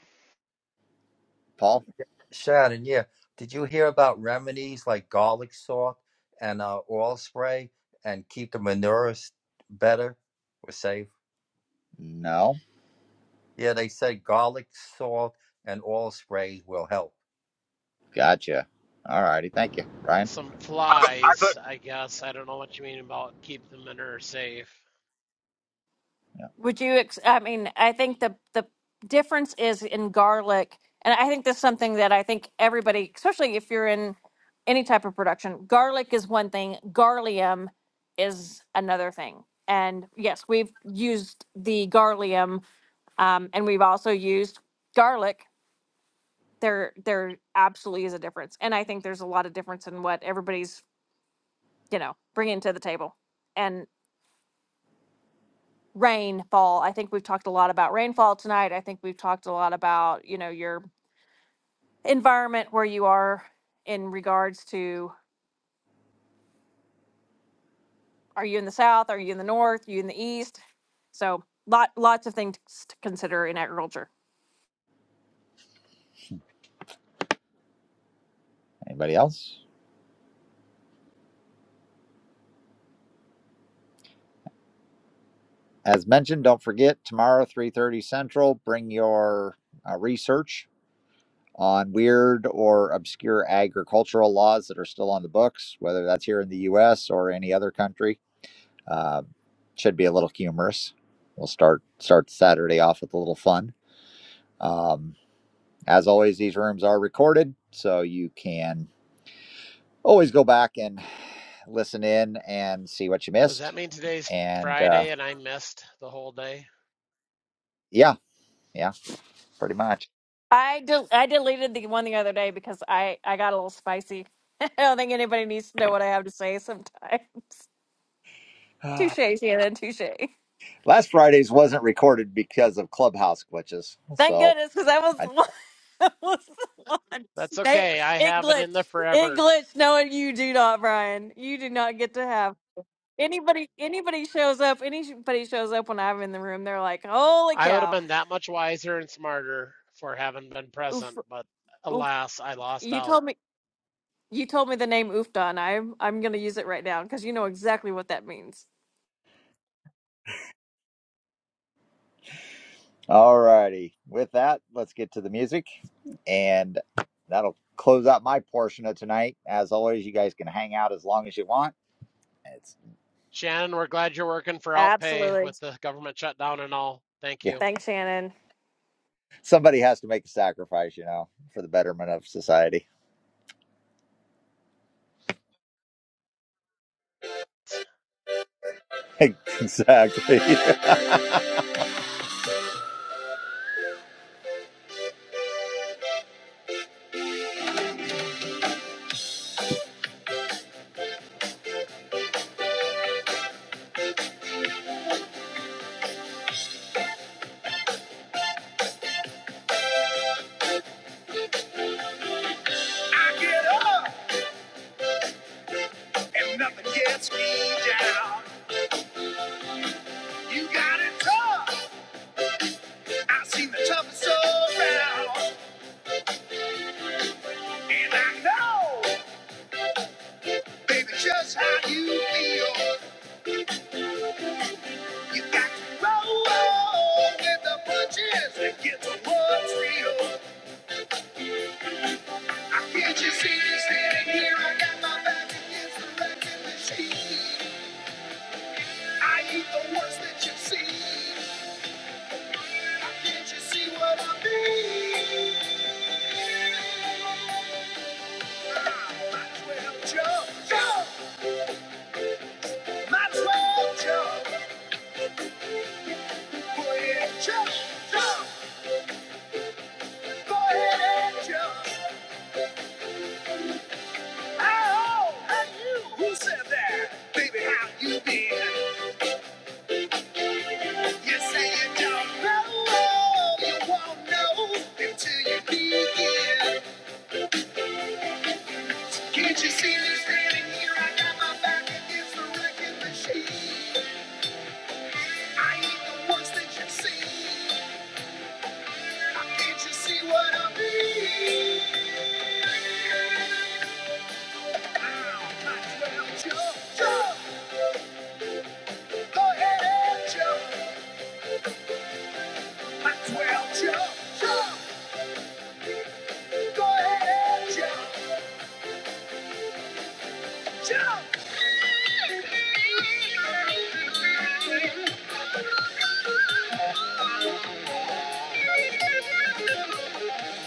Paul.
Shannon, yeah. Did you hear about remedies like garlic salt and uh, oil spray and keep the manure s- better or safe?
No,
Yeah, they said garlic salt and oil spray will help.
gotcha. All righty, thank you, Brian.
some
I put-
flies, I guess. I don't know what you mean about keep the manure safe.
Yeah.
Would you? Ex- I mean, I think the the difference is in garlic, and I think this is something that I think everybody, especially if you're in any type of production, garlic is one thing, garlium is another thing. And yes, we've used the garlium, um, and we've also used garlic. There, there absolutely is a difference, and I think there's a lot of difference in what everybody's you know bringing to the table. rainfall. I think we've talked a lot about rainfall tonight. I think we've talked a lot about, you know, your environment where you are in regards to are you in the south, are you in the north, Are you in the east? So, lot lots of things to consider in agriculture.
Anybody else? As mentioned, don't forget tomorrow, three thirty Central. Bring your uh, research on weird or obscure agricultural laws that are still on the books, whether that's here in the U.S. or any other country. Uh, should be a little humorous. We'll start start Saturday off with a little fun. Um, As always, these rooms are recorded, so you can always go back and listen in and see what you
Does
missed.
that mean today's
And uh,
Friday and I missed the whole day?
yeah, yeah, pretty much.
I del- I deleted the one the other day because I I got a little spicy. *laughs* I don't think anybody needs to know what I have to say sometimes.
*sighs*
*laughs*
Last
Touche, Shannon, touche.
Friday's wasn't recorded because of clubhouse glitches.
Thank
So,
goodness, because I
I,
was *laughs* I was on.
That's
They,
okay. I
it
have it in the
glitched. It
forever.
glitched. Knowing you do not, Brian, you do not get to have anybody. Anybody shows up. Anybody shows up when I'm in the room. They're like, "Holy
I would have
cow!
been that much wiser and smarter for having been
Oof,
present, but
oof!
alas, I lost
You
out.
told me. You told me the name Oofdon. I'm I'm gonna use it right now because you know exactly what that means.
all righty. With that, let's get to the music, and that'll close out my portion of tonight. As always, you guys can hang out as long as you want. It's
Shannon, we're glad you're working for Outpay
Absolutely.
with the government shutdown and all. Thank
yeah,
you.
Thanks, Shannon.
somebody has to make a sacrifice, you know, for the betterment of society. *laughs* exactly. *laughs* I get the worst that you've Can't you see what I mean? Maxwell Joe, Joe, Maxwell Joe, go ahead, Joe, Joe, go ahead and Joe. Oh, and you, who said that? Baby, how you been? You say you don't know, you won't know until you begin. Can't you see me standing here? I got my back against the wrecking machine. I ain't the ones that you see. How can't you see what I mean? my 12 jump, jump. Go ahead and jump. My 12 jump, jump. Go ahead and jump, jump. *laughs*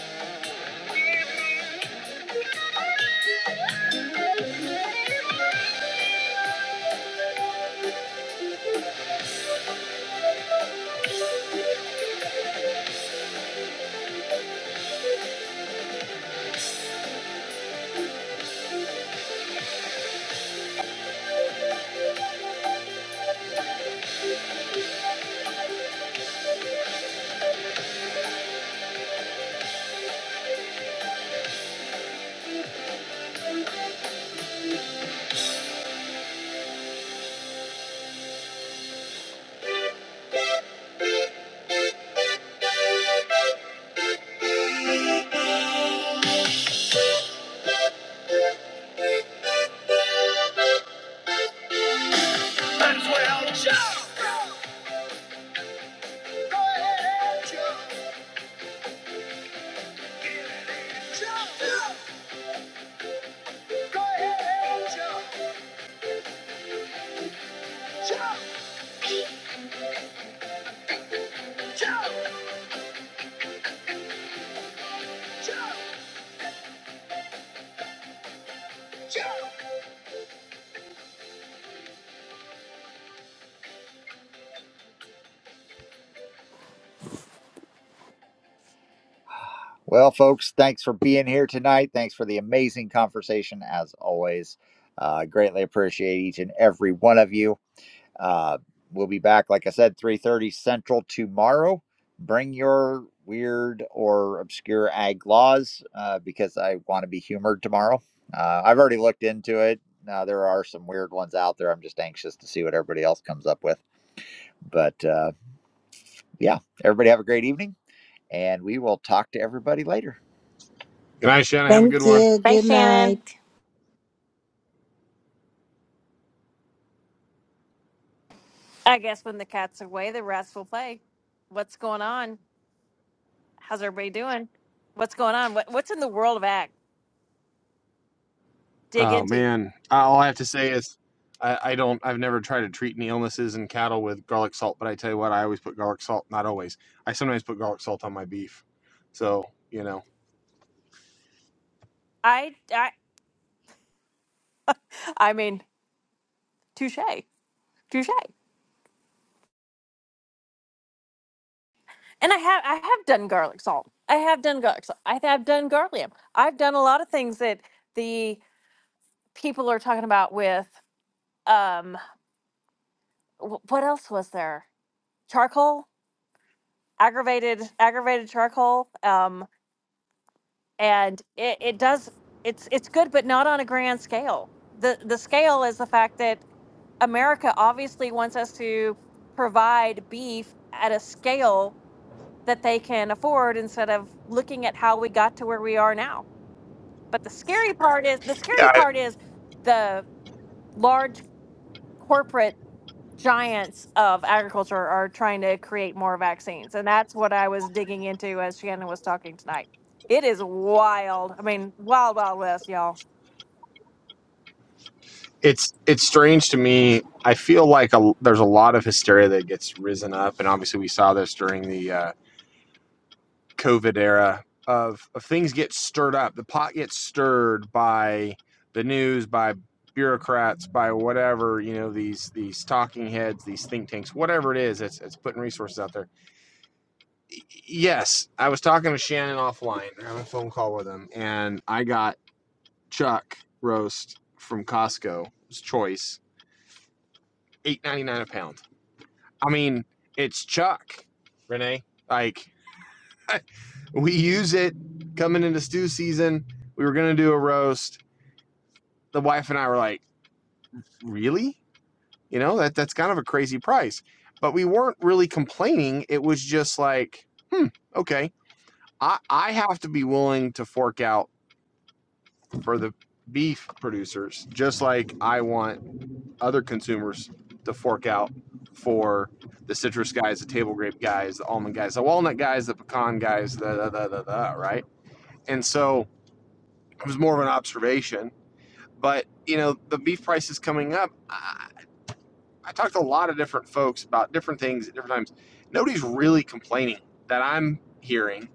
Jump! Jump! Jump! Jump! Well, folks, thanks for being here tonight. Thanks for the amazing conversation, as always. Uh, greatly appreciate each and every one of you. Uh, we'll be back, like I said, 3.30 Central tomorrow. Bring your weird or obscure ag laws uh, because I want to be humored tomorrow. Uh, I've already looked into it. Now, there are some weird ones out there. I'm just anxious to see what everybody else comes up with. But uh, yeah, everybody have a great evening, and we will talk to everybody later.
Good night, Shannon. Have a good
Thank
one.
you.
Thanks,
Good night.
Shannon. I guess when the cat's away, the rats will play. What's going on? How's everybody doing? What's going on? What, what's in the world of ag? Dig
Oh
into.
man, all I have to say is I, I don't. I've never tried to treat any illnesses in cattle with garlic salt, but I tell you what, I always put garlic salt. Not always. I sometimes put garlic salt on my beef. So you know,
I I I mean, touche, touche. And I have I have done garlic salt. I have done garlic salt. I have done garlium. I've done a lot of things that the people are talking about with um wh- what else was there? Charcoal, aggravated aggravated charcoal. Um, and it, it does it's it's good, but not on a grand scale. The the scale is the fact that America obviously wants us to provide beef at a scale that they can afford instead of looking at how we got to where we are now. But the scary part is the scary
yeah, I-
part is the large corporate giants of agriculture are trying to create more vaccines. And that's what I was digging into as Shannon was talking tonight. It is wild. I mean, wild, wild west, y'all.
it's it's strange to me. I feel like a, there's a lot of hysteria that gets risen up, and obviously we saw this during the uh, COVID era of, of things get stirred up. The pot gets stirred by the news, by bureaucrats, by whatever, you know, these these talking heads, these think tanks, whatever it is, it's it's putting resources out there. Yes, I was talking to Shannon offline, having a phone call with him, and I got chuck roast from Costco. It's choice, eight ninety nine a pound. I mean, it's chuck, Renee. Like *laughs* I, We use it coming into stew season. We were gonna do a roast. The wife and I were like, really? You know, that that's kind of a crazy price. But we weren't really complaining. It was just like, hmm, okay. I, I have to be willing to fork out for the beef producers, just like I want other consumers to fork out for the citrus guys, the table grape guys, the almond guys, the walnut guys, the pecan guys, the, the, the, the, the right? And so it was more of an observation But you know, the beef price is coming up. I, I talked to a lot of different folks about different things at different times. Nobody's really complaining that I'm hearing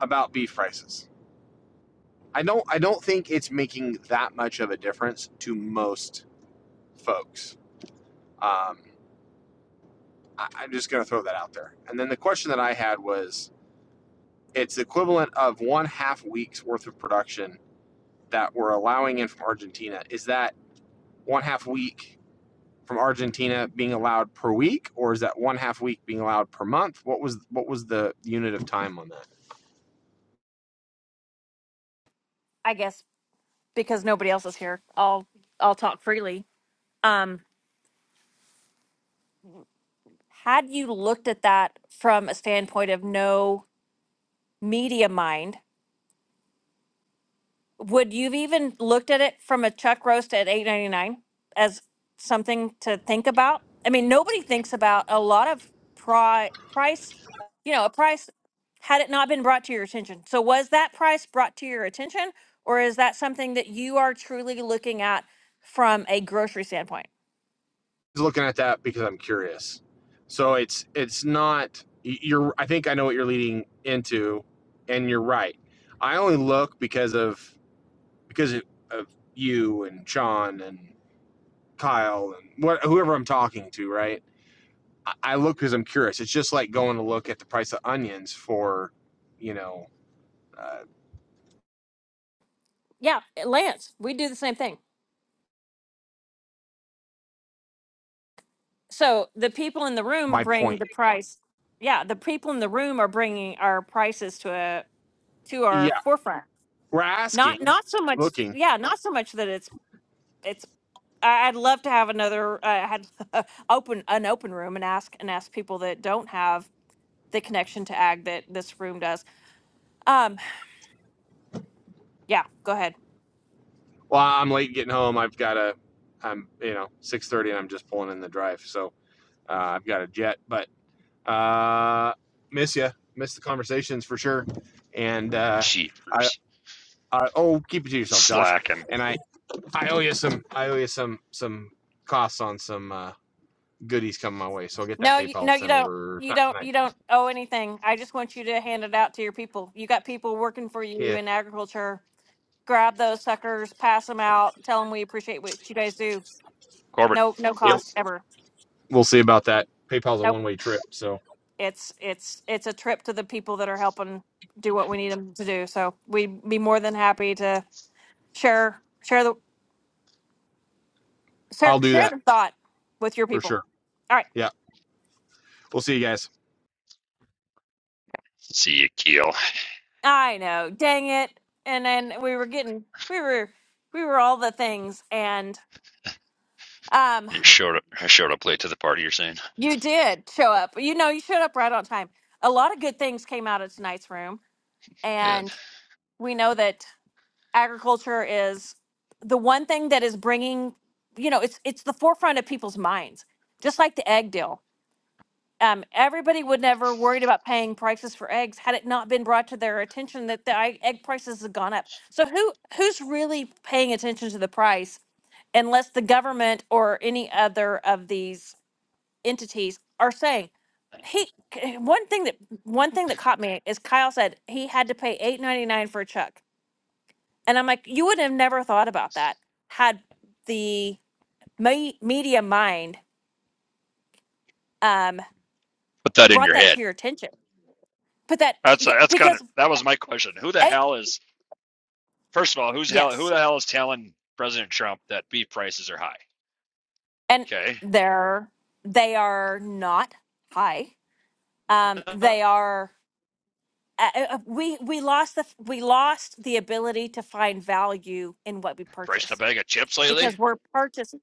about beef prices. I don't. I don't think it's making that much of a difference to most folks. Um, I, I'm just going to throw that out there. And then the question that I had was, it's the equivalent of one half week's worth of production that we're allowing in from Argentina. Is that one half week from Argentina being allowed per week, or is that one half week being allowed per month? What was what was the unit of time on that?
I guess because nobody else is here. I'll I'll talk freely. Um Had you looked at that from a standpoint of no media mind, would you've even looked at it from a chuck roast at 8.99 as something to think about? I mean, nobody thinks about a lot of pri- price, you know, a price had it not been brought to your attention. So was that price brought to your attention or is that something that you are truly looking at from a grocery standpoint?
Just looking at that because I'm curious. So it's it's not you're. I think I know what you're leading into, and you're right. I only look because of because of you and Sean and Kyle and what whoever I'm talking to, right? I- look because I'm curious. It's just like going to look at the price of onions for, you know, uh,
Yeah, Lance, we do the same thing. so the people in the room
my
bring
point.
the price yeah the people in the room are bringing our prices to a to our
Yeah,
forefront
we're asking,
not not so much
looking.
yeah not so much that it's it's I- i'd love to have another uh, had *laughs* open an open room and ask and ask people that don't have the connection to ag that this room does um yeah go ahead
Well, I'm late getting home. I've got a, I'm you know six thirty, and I'm just pulling in the drive, so uh, I've got a jet. But uh, miss you, miss the conversations for sure. And uh, I,
Jeepers.
I, oh, keep it to yourself, Josh.
Slacking.
And I, I owe you some, I owe you some, some costs on some uh, goodies coming my way. So I'll get that
no you,
PayPal
no you
sent
don't
over.
you
not
don't
tonight.
you don't owe anything i just want you to hand it out to your people you got people working for you
Yeah.
in agriculture grab those suckers, pass them out, tell them we appreciate what you guys do.
Corbett,
No, no
Yep.
cost ever.
We'll see about that. PayPal's a
Nope.
one way trip, so
It's it's it's a trip to the people that are helping do what we need them to do. So we'd be more than happy to share share the share,
I'll do
share
that
the thought with your
for
people.
sure.
All right.
Yeah. We'll see you guys.
see you, Keel.
I know. Dang it. And then we were getting we were we were all the things and um
You showed up. I showed up late to the party. You're saying,
you did show up. You know, you showed up right on time. A lot of good things came out of tonight's room
good.
and we know that agriculture is the one thing that is bringing you know it's it's the forefront of people's minds just like the egg deal um, everybody would never worried about paying prices for eggs had it not been brought to their attention that the egg egg prices have gone up so who who's really paying attention to the price unless the government or any other of these entities are saying he one thing that one thing that caught me is kyle said he had to pay 8.99 for a chuck and I'm like, you would have never thought about that had the me- media mind um,
Put that in
brought
your
that
head.
to your attention. But that
That's
yeah,
that's kind of
because
that was my question. Who the
eight,
hell is first of all? Who's hell? Who
yes,
the hell is telling President Trump that beef prices are high?
and
Okay,
they're they are not high. Um, they are. Uh, uh, uh, we we lost the we lost the ability to find value in what we
priced a
purchase
bag of chips lately.
because we're purchasing.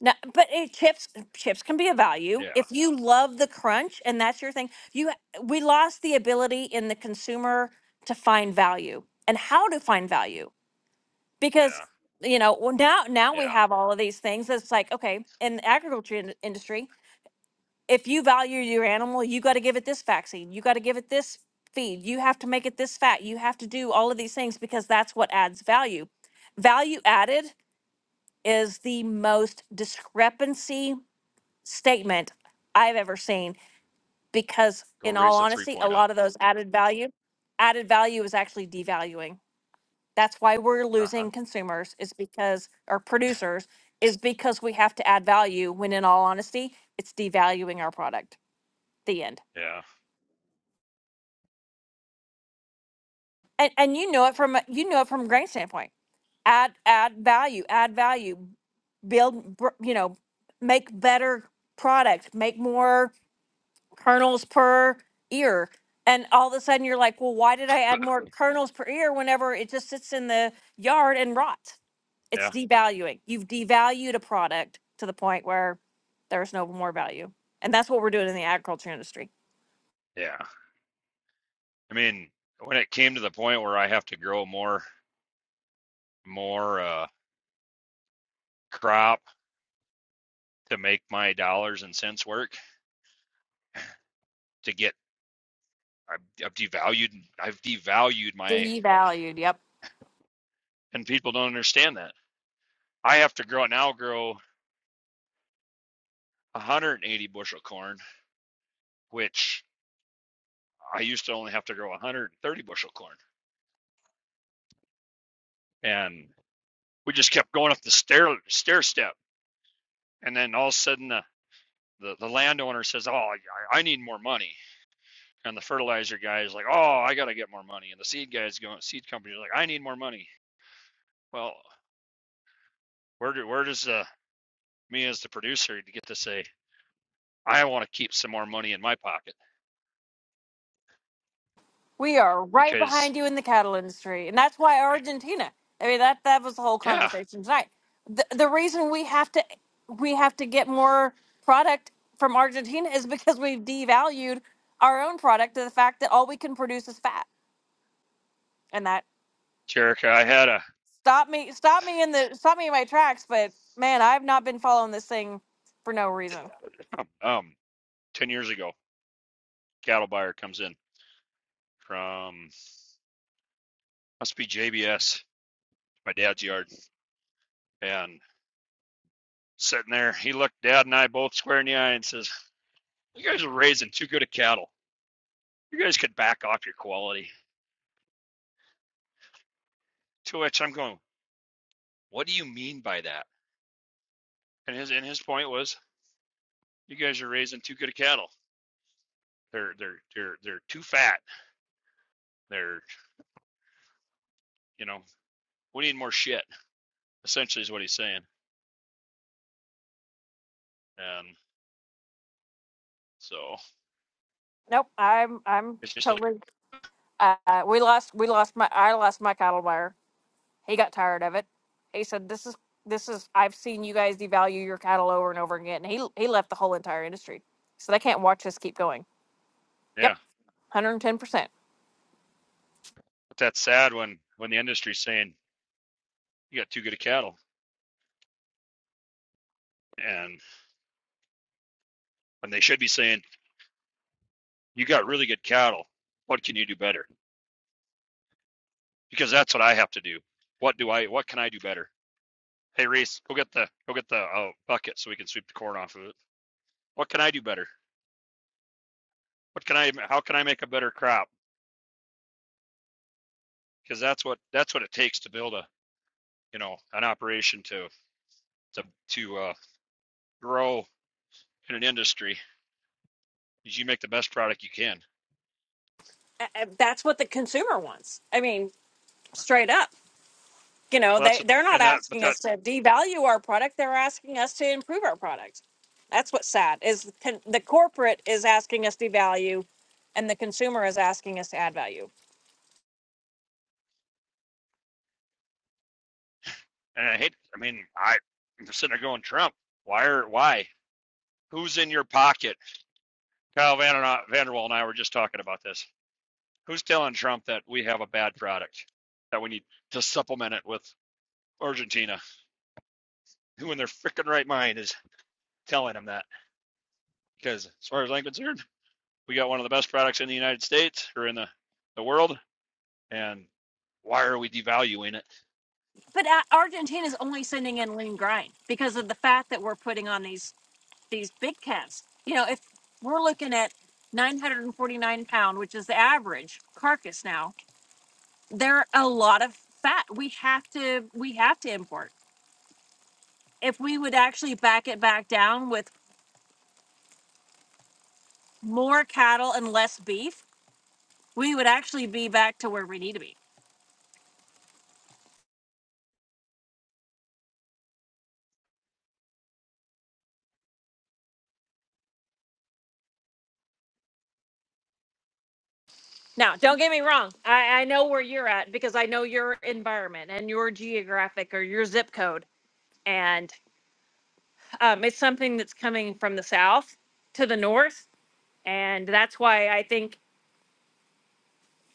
No, but it, chips chips can be a
Yeah,
value if you love the crunch and that's your thing. You we lost the ability in the consumer to find value and how to find value because
yeah,
you know well, now now we
yeah.
have all of these things. It's like okay in the agriculture in- industry, if you value your animal, you got to give it this vaccine, you got to give it this feed, you have to make it this fat, you have to do all of these things because that's what adds value. Value added is the most discrepancy statement I've ever seen because
Go
in all
raise the three
honesty, a
point up.
lot of those added value added value is actually devaluing. That's why we're
Uh huh.
losing consumers is because or producers is because we have to add value when in all honesty, it's devaluing our product. The end.
Yeah,
And and you know it from a- you know it from a grain standpoint. Add add value, add value, build br- you know, make better product, make more kernels per ear. And all of a sudden you're like, well, why did I add more kernels per ear whenever it just sits in the yard and rots? It's
yeah,
devaluing. You've devalued a product to the point where there's no more value. And that's what we're doing in the agriculture industry.
yeah. I mean, when it came to the point where I have to grow more, more uh, crop to make my dollars and cents work to get I've, I've devalued I've devalued my
Devalued. Yep.
and people don't understand that I have to grow now grow 180 bushel corn which I used to only have to grow 130 bushel corn and we just kept going up the stair stair step and then all of a sudden the the, the landowner says oh I, I need more money and the fertilizer guy is like oh I got to get more money and the seed guy is going seed company is like I need more money well where do where does the me as the producer to get to say, I want to keep some more money in my pocket
We are right
because,
behind you in the cattle industry, and that's why Argentina. I mean, that that was the whole
yeah,
conversation tonight. The, the reason we have to we have to get more product from Argentina is *laughs* because we've devalued our own product to the fact that all we can produce is fat, and that
Jerica, I had a
stop me stop me in the stop me in my tracks. But man, I've not been following this thing for no reason.
um ten years ago cattle buyer comes in from must be JBS, my dad's yard, and sitting there, he looked Dad and I both square in the eye and says, "You guys are raising too good a cattle. You guys could back off your quality." To which I'm going, "What do you mean by that?" And his and his point was, "You guys are raising too good a cattle. They're they're they're they're too fat. They're you know we need more shit." essentially is what he's saying. And so
Nope, I'm I'm
it's just like,
totally. Uh, we lost we lost my I lost my cattle buyer. He got tired of it. He said, "This is this is I've seen you guys devalue your cattle over and over again." And he he left the whole entire industry, so they can't watch this keep going. Yep,
yeah,
hundred and ten percent.
but that's sad when when the industry's saying you got too good of cattle, and when they should be saying you got really good cattle. What can you do better? Because that's what I have to do. What do I? What can I do better? Hey Reese, go get the go get the oh bucket so we can sweep the corn off of it. What can I do better? What can I? How can I make a better crop? Because that's what that's what it takes to build a you know an operation to to to uh, grow in an industry. Is you make the best product you can
A- a- That's what the consumer wants. I mean, straight up. You know,
Well, that's,
they they're
a-
not
and that, but
asking
that,
us to devalue our product. They're asking us to improve our product. That's what's sad is the con- the corporate is asking us to value, and the consumer is asking us to add value.
and I hate, I mean, I, I'm sitting there going, Trump, why are, why? Who's in your pocket? Kyle Van, Vanderwall and I were just talking about this. Who's telling Trump that we have a bad product that we need to supplement it with Argentina? Who in their freaking right mind is telling him that? Because as far as I'm concerned, we got one of the best products in the United States or in the, the world. And why are we devaluing it?
But uh, Argentina is only sending in lean grind because of the fat that we're putting on these these big cats. You know, if we're looking at 949 pound, which is the average carcass now, there are a lot of fat. We have to we have to import. If we would actually back it back down with more cattle and less beef, we would actually be back to where we need to be. Now, don't get me wrong. I, I know where you're at because I know your environment and your geographic or your zip code. And um, it's something that's coming from the south to the north. And that's why I think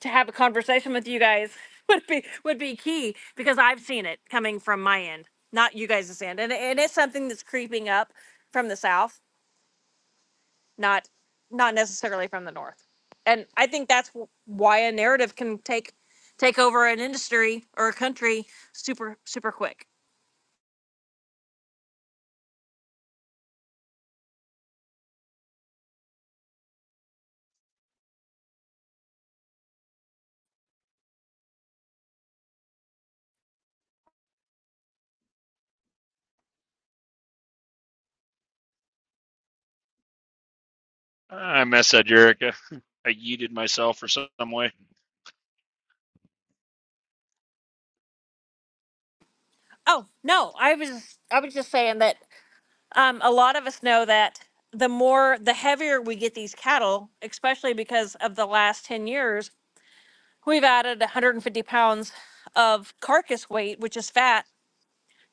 to have a conversation with you guys *laughs* would be would be key because I've seen it coming from my end, not you guys' end, and and it's something that's creeping up from the south, not not necessarily from the north. And I think that's wh- why a narrative can take take over an industry or a country super super quick.
I messed that, Jerica. *laughs* I yeeted myself for some way.
Oh no, I was I was just saying that um, a lot of us know that the more the heavier we get these cattle, especially because of the last ten years we've added 150 pounds of carcass weight, which is fat,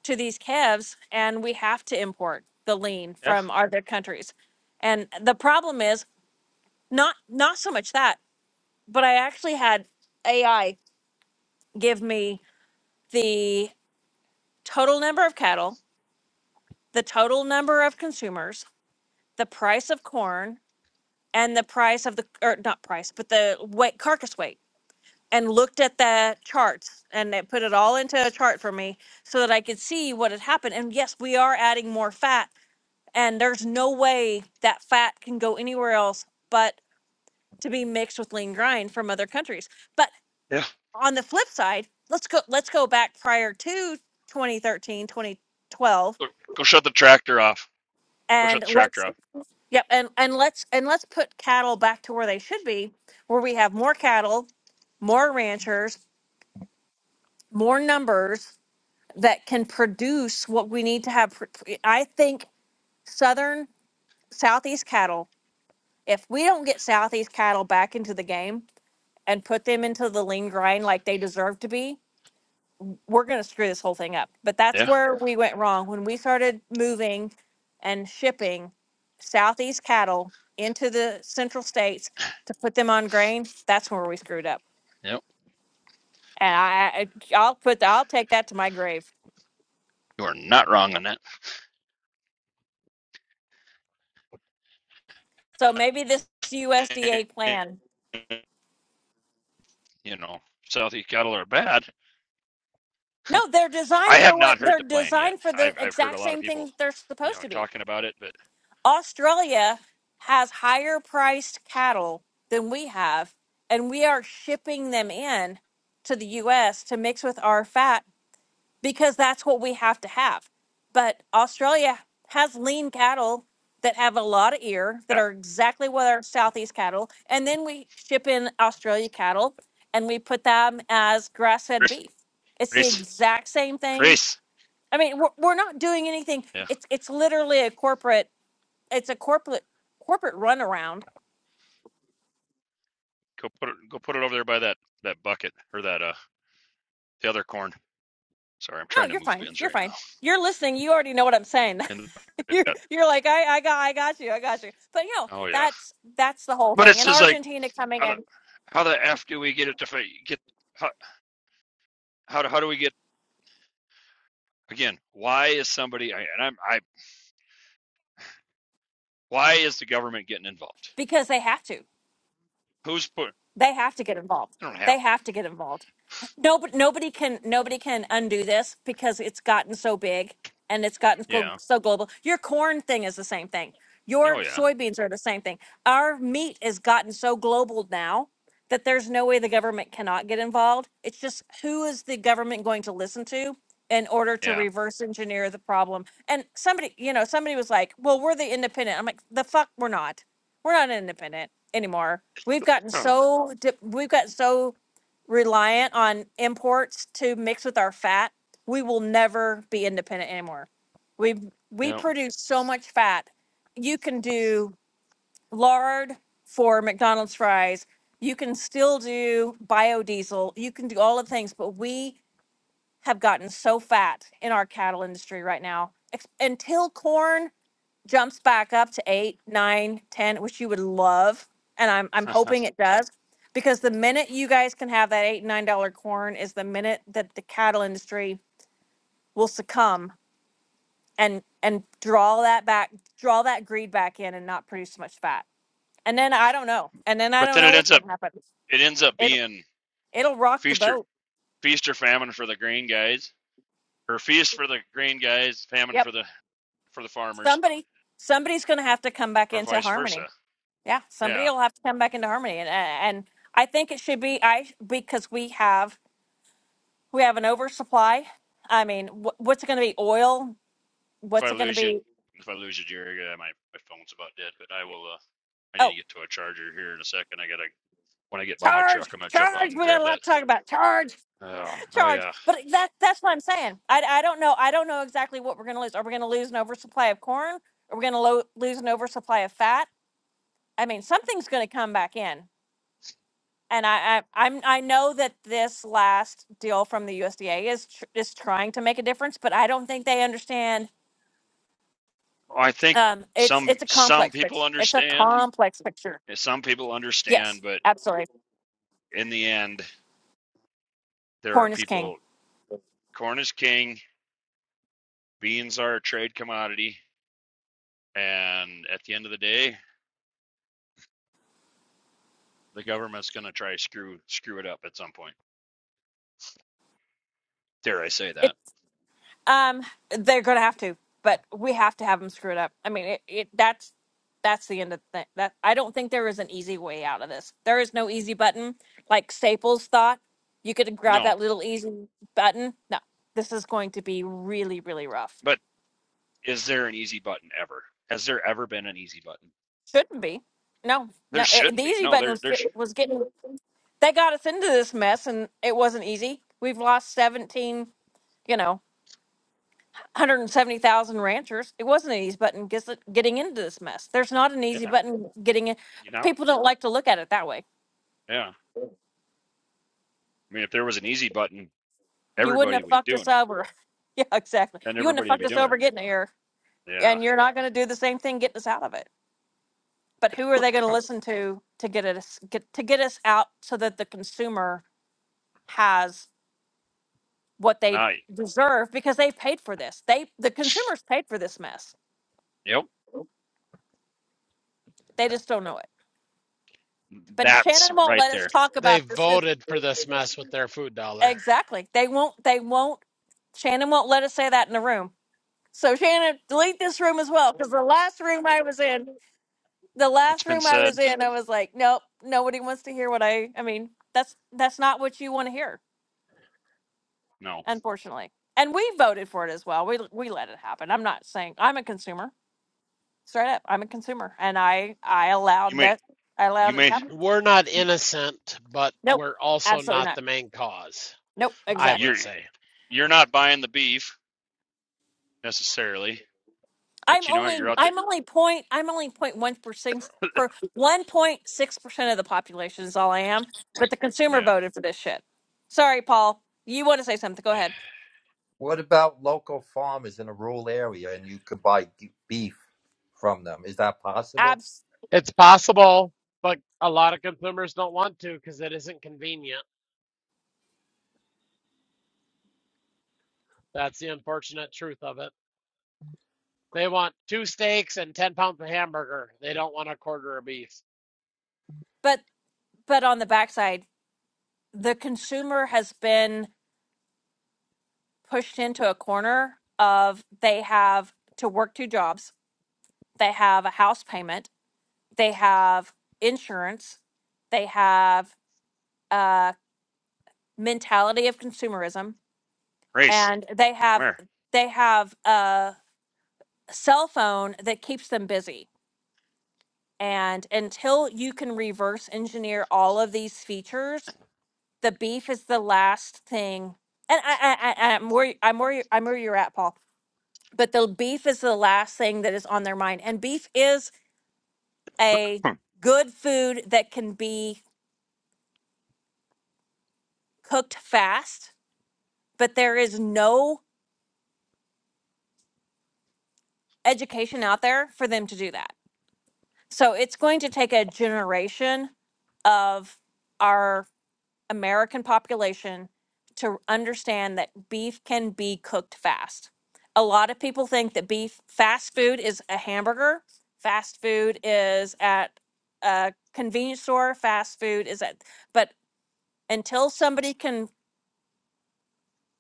to these calves, and we have to import the lean
Yeah.
from other countries. And the problem is not not so much that, but I actually had AI give me the total number of cattle, the total number of consumers, the price of corn, and the price of the or not price, but the weight carcass weight. and looked at the charts and they put it all into a chart for me so that I could see what had happened. And yes, we are adding more fat, and there's no way that fat can go anywhere else but to be mixed with lean grind from other countries. But
Yeah.
on the flip side, let's go let's go back prior to 2013, 2012
Go, go shut the tractor off. Go shut
and
the
let's
tractor off.
yep and and let's and let's put cattle back to where they should be where we have more cattle, more ranchers, more numbers that can produce what we need to have. pr- pr- I think Southern Southeast cattle, if we don't get Southeast cattle back into the game and put them into the lean grind like they deserve to be, we're going to screw this whole thing up. But that's
Yeah.
where we went wrong when we started moving and shipping Southeast cattle into the central states to put them on grain. That's where we screwed up.
Yep.
And I, I- I'll put, I'll take that to my grave.
You are not wrong on that.
So maybe this USDA
And,
plan
you know, Southeast cattle are bad.
No, they're
I
designed for
have
what
not heard
they're
the plan yet.
designed for the
I've I've heard a
exact
lot of
same thing
people,
that they're
you know,
supposed to be.
talking about it, but
Australia has higher priced cattle than we have, and we are shipping them in to the US to mix with our fat because that's what we have to have. But Australia has lean cattle that have a lot of ear that
yeah,
are exactly what our Southeast cattle, and then we ship in Australia cattle and we put them as grass fed
race,
beef. It's the
race,
exact same thing
race.
I mean, we're, we're not doing anything.
Yeah.
It's it's literally a corporate. It's a corporate corporate runaround.
Go put it go put it over there by that that bucket or that uh the other corn. Sorry, I'm
No,
trying to
you're
move
fine.
bins
You're
right
fine.
now.
You're listening. You already know what I'm saying.
In
*laughs* you're you're like I I got I got you I got you. But you know
Oh yeah.
that's that's the whole
But
thing.
it's
And
just like
Argentina coming
how the
in
how the f do we get it to get how how do, how do we get again? Why is somebody and I'm I Why is the government getting involved?
because they have to.
Who's put?
They have to get involved.
They don't
They
have to.
have to get involved. No, but nobody can nobody can undo this because it's gotten so big and it's gotten so,
Yeah.
so global. Your corn thing is the same thing.
Oh
Your
yeah.
soybeans are the same thing. Our meat has gotten so global now that there's no way the government cannot get involved. It's just who is the government going to listen to in order to
Yeah.
reverse engineer the problem? And somebody, you know, somebody was like, "Well, we're the independent." I'm like, "The fuck, we're not. We're not independent anymore. We've gotten
Um,
so di- we've gotten so reliant on imports to mix with our fat, we will never be independent anymore. We we
yeah.
produce so much fat. You can do lard for McDonald's fries. You can still do biodiesel. You can do all the things, but we have gotten so fat in our cattle industry right now. Ex- Until corn jumps back up to eight, nine, ten, which you would love, and I'm I'm
*laughs*
hoping it does, because the minute you guys can have that eight and nine dollar corn is the minute that the cattle industry will succumb and and draw that back, draw that greed back in, and not produce so much fat. And then I don't know, and then I
but
don't
then
know
it
what's
ends up
going to happen. It
it ends up being
it'll rock the
feast or
boat.
feast or famine for the grain guys, or feast for the grain guys, famine
Yep,
for the for the farmers,
somebody somebody's going to have to come back
or
into
vice versa.
harmony. Yeah, somebody
Yeah.
will have to come back into harmony, and and I think it should be I because we have We have an oversupply. I mean, wh- what's it going to be? Oil?
If I
What's it going to
lose you,
be?
if I lose you, Jerry, uh, my my phone's about dead. But I will. Uh, I need to
Oh,
get to a charger here in a second. I gotta when I get by my truck,
charge,
I'm gonna jump out
charge.
and
We got
grab
a
that.
lot to talk about. Charge,
Oh, oh
charge.
yeah.
But that that's what I'm saying. I, I don't know. I don't know exactly what we're going to lose. Are we going to lose an oversupply of corn? Are we going to lo- lose an oversupply of fat? I mean, something's going to come back in. And I, I I'm I know that this last deal from the USDA is tr- is trying to make a difference, but I don't think they understand.
I think
Um, it's
some
it's a
some
complex
people
picture. It's a
understand,
complex picture.
some people understand,
Yes,
but
absolutely.
in the end, there are
Corn is king.
people. Corn is king. Beans are a trade commodity, and at the end of the day, the government's going to try screw screw it up at some point. Dare I say
It,
that?
um, they're gonna have to, but we have to have them screw it up. I mean, it, it that's that's the end of the thing. That I don't think there is an easy way out of this. There is no easy button. Like Staples thought, you could grab
No,
that little easy button. No, this is going to be really, really rough.
but is there an easy button ever? Has there ever been an easy button?
Shouldn't be. No,
There
no. It,
shouldn't
the
be.
easy
No,
button
there
was
there's
get- was getting. They got us into this mess, and it wasn't easy. We've lost seventeen. You know. 170,000 ranchers. It wasn't an easy button gets getting into this mess. There's not an easy
yeah,
button getting in.
you know,
People don't like to look at it that way.
yeah. I mean, if there was an easy button,
You wouldn't
everybody
have
would be
fucked
doing
us
it,
over. *laughs* Yeah, exactly.
and
You wouldn't have
everybody would
fucked
be
us
doing
over
it.
getting here,
Yeah,
and you're not going to do the same thing getting us out of it. But who are they going to
Huh.
listen to to get us get to get us out so that the consumer has what they
not
deserve because they've paid for this. They the consumers paid for this mess.
Yep.
They just don't know it. But
That's
Shannon won't
right
let us
there.
talk
They
about this.
voted for this mess with their food dollar.
Exactly. They won't. They won't. Shannon won't let us say that in the room. So Shannon, delete this room as well because the last room I was in, the
It's
last
been
room I was
said.
in, I was like, nope, nobody wants to hear what I. I mean, that's that's not what you want to hear,
No.
unfortunately. And we voted for it as well. We we let it happen. I'm not saying I'm a consumer. Straight up, I'm a consumer, and I I
You
allowed
may
that. I
you
allowed it to
may
happen.
We're not innocent, but
Nope,
we're also
absolutely
not
not.
the main cause,
Nope,
I
exactly.
would
you're
say.
you're not buying the beef necessarily,
I'm
but you know what? You're
only
out there.
I'm only point I'm only point one percent per one point six percent of the population is all I am. But the consumer
Yeah.
voted for this shit. Sorry, Paul. You want to say something? Go ahead.
What about local farmers in a rural area and you could buy g- beef from them? Is that possible?
Abs.
It's possible, but a lot of consumers don't want to because it isn't convenient. That's the unfortunate truth of it. They want two steaks and 10 pounds of hamburger. They don't want a quarter of beef.
But but on the backside, the consumer has been pushed into a corner of they have to work two jobs. They have a house payment. They have insurance. They have a mentality of consumerism
Race,
and they
come
have
here.
they have a cell phone that keeps them busy and until you can reverse engineer all of these features the beef is the last thing and i i, I i'm where y- i'm where you i'm where you're at paul but the beef is the last thing that is on their mind and beef is a good food that can be cooked fast but there is no education out there for them to do that So it's going to take a generation of our American population to understand that beef can be cooked fast. A lot of people think that beef fast food is a hamburger, fast food is at a convenience store, fast food is at, but until somebody can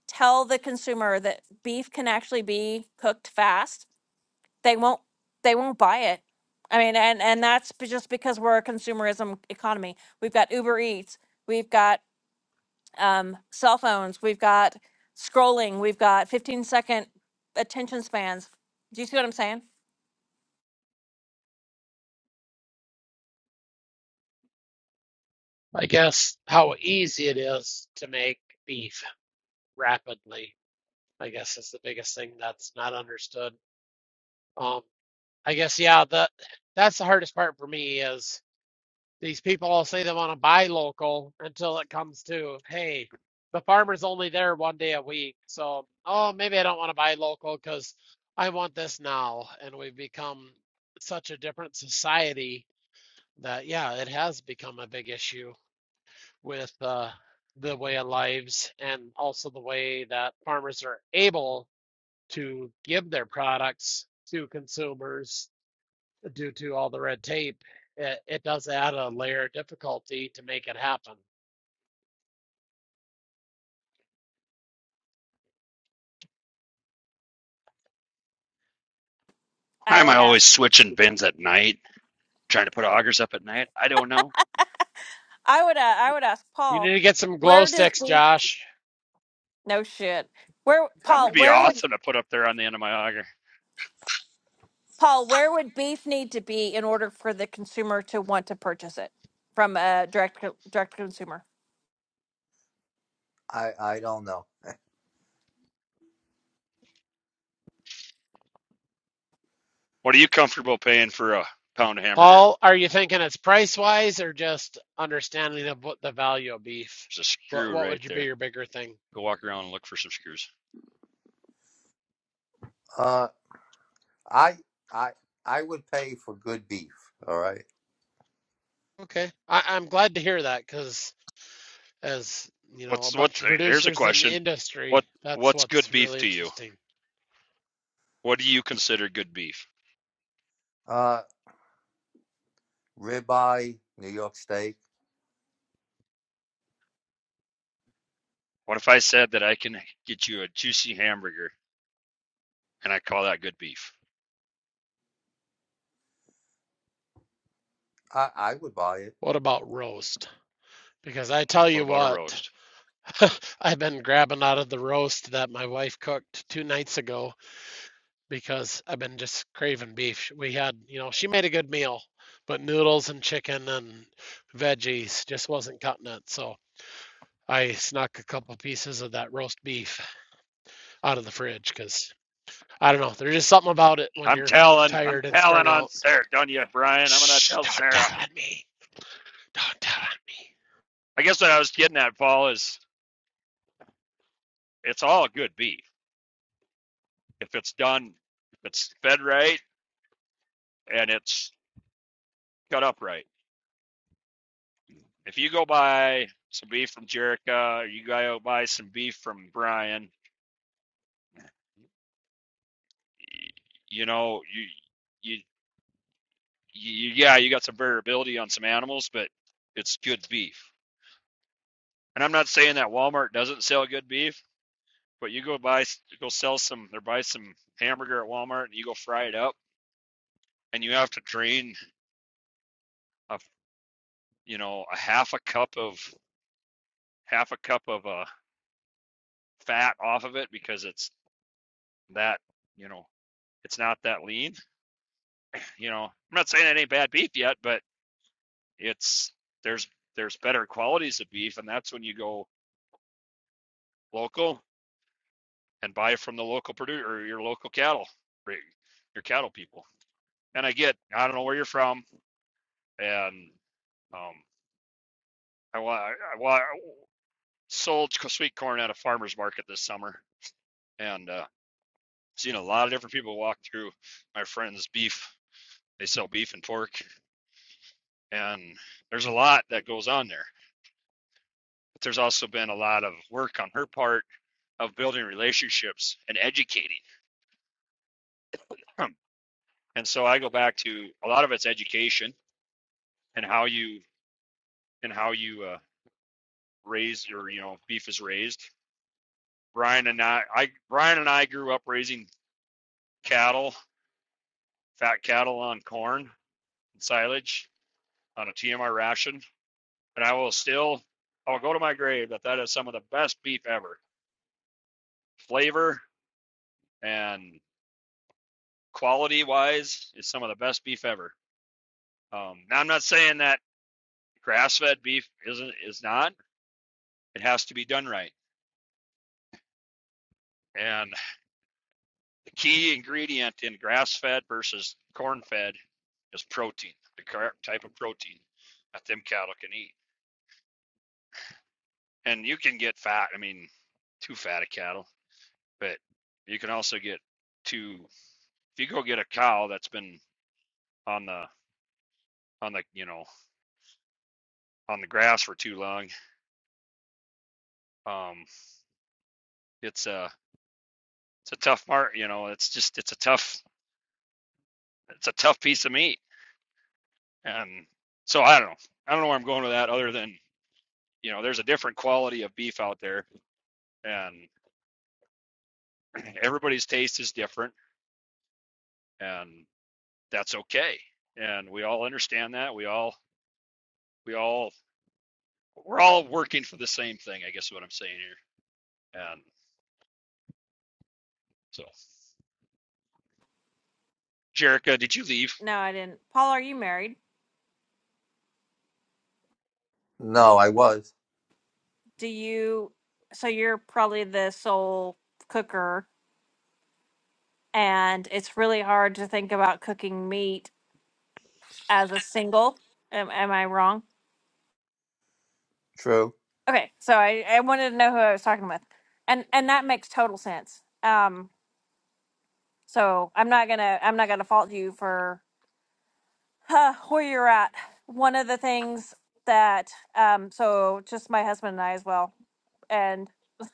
tell the consumer that beef can actually be cooked fast, they won't they won't buy it i mean and and that's be- just because we're a consumerism economy we've got uber eats we've got um, cell phones we've got scrolling we've got 15 second attention spans do you see what i'm saying
I guess how easy it is to make beef rapidly, I guess is the biggest thing that's not understood. Um, I guess, yeah, that that's the hardest part for me is. These people all say they want to buy local until it comes to, hey, the farmer's only there one day a week. So, oh, maybe I don't want to buy local because I want this now. And we've become such a different society that, yeah, it has become a big issue with uh, the way of lives and also the way that farmers are able to give their products to consumers due to all the red tape, it, it does add a layer of difficulty to make it happen.
Why
i
am I
would
always
ask
switching bins at night? Trying to put augers up at night? I don't know.
i would uh, i would ask
You need
paul
to get some glow
where does
sticks,
beef
Josh.
no shit where
That would
paul
be
where would
awesome to put up there on the end of my auger.
paul where would beef need to be in order for the consumer to want to purchase it from a direct co- direct consumer
I I don't know.
What are you comfortable paying for a pound of hamburger?
Paul, are you thinking it's price wise or just understanding of what the value of beef?
There's a
What
screw
what
right
would you be
there.
your bigger thing?
Go walk around and look for some screws.
Uh, I I I would pay for good beef. All right.
Okay, I, I'm glad to hear that because as you know, a
What's
bunch
what's
of
uh, here's a
producers in the
question. What
industry, that's
what's good
what's
beef
really
to you?
interesting.
What do you consider good beef?
Uh, ribeye, New York steak.
What if I said that I can get you a juicy hamburger and I call that good beef?
I I would buy it.
What about roast? Because I tell
What
you
about a
what,
roast?
*laughs* I've been grabbing out of the roast that my wife cooked two nights ago because I've been just craving beef. We had, you know, she made a good meal, but noodles and chicken and veggies just wasn't cutting it. So I snuck a couple pieces of that roast beef out of the fridge because I don't know. There's just something about it when
I'm
you're
telling, I'm
tired and strung
telling on
out.
Sarah, don't you, Brian? I'm gonna
Shh,
tell
don't
Sarah.
tell on me. Don't tell on me.
I guess what I was getting at, Paul, is it's all good beef if it's done, if it's fed right and it's cut up right. If you go buy some beef from Jericho, or you go buy some beef from Brian, you know you, you you, yeah, you got some variability on some animals, but it's good beef. And I'm not saying that Walmart doesn't sell good beef, but you go buy, go sell some, or buy some hamburger at Walmart, and you go fry it up, and you have to drain a, you know, a half a cup of half a cup of uh, fat off of it because it's that, you know, it's not that lean. You know, I'm not saying it ain't bad beef yet, but it's there's there's better qualities of beef, and that's when you go local and buy from the local producer or your local cattle, your cattle people. And I get, I don't know where you're from, and um, I, I, I sold sweet corn at a farmer's market this summer, and uh, seen a lot of different people walk through. My friends' beef, they sell beef and pork, and there's a lot that goes on there. But there's also been a lot of work on her part of building relationships and educating. *clears throat* And so I go back to a lot of it's education and how you and how you uh, raise or you know beef is raised. Brian and I, I Brian and I grew up raising cattle, fat cattle on corn and silage on a TMR ration, and I will still I'll go to my grave that that is some of the best beef ever. Flavor and quality wise is some of the best beef ever. Um, now I'm not saying that grass fed beef isn't is not. It has to be done right. And Key ingredient in grass fed versus corn fed is protein, the correct type of protein that them cattle can eat. And you can get fat, I mean, too fat of cattle, but you can also get too, if you go get a cow that's been on the, on the, you know, on the grass for too long, um, it's a, it's a tough part, you know, it's just, it's a tough, it's a tough piece of meat. And so I don't know. I don't know where I'm going with that other than, you know, there's a different quality of beef out there and *clears throat* everybody's taste is different and that's okay and we all understand that we all we all we're all working for the same thing i guess is what i'm saying here and so jerica did you leave
no i didn't paul are you married
No, I was.
do you so you're probably the sole cooker and it's really hard to think about cooking meat as a single am, am i wrong
True.
okay so I, I wanted to know who i was talking with and and that makes total sense um so i'm not gonna i'm not gonna fault you for huh, where you're at one of the things that um so just my husband and i as well and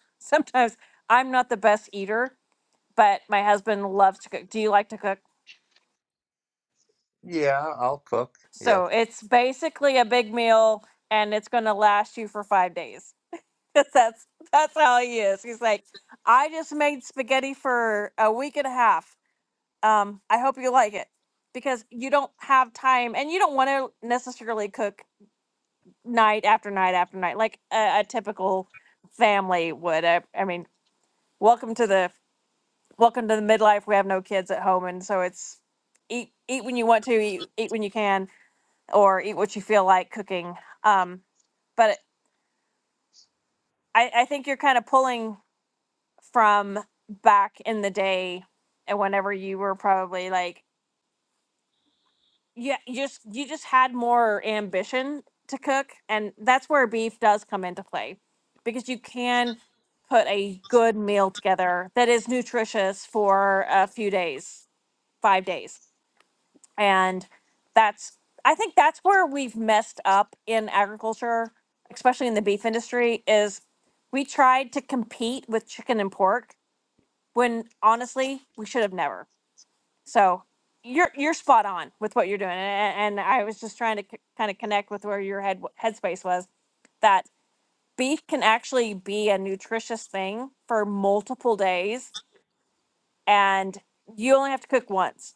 *laughs* sometimes i'm not the best eater but my husband loves to cook do you like to cook
Yeah, I'll cook. Yeah.
So it's basically a big meal and it's going to last you for five days. *laughs* that's that's how he is. He's like, I just made spaghetti for a week and a half. Um, I hope you like it because you don't have time and you don't want to necessarily cook night after night after night like a, a typical family would. I, I mean, welcome to the welcome to the midlife. We have no kids at home, and so it's eat eat when you want to, eat, eat when you can or eat what you feel like cooking. Um, but I, I think you're kind of pulling from back in the day and whenever you were probably like yeah you just you just had more ambition to cook and that's where beef does come into play because you can put a good meal together that is nutritious for a few days five days and that's i think that's where we've messed up in agriculture especially in the beef industry is we tried to compete with chicken and pork when honestly we should have never so you're you're spot on with what you're doing and, and i was just trying to c- kind of connect with where your head headspace was that beef can actually be a nutritious thing for multiple days and you only have to cook once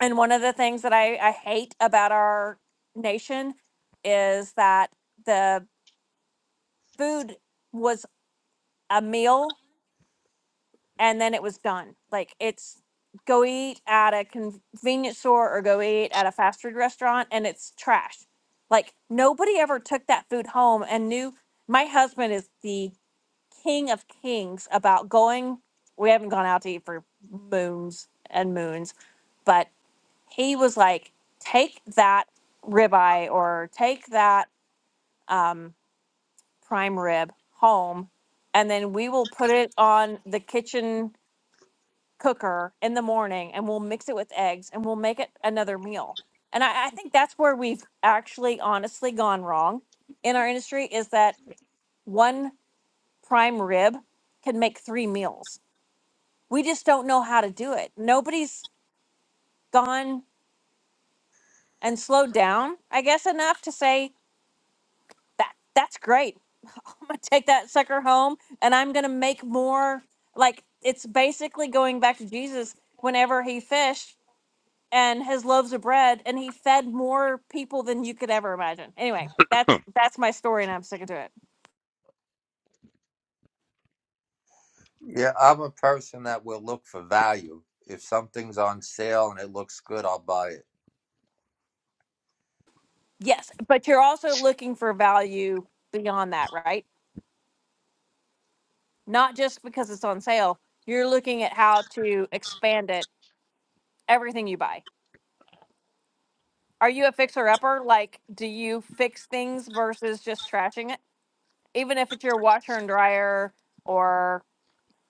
And one of the things that I, I hate about our nation is that the food was a meal and then it was done. Like it's go eat at a convenience store or go eat at a fast food restaurant and it's trash. Like nobody ever took that food home and knew. My husband is the king of kings about going. We haven't gone out to eat for moons and moons, but. he was like, take that ribeye or take that um, prime rib home, and then we will put it on the kitchen cooker in the morning and we'll mix it with eggs and we'll make it another meal. And I, I think that's where we've actually honestly gone wrong in our industry is that one prime rib can make three meals. We just don't know how to do it. Nobody's gone and slowed down, I guess, enough to say, that that's great. I'm gonna take that sucker home and I'm gonna make more. Like it's basically going back to Jesus whenever he fished and his loaves of bread and he fed more people than you could ever imagine. Anyway, that's that's my story and I'm sticking to it.
Yeah, I'm a person that will look for value. If something's on sale and it looks good, I'll buy it.
Yes, but you're also looking for value beyond that, right? Not just because it's on sale. You're looking at how to expand it everything you buy. Are you a fixer upper? Like do you fix things versus just trashing it? even if it's your washer and dryer or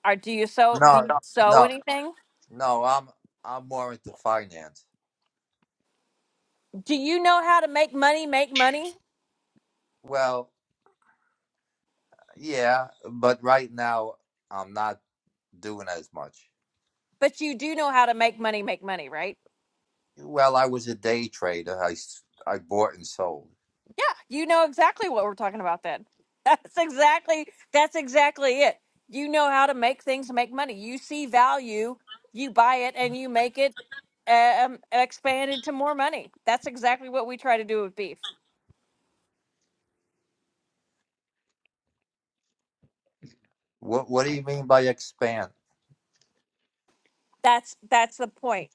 or do you sew do you
No,
sew
no,
anything
no, I'm I'm more into finance.
do you know how to make money make money
Well, yeah, but right now I'm not doing as much.
but you do know how to make money make money right
Well, I was a day trader. I s- I bought and sold.
yeah you know exactly what we're talking about then *laughs* that's exactly that's exactly it you know how to make things make money you see value you buy it and you make it um, expand into more money that's exactly what we try to do with beef
What what do you mean by expand?
that's that's the point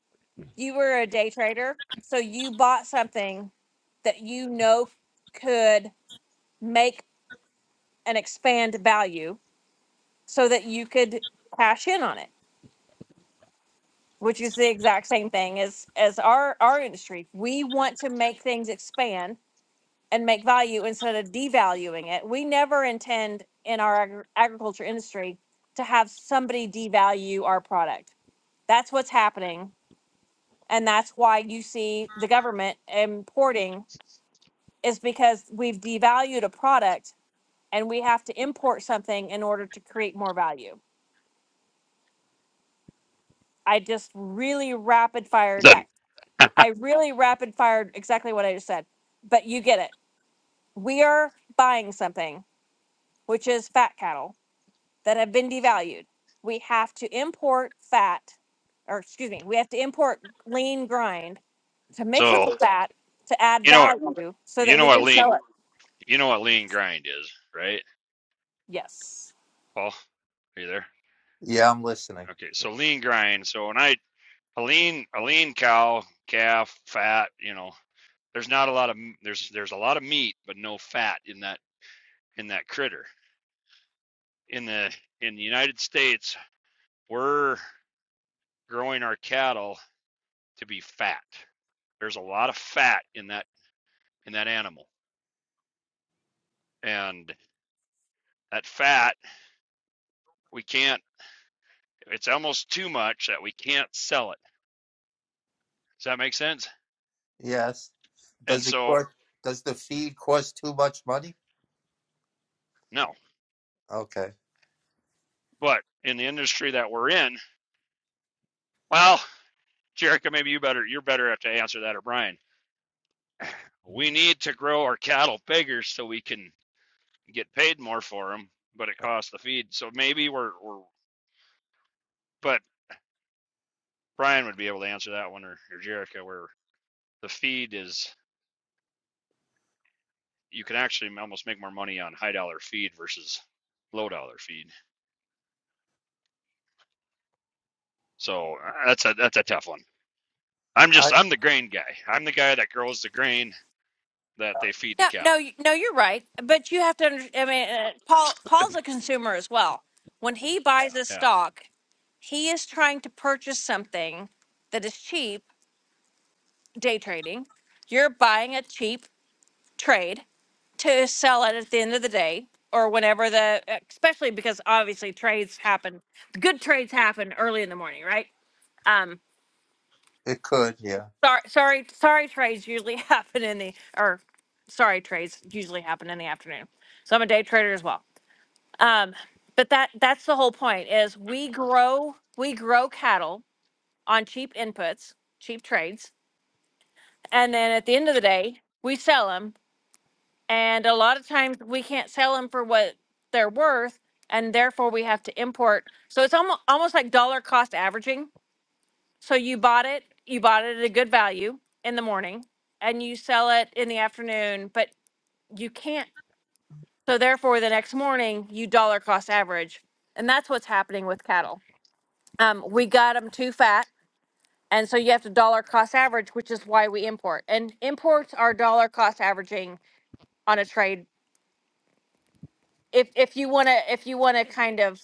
you were a day trader so you bought something that you know could make and expand value so that you could cash in on it which is the exact same thing as as our our industry we want to make things expand and make value instead of devaluing it we never intend in our agri- agriculture industry to have somebody devalue our product that's what's happening and that's why you see the government importing is because we've devalued a product and we have to import something in order to create more value. I just really rapid fired
then
that. I really rapid fired exactly what I just said, but you get it. We are buying something, which is fat cattle that have been devalued. We have to import fat, or excuse me, we have to import lean grind to mix with
so
the fat to add
you know
value so
you
that
know
we
what
can
lean
sell it.
you know what lean grind is right
Yes.
paul are you there
Yeah, I'm listening.
okay so lean grind so when i a lean a lean cow calf fat you know there's not a lot of there's there's a lot of meat but no fat in that in that critter in the in the United States, we're growing our cattle to be fat. There's a lot of fat in that in that animal. And that fat, we can't it's almost too much that we can't sell it. Does that make sense?
Yes.
And
Does it
so
cost, does the feed cost too much money?
no.
Okay.
But in the industry that we're in, well, Jerica, maybe you better you're better have to answer that or Brian. We need to grow our cattle bigger so we can get paid more for them, but it costs the feed. So maybe we're we're but Brian would be able to answer that one, or, or Jericho, where the feed is you can actually almost make more money on high dollar feed versus low dollar feed. So uh, that's a that's a tough one. I'm
I
just I'm the grain guy. I'm the guy that grows the grain that they feed to
No, no,
cattle.
you- no. You're right, but you have to. under- I mean, uh, Paul. Paul's a consumer as well. When he buys a
Yeah.
stock, he is trying to purchase something that is cheap. Day trading, you're buying a cheap trade to sell it at the end of the day or whenever the. Especially because obviously trades happen. Good trades happen early in the morning, right? Um.
it could, yeah.
Sorry, sorry, sorry. Trades usually *laughs* happen in the or sorry trades usually happen in the afternoon. So I'm a day trader as well. Um, but that that's the whole point is we grow we grow cattle on cheap inputs, cheap trades, and then at the end of the day, we sell them. And a lot of times we can't sell them for what they're worth, and therefore we have to import. So it's almost almost like dollar cost averaging. So you bought it, you bought it at a good value in the morning, and you sell it in the afternoon, but you can't. So therefore, the next morning you dollar cost average, and that's what's happening with cattle. um, we got them too fat. And so you have to dollar cost average, which is why we import. And imports are dollar cost averaging on a trade. If if you want to if you want to kind of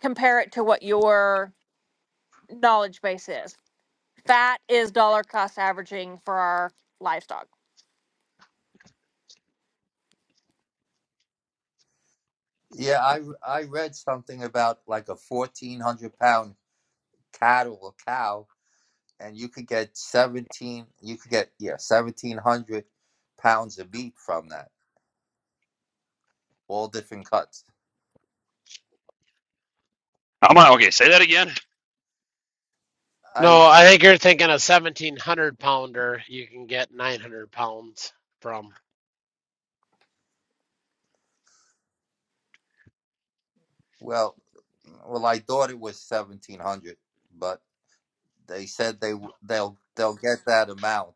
compare it to what your knowledge base is, fat is dollar cost averaging for our livestock.
Yeah, I I read something about like a 1400 pound cattle or cow and you could get 17 you could get yeah, 1700 pounds of meat from that. All different cuts.
I'm on, okay. Say that again.
I
No, I think you're thinking a 1700 pounder you can get 900 pounds from.
well, well I thought it was 1700, but they said they w- they'll they'll get that amount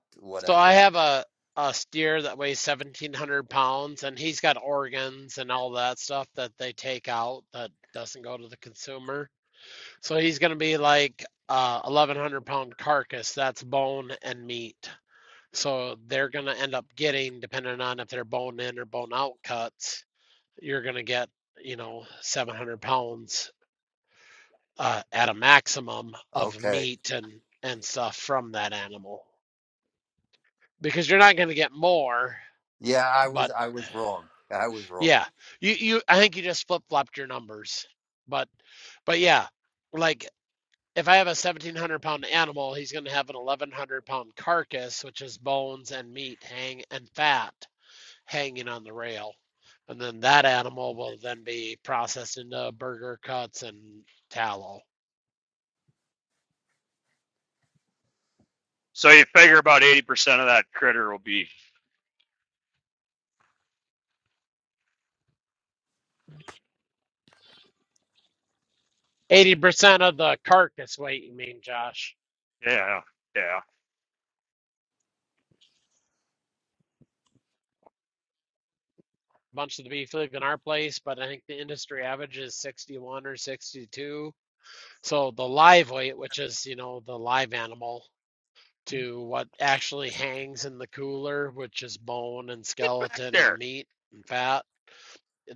So I
whatever.
have a a steer that weighs 1700 pounds and he's got organs and all that stuff that they take out that doesn't go to the consumer. So he's going to be like a 1100 pound carcass that's bone and meat. So they're going to end up getting depending on if they're bone in or bone out cuts, you're going to get, you know, 700 pounds uh, at a maximum of
Okay.
meat and and stuff from that animal. Because you're not going to get more,
Yeah, I
but
was I was wrong. I was wrong.
Yeah. You you I think you just flip-flopped your numbers. But but yeah, like if I have a 1700 pound animal, he's going to have an 1100 pound carcass, which is bones and meat hang and fat hanging on the rail. And then that animal will then be processed into burger cuts and tallow.
So you figure about eighty percent of that critter will be
80% of the carcass weight, you mean, Josh?
yeah yeah
bunch of the beef live in our place, but I think the industry average is 61 or 62. So the live weight, which is, you know, the live animal, to what actually hangs in the cooler, which is bone and
get back
skeleton and
there
meat and fat,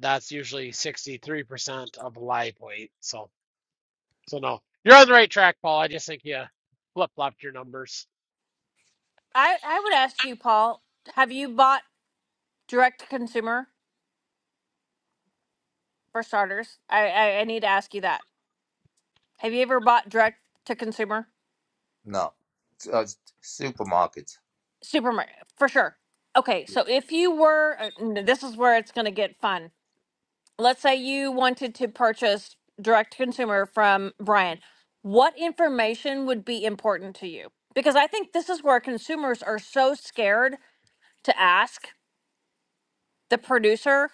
that's usually 63% of live weight. So, so no, you're on the right track, Paul. I just think you flip-flopped your numbers.
I I would ask you, Paul, have you bought direct to consumer for starters? I, I I need to ask you that. Have you ever bought direct to consumer?
No. Uh, supermarkets.
Supermarket, for sure. Okay, so if you were, uh, n- this is where it's going to get fun. Let's say you wanted to purchase direct to consumer from Brian. What information would be important to you? Because I think this is where consumers are so scared to ask the producer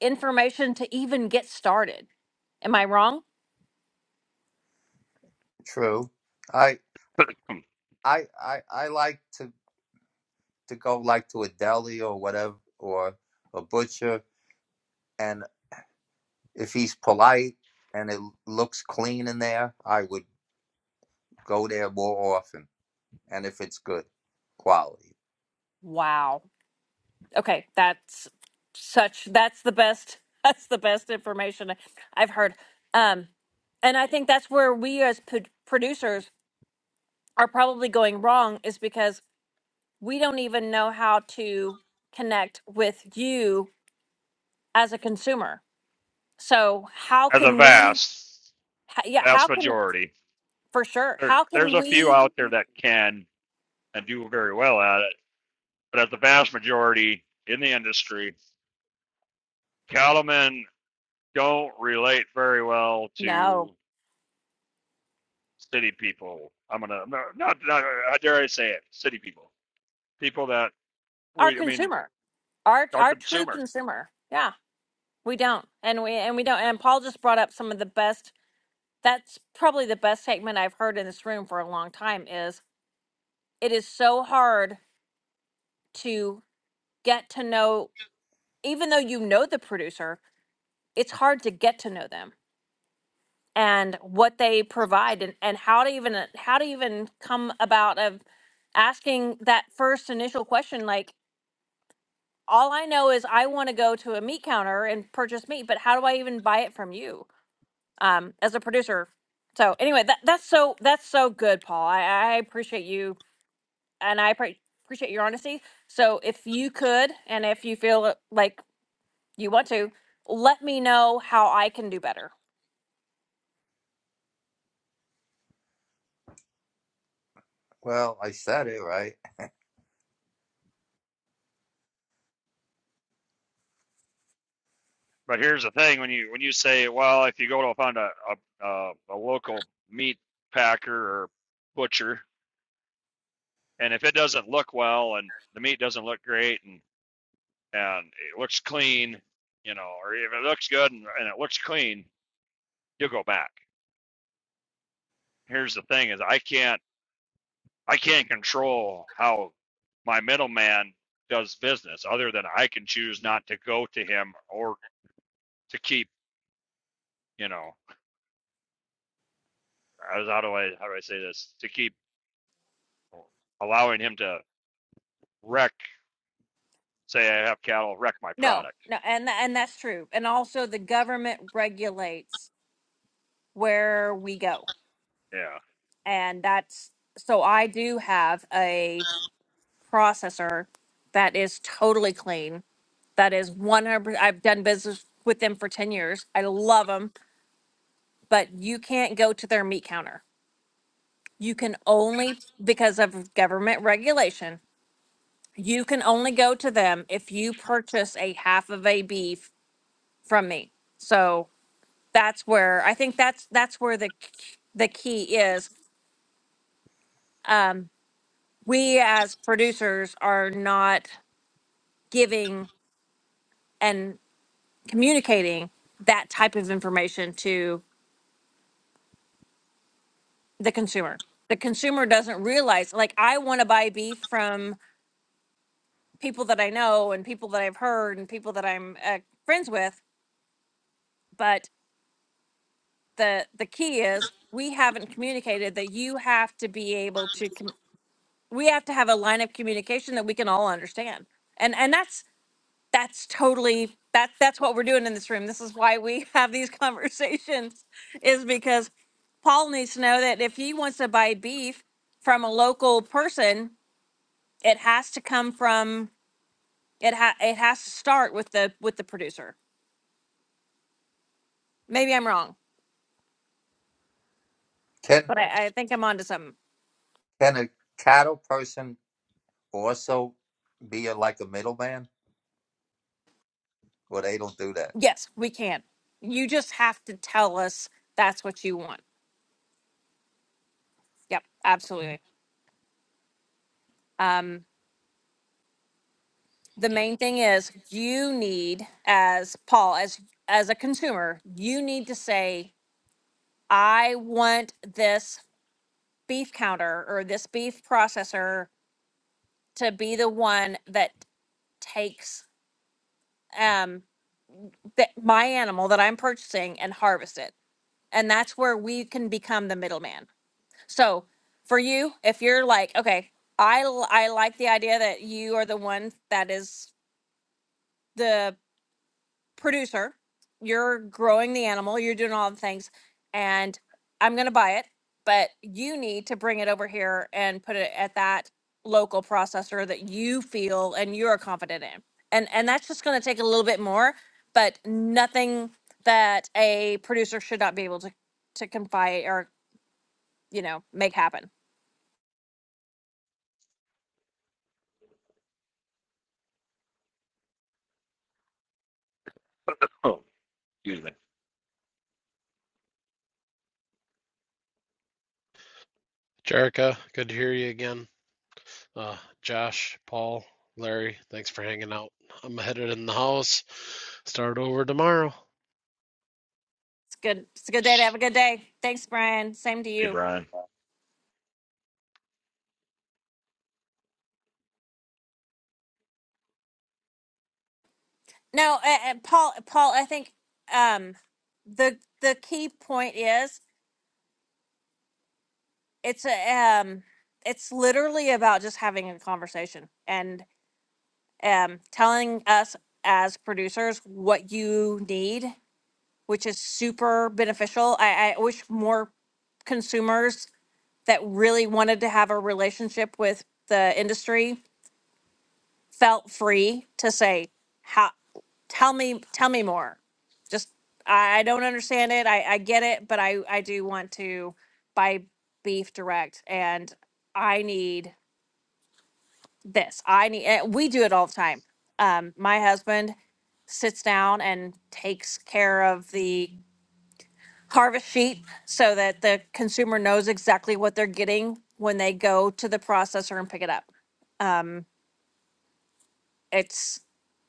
information to even get started. Am I wrong?
True. I I I I like to to go like to a deli or whatever or a butcher, and if he's polite and it looks clean in there, I would go there more often. And if it's good quality,
Wow. Okay, that's such that's the best *laughs* that's the best information I've heard. Um and I think that's where we as p- producers are probably going wrong is because we don't even know how to connect with you as a consumer. So, how
as a
can we
vast
h- yeah, how
vast
can
majority.
for sure.
There,
How
there's
can
a few
we
out there that can and do very well at it but as the vast majority in the industry, cattlemen don't relate very well to
no,
city people. I'm gonna no, not not how dare I say it, city people, people that
our
we I mean
consumer, our
are
our true
consumer.
consumer. Yeah, we don't. And we and we don't and Paul just brought up some of the best that's probably the best statement I've heard in this room for a long time is it is so hard to get to know even though you know the producer, it's hard to get to know them and what they provide and, and how to even uh, how to even come about of asking that first initial question like all I know is I want to go to a meat counter and purchase meat, but how do I even buy it from you um, as a producer? So anyway, that, that's so that's so good, Paul. I, I appreciate you and I appre- appreciate your honesty. So if you could, and if you feel like you want to, let me know how I can do better.
well, I said it right.
But here's the thing: when you when you say, well, if you go to find a a, a, a local meat packer or butcher, and if it doesn't look well and the meat doesn't look great and and it looks clean, you know, or if it looks good and, and it looks clean, you'll go back. here's the thing is I can't I can't control how my middleman does business other than I can choose not to go to him or to keep, you know, as how do I how do I say this? To keep allowing him to wreck say I have cattle wreck my
No,
product.
no, and tha- and that's true. And also, the government regulates where we go,
Yeah.
and that's so I do have a processor that is totally clean. That is one hundred. I've done business with them for ten years. I love them, but you can't go to their meat counter You can only, because of government regulation, you can only go to them if you purchase a half of a beef from me. So that's where, I think that's, that's where the, the key is. Um, we as producers are not giving and communicating that type of information to the consumer. The consumer doesn't realize, like, I want to buy beef from people that I know and people that I've heard and people that I'm uh, friends with but the the key is we haven't communicated that you have to be able to com- we have to have a line of communication that we can all understand and and that's that's totally that that's what we're doing in this room this is why we *laughs* have these conversations is because paul needs to know that if he wants to buy beef from a local person it has to come from it ha- it has to start with the with the producer maybe i'm wrong
Can
but I, I think i'm onto something
can a cattle person also be a, like a middleman? Well, they don't do that.
Yes, we can. You just have to tell us that's what you want. Yep, absolutely. Um, the main thing is you need, as Paul, as as a consumer, you need to say, I want this beef counter or this beef processor to be the one that takes um that my animal that I'm purchasing and harvest it. And that's where we can become the middleman So for you, if you're like, okay, I l- I like the idea that you are the one that is the producer. You're growing the animal. You're doing all the things, and I'm gonna buy it. But you need to bring it over here and put it at that local processor that you feel and you are confident in. And and that's just gonna take a little bit more, but nothing that a producer should not be able to to confide or you know make happen.
Jerica, good to hear you again. Uh, Josh, Paul, Larry, thanks for hanging out. I'm headed in the house. Start over tomorrow.
It's good. It's a good day to have a good day. Thanks, Brian. Same to
Hey
you.
Brian.
No, uh, uh, Paul. Paul, I think um, the the key point is it's a um, it's literally about just having a conversation and um, telling us as producers what you need, which is super beneficial. I, I wish more consumers that really wanted to have a relationship with the industry felt free to say how tell me tell me more just i, I don't understand it I, I get it but i i do want to buy beef direct and i need this i need and we do it all the time um my husband sits down and takes care of the harvest sheet so that the consumer knows exactly what they're getting when they go to the processor and pick it up it's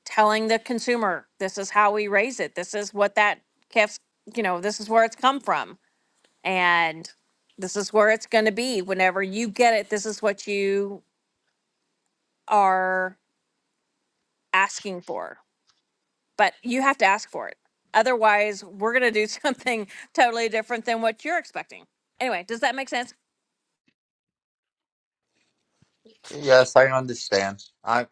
telling the consumer this is how we raise it this is what that calf's you know this is where it's come from and this is where it's going to be whenever you get it this is what you are asking for but you have to ask for it otherwise we're going to do *laughs* something totally different than what you're expecting anyway does that make sense
Yes, I understand. I.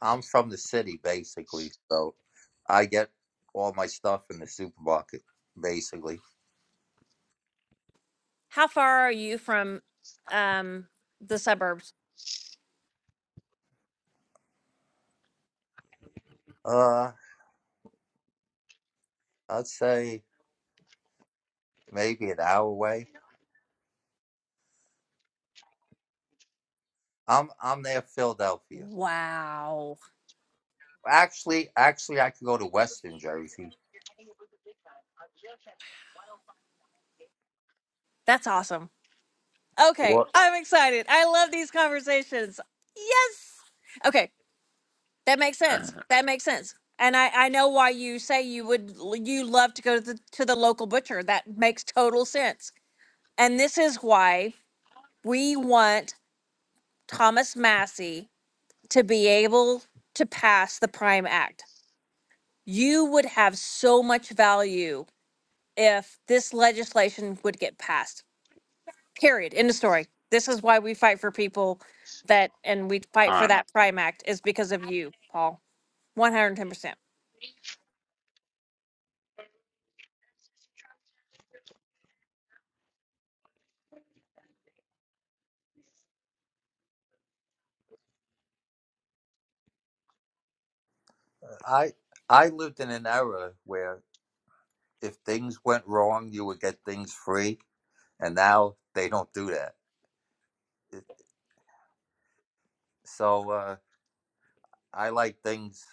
I'm from the city basically, so I get all my stuff in the supermarket basically.
how far are you from um the suburbs
Uh, I'd say maybe an hour away. I'm I'm near Philadelphia.
wow
Actually, actually, I could go to Western Jersey.
that's awesome Okay,
What
I'm excited. I love these conversations. Yes. Okay, that makes sense. That makes sense. And I, I know why you say you would you love to go to the to the local butcher. That makes total sense. And this is why we want Thomas Massey to be able to pass the Prime Act. You would have so much value if this legislation would get passed Period. End of story. This is why we fight for people that, and we fight for
On
that Prime Act is because of you, Paul. One hundred ten percent.
I I lived in an era where if things went wrong, you would get things free, and now they don't do that. It- So uh, I like things.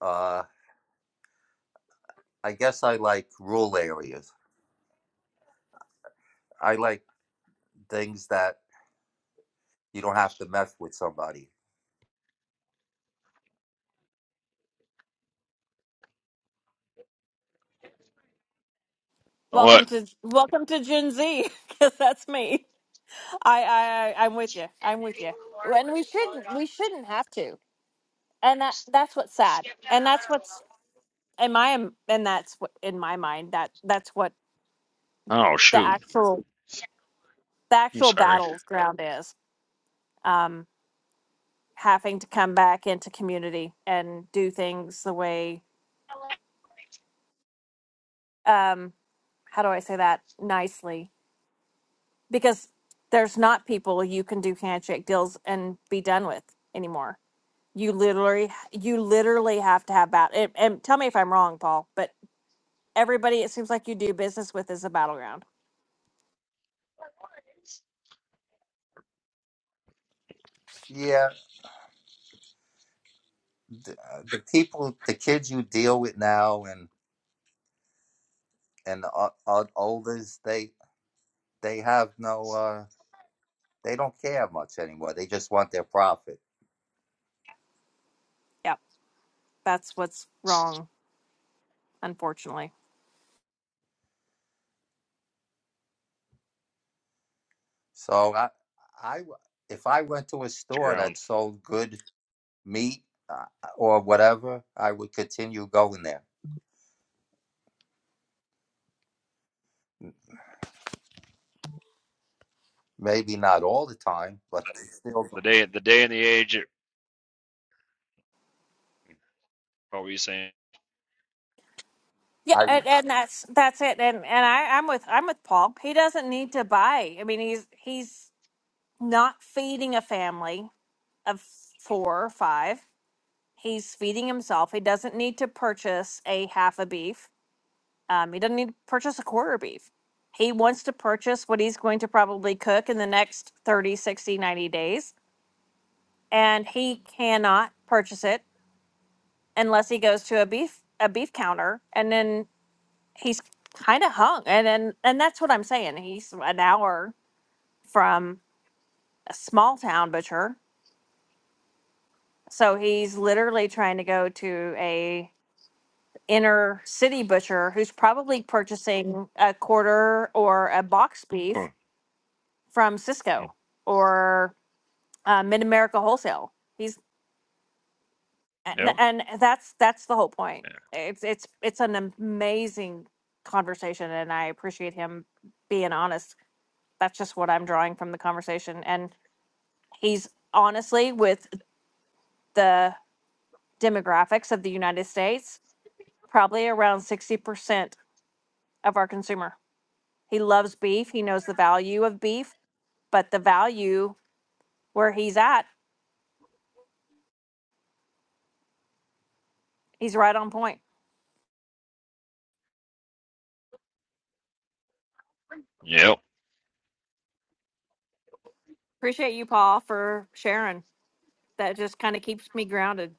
Uh, I guess I like rural areas. I like things that You don't have to mess with somebody.
what?
Welcome to welcome to Gen Z, *laughs* because that's me. I, I I- I'm with you. I'm with you. And we shouldn't we shouldn't have to. And that that's what's sad. And that's what's in my and that's what in my mind that that's what
Oh
the
shoot.
actual the
I'm
actual
sorry.
battleground is. Um, having to come back into community and do things the way. um. how do I say that nicely? Because there's not people you can do handshake deals and be done with anymore. You literally, you literally have to have bat. And, and tell me if I'm wrong, Paul, but everybody it seems like you do business with is a battleground.
Yeah, the, uh, the people, the kids you deal with now, and and the o- o- olders, they they have no, uh, they don't care much anymore. They just want their profit.
Yep, that's what's wrong, unfortunately.
So I, I, if I went to a
To
store
ground.
that sold good meat uh, or whatever, I would continue going there. Maybe not all the time, but i still,
The
going.
day the day and the age it- what were you saying?
Yeah,
I,
and, and that's that's it. And and I, I'm with I'm with Paul. He doesn't need to buy. I mean, he's he's not feeding a family of four or five. He's feeding himself. He doesn't need to purchase a half a beef. Um, he doesn't need to purchase a quarter beef. He wants to purchase what he's going to probably cook in the next 30, 60, 90 days. And he cannot purchase it unless he goes to a beef a beef counter and then he's kind of hung and then and that's what i'm saying he's an hour from a small town butcher so he's literally trying to go to a inner city butcher who's probably purchasing a quarter or a box beef
Oh,
from
mm,
Cisco or uh, Mid America Wholesale. He's and,
Yep.
and that's that's the whole point. It's it's it's an amazing conversation, and I appreciate him being honest. That's just what I'm drawing from the conversation, and he's honestly with the demographics of the United States, probably around sixty percent of our consumer. He loves beef. He knows the value of beef, but the value where he's at, he's right on point.
Yeah. Yep.
Appreciate you, Paul, for sharing. That just kind of keeps me grounded.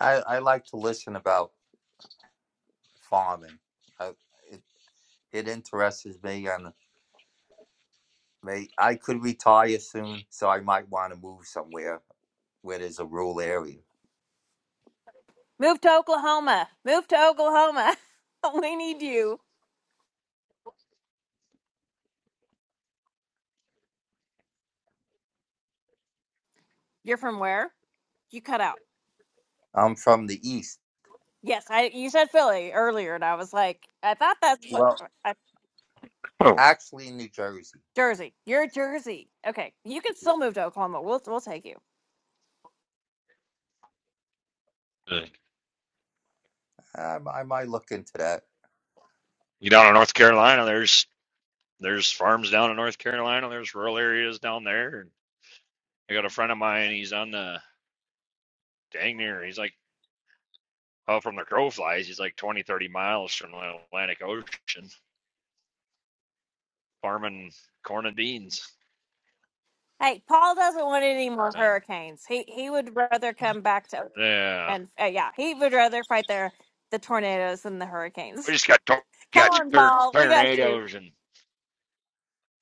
I I like to listen about farming. I, it it interests me, and mate. I could retire soon, so I might want to move somewhere where there's a rural area.
Move to Oklahoma. Move to Oklahoma. *laughs* we need you. You're from where? You cut out.
I'm from the East.
Yes, I. You said Philly earlier, and I was like, I thought that's what
Well,
I,
Oh.
actually, New Jersey.
Jersey. You're Jersey. Okay, you can
Yeah.
still move to Oklahoma. We'll we'll take you.
Um, I might look into that.
You down in North Carolina, there's there's farms down in North Carolina. There's rural areas down there. And I got a friend of mine. He's on the dang near. He's like out from the crow flies. He's like 20, 30 miles from the Atlantic Ocean, farming corn and beans.
Hey, Paul doesn't want any more
And
hurricanes. He he would rather come back to,
yeah,
and uh, yeah, he would rather fight the the tornadoes than the
we
hurricanes.
just got tor-
*laughs* Come
got
on, Paul, we got you.
tornadoes and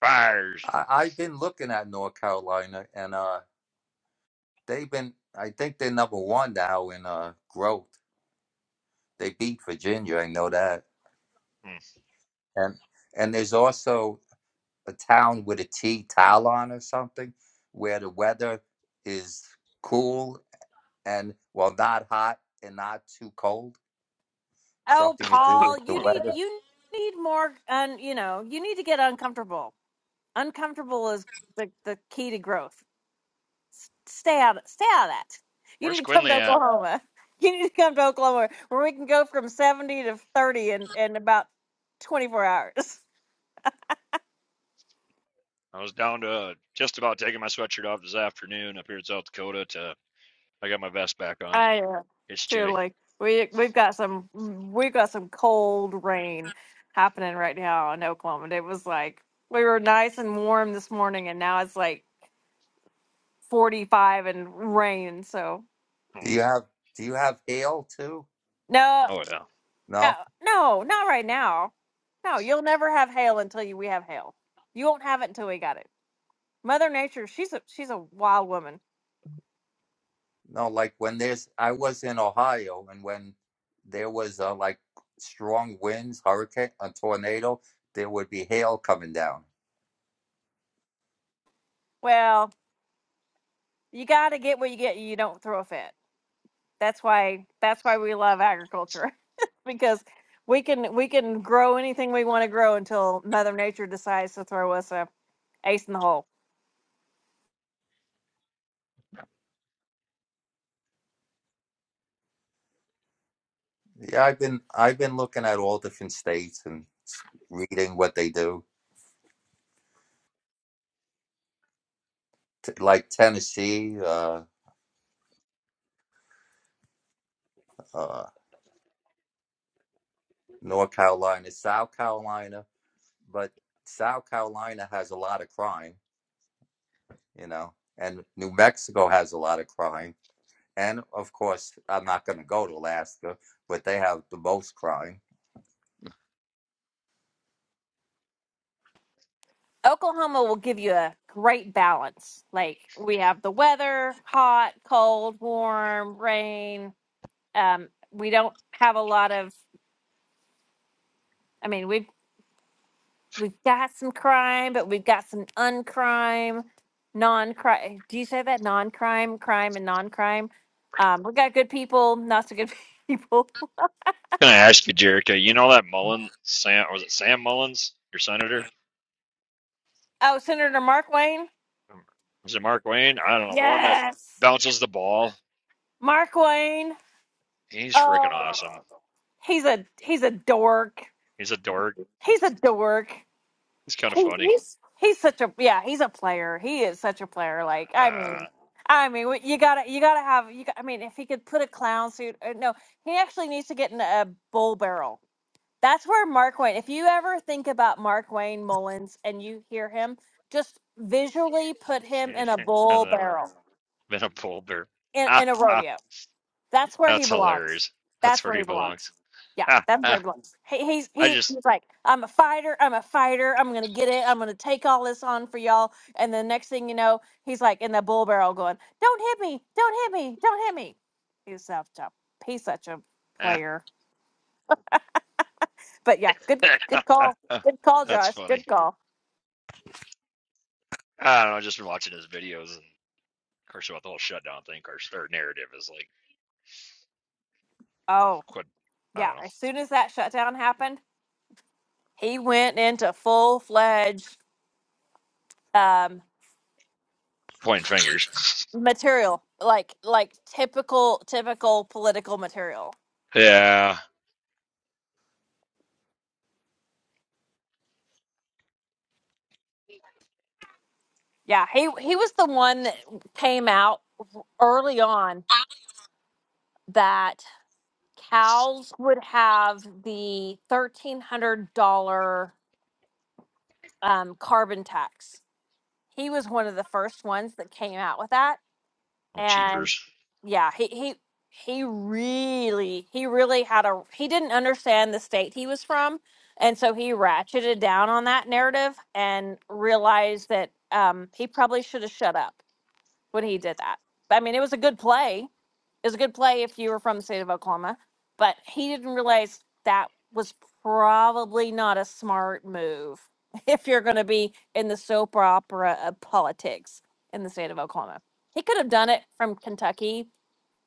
fires.
I, I've been looking at North Carolina, and uh, they've been. I think they're number one now in uh, growth. They beat Virginia. I know that.
Hmm. *laughs*
And and there's also a town with a T, Talon or something, where the weather is cool and well, not hot and not too cold
Oh,
Something to do
Paul,
with the
you
Huh.
need
weather.
you need more. Un, you know, you need to get uncomfortable. Uncomfortable is the the key to growth. S- Stay out. Stay out of that. You
Where's
need to come
Quinley
to
at?
Oklahoma. *laughs* You need to come to Oklahoma where we can go from seventy to thirty in in about twenty four hours.
I was down to uh, just about taking my sweatshirt off this afternoon up here in South Dakota. To I got my vest back on.
I uh,
It's
too
chilly.
like we we've got some we've got some cold rain happening right now in Oklahoma. And it was like we were nice and warm this morning, and now it's like forty five and rain. So
Do
Hmm.
you have do you have hail too?
no,
Oh yeah.
no,
No?
no, not right now. No, you'll never have hail until you, we have hail. You won't have it until we got it. Mother Nature, she's a she's a wild woman.
No, like when there's I was in Ohio and when there was uh, like strong winds, hurricane, a tornado, there would be hail coming down.
Well, you got to get what you get. You don't throw a fit. That's why that's why we love agriculture *laughs* because we can we can grow anything we want to grow until Mother Nature decides to throw us a ace in the hole.
Yeah, I've been I've been looking at all different states and s- reading what they do. T- like Tennessee, uh, uh, North Carolina, South Carolina, but South Carolina has a lot of crime, you know, and New Mexico has a lot of crime. And of course, I'm not going to go to Alaska, but they have the most crime.
Oklahoma will give you a great balance. Like we have the weather, hot, cold, warm, rain. Um, we don't have a lot of. I mean, we've We've got some crime, but we've got some uncrime, non-crime. Do you say that? Non-crime, crime, and non-crime. Um, we got good people, not so good *laughs* people.
Can I ask you, Jericho? You know that Mullen, Sam, was it Sam Mullins, your senator?
Oh, Senator Mark Wayne.
Um, Was it Mark Wayne? I don't know. The one that
Yes,
bounces the ball.
Mark Wayne.
He's freaking
Oh,
awesome.
he's a he's a dork.
He's a dork.
He's a dork.
He's kind of
He,
funny.
he's he's such a yeah. He's a player. He is such a player. Like I
Uh,
mean, I mean, what- you gotta you gotta have you. Got, I mean, if he could put a clown suit, uh, no, he actually needs to get in a bull barrel That's where Mark Wayne. If you ever think about Mark Wayne Mullins and you hear him, just visually put
*laughs*
him in a
I've
bull
never
barrel
been a bull bear.
in,
Ah,
in a
ah,
rodeo. That's where he
that's
belongs.
hilarious. That's
That's
where
where
he
he belongs.
belongs.
Yeah,
Ah,
that's where
ah,
he belongs. He, he's
I
he,
just,
he's like, I'm a fighter. I'm a fighter. I'm gonna get it. I'm gonna take all this on for y'all. And the next thing you know, he's like in the bull barrel, going, "Don't hit me! Don't hit me! Don't hit me!" He's such a he's such a
ah,
player. But yeah, good good call.
*laughs*
Good call,
that's
Josh.
funny.
Good call.
I don't know. Just watching his videos, and of course, about the whole shutdown thing, of narrative is like, oh,
Oh,
quit. I
yeah.
don't know,
As soon as that shutdown happened, he went into full fledged um,
pointing fingers. *laughs*
material, like like typical typical political material.
Yeah.
Yeah, he he was the one that came out early on that cows would have the thirteen hundred dollar um, carbon tax. He was one of the first ones that came out with that
Oh,
and
jeepers.
yeah he he he really he really had a he didn't understand the state he was from and so he ratcheted down on that narrative and realized that um he probably should have shut up when he did that i mean it was a good play it was a good play if you were from the state of Oklahoma, but he didn't realize that was probably not a smart move *laughs* if you're going to be in the soap opera of politics in the state of Oklahoma. He could have done it from Kentucky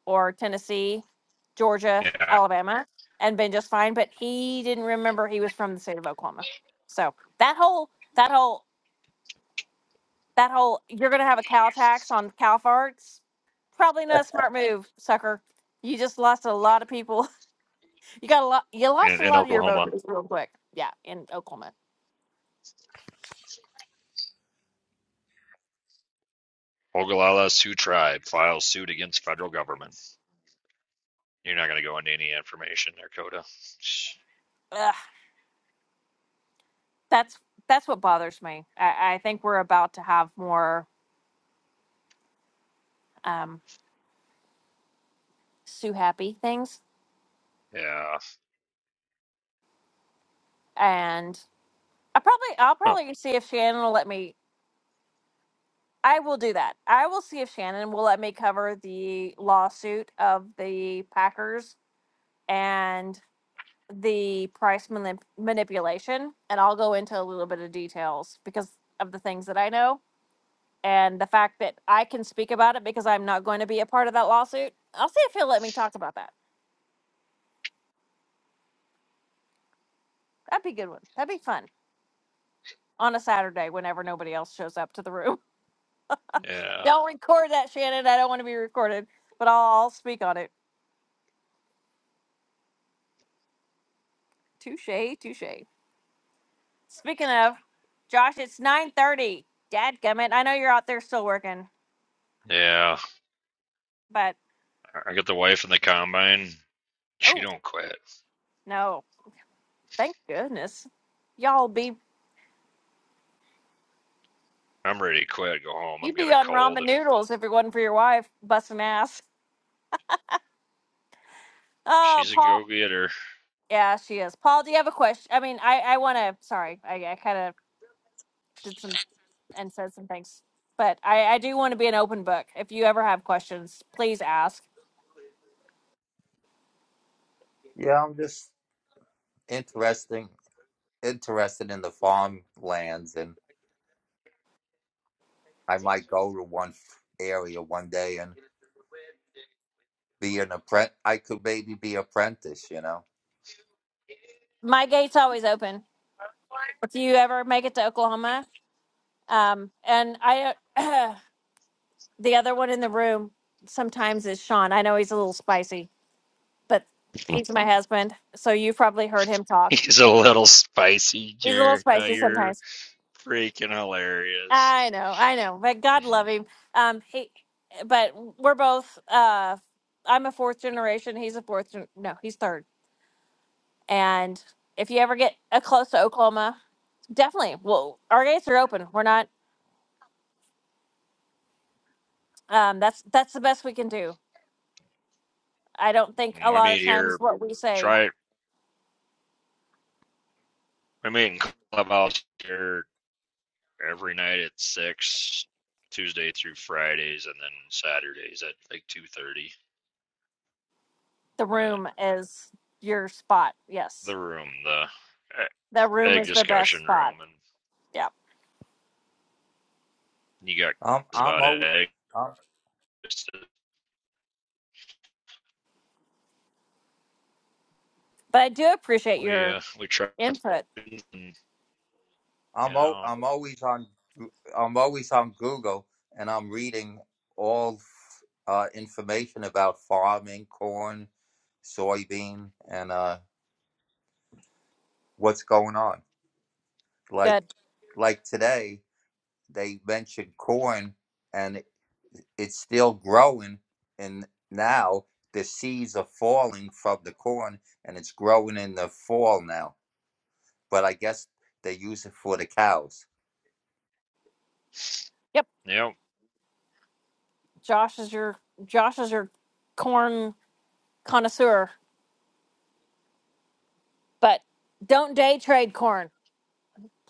or Tennessee, Georgia,
Yeah.
Alabama, and been just fine, but he didn't remember he was from the state of Oklahoma. So that whole that whole that whole you're gonna have a cow tax on cow farts. Probably not a smart move, sucker. You just lost a lot of people. *laughs* You got a lot. You lost
In,
a
in
lot of your
Oklahoma,
voters real quick. Yeah, in Oklahoma.
Ogallala Sioux Tribe files suit against federal government. You're not going to go into any information there, Coda.
Ugh, that's that's what bothers me. I, I think we're about to have more um, Sue Happy things,
Yeah.
and I probably I'll
Huh.
probably see if Shannon will let me. I will do that. I will see if Shannon will let me cover the lawsuit of the Packers, and the price manip- manipulation, and I'll go into a little bit of details because of the things that I know and the fact that I can speak about it because I'm not going to be a part of that lawsuit. I'll see if he'll let me talk about that. That'd be a good one. That'd be fun on a Saturday whenever nobody else shows up to the room. *laughs*
Yeah.
don't record that, Shannon. I don't want to be recorded, but I'll, I'll speak on it. Touche, touche. Speaking of, Josh, it's 9.30. Dadgummit, I know you're out there still working,
Yeah.
but
I got the wife in the combine. She
oh,
don't quit.
no. Thank goodness. Y'all be
I'm ready to quit. Go home. I've
you'd
got
be
a
on
cold,
ramen
and
noodles if it wasn't for your wife busting ass. Oh,
she's a
Paul.
go-getter.
Yeah, she is. Paul, do you have a question? I mean, I I want to. Sorry, I I kind of did some and said some things, but I I do want to be an open book. If you ever have questions, please ask.
Yeah, I'm just interesting, interested in the farmlands, and I might go to one area one day and be an apprentice. I could maybe be apprentice, you know.
My gate's always open. If you ever make it to Oklahoma, um, and I *clears throat* the other one in the room sometimes is Sean. I know he's a little spicy, but
*laughs*
he's my husband, so you've probably heard him talk.
He's a little spicy,
He's a little
Jerry. Uh,
spicy
You're
sometimes.
freaking hilarious.
I know, I know, but
Yeah.
God love him. Um, he, but we're both. Uh, I'm a fourth generation. He's a fourth. Gen- no, he's third. And if you ever get uh close to Oklahoma, definitely. Well, our gates are open. We're not. Um, that's that's the best we can do. I don't think
When
a
we
lot
meet
of times
here,
what we say
try. it. We meet in clubhouse here every night at six, Tuesday through Fridays, and then Saturdays at like two thirty.
the
Uh,
room is your spot. Yes,
the room, the e-
the room
egg
is the best
discussion room,
spot.
and
Yeah,
you got
I'm
questions
I'm
about
always
eggs.
I'm
but I do appreciate
We
your
uh, we try,
input.
and, you
I'm, al-
know,
I'm always on I'm always on Google, and I'm reading all uh, information about farming, corn, soybean, and uh, what's going on. Like
Good.
like today, they mentioned corn, and it, it's still growing, and now the seeds are falling from the corn, and it's growing in the fall now. But I guess they use it for the cows.
Yep.
yeah.
Josh is your Josh is your corn connoisseur, but don't day trade corn.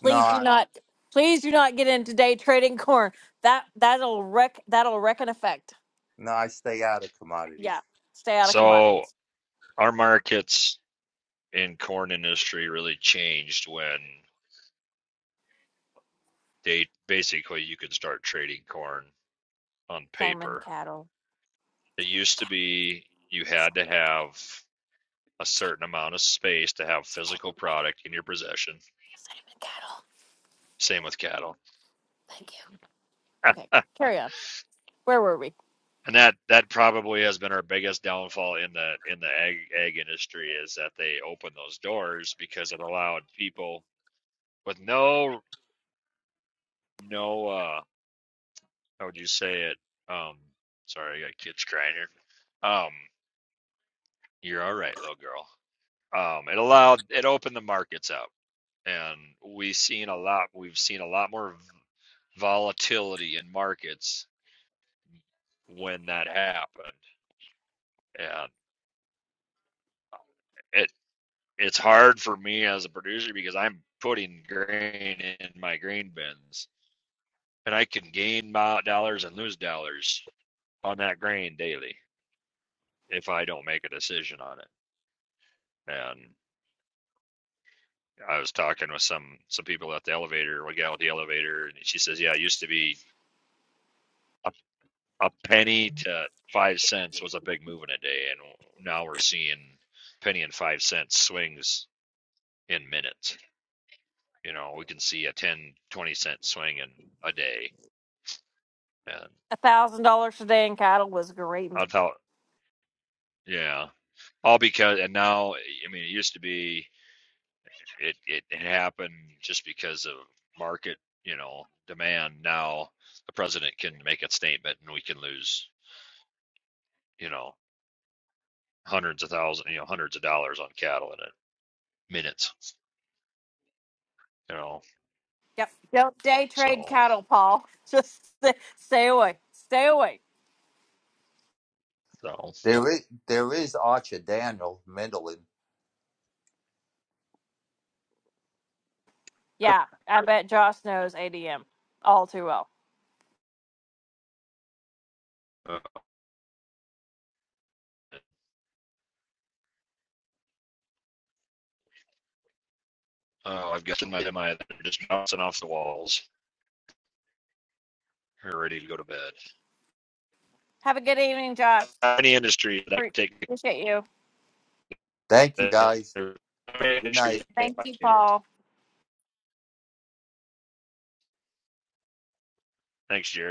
No,
do
I,
not. Please do not get into day trading corn. That that'll wreck. That'll wreck an effect.
no, I stay out of
Yeah,
commodities.
stay out of
So
commodities.
our markets in corn industry really changed when they basically you could start trading corn on
Same in
paper.
cattle.
It
Same in
used to
cattle.
be you had
Same,
to have a
same,
certain amount of space to have physical
in cattle.
product in your possession.
same in cattle.
Same with cattle,
Thank you. Okay, carry on. Where were we?
and that that probably has been our biggest downfall in the in the egg egg industry is that they opened those doors because it allowed people with no no uh how would you say it um sorry I got kids crying here um you're all right little girl um it allowed it opened the markets up and we have seen a lot we've seen a lot more volatility in markets when that happened, and it it's hard for me as a producer because I'm putting grain in my grain bins, and I can gain dollars and lose dollars on that grain daily if I don't make a decision on it. And I was talking with some some people at the elevator, a gal at the elevator, and she says, "Yeah, it used to be a, a penny to five cents was a big move in a day, and now we're seeing penny and five cent swings in minutes." you know, we can see a ten, twenty cent swing in a day. And
A thousand dollars today in cattle was great.
I thought, yeah, all because, and now, I mean, it used to be it, it, it happened just because of market, you know, demand. Now the president can make a statement and we can lose, you know, hundreds of thousands, you know, hundreds of dollars on cattle in a minutes, you know.
Yep. Don't day trade
So,
cattle, Paul. *laughs* Just stay, stay away. Stay away.
so
There is there is Archer Daniel Mendelin.
Yeah, I bet Josh knows ADM all too well.
uh, oh, I've got my, my, they're just bouncing off the walls. we are ready to go to bed.
Have a good evening, Josh.
Any industry that
Pre-
can take
Appreciate you.
Thank you guys.
better
Good
issues
night.
I think,
Thank
by
you,
kids
Paul.
next year.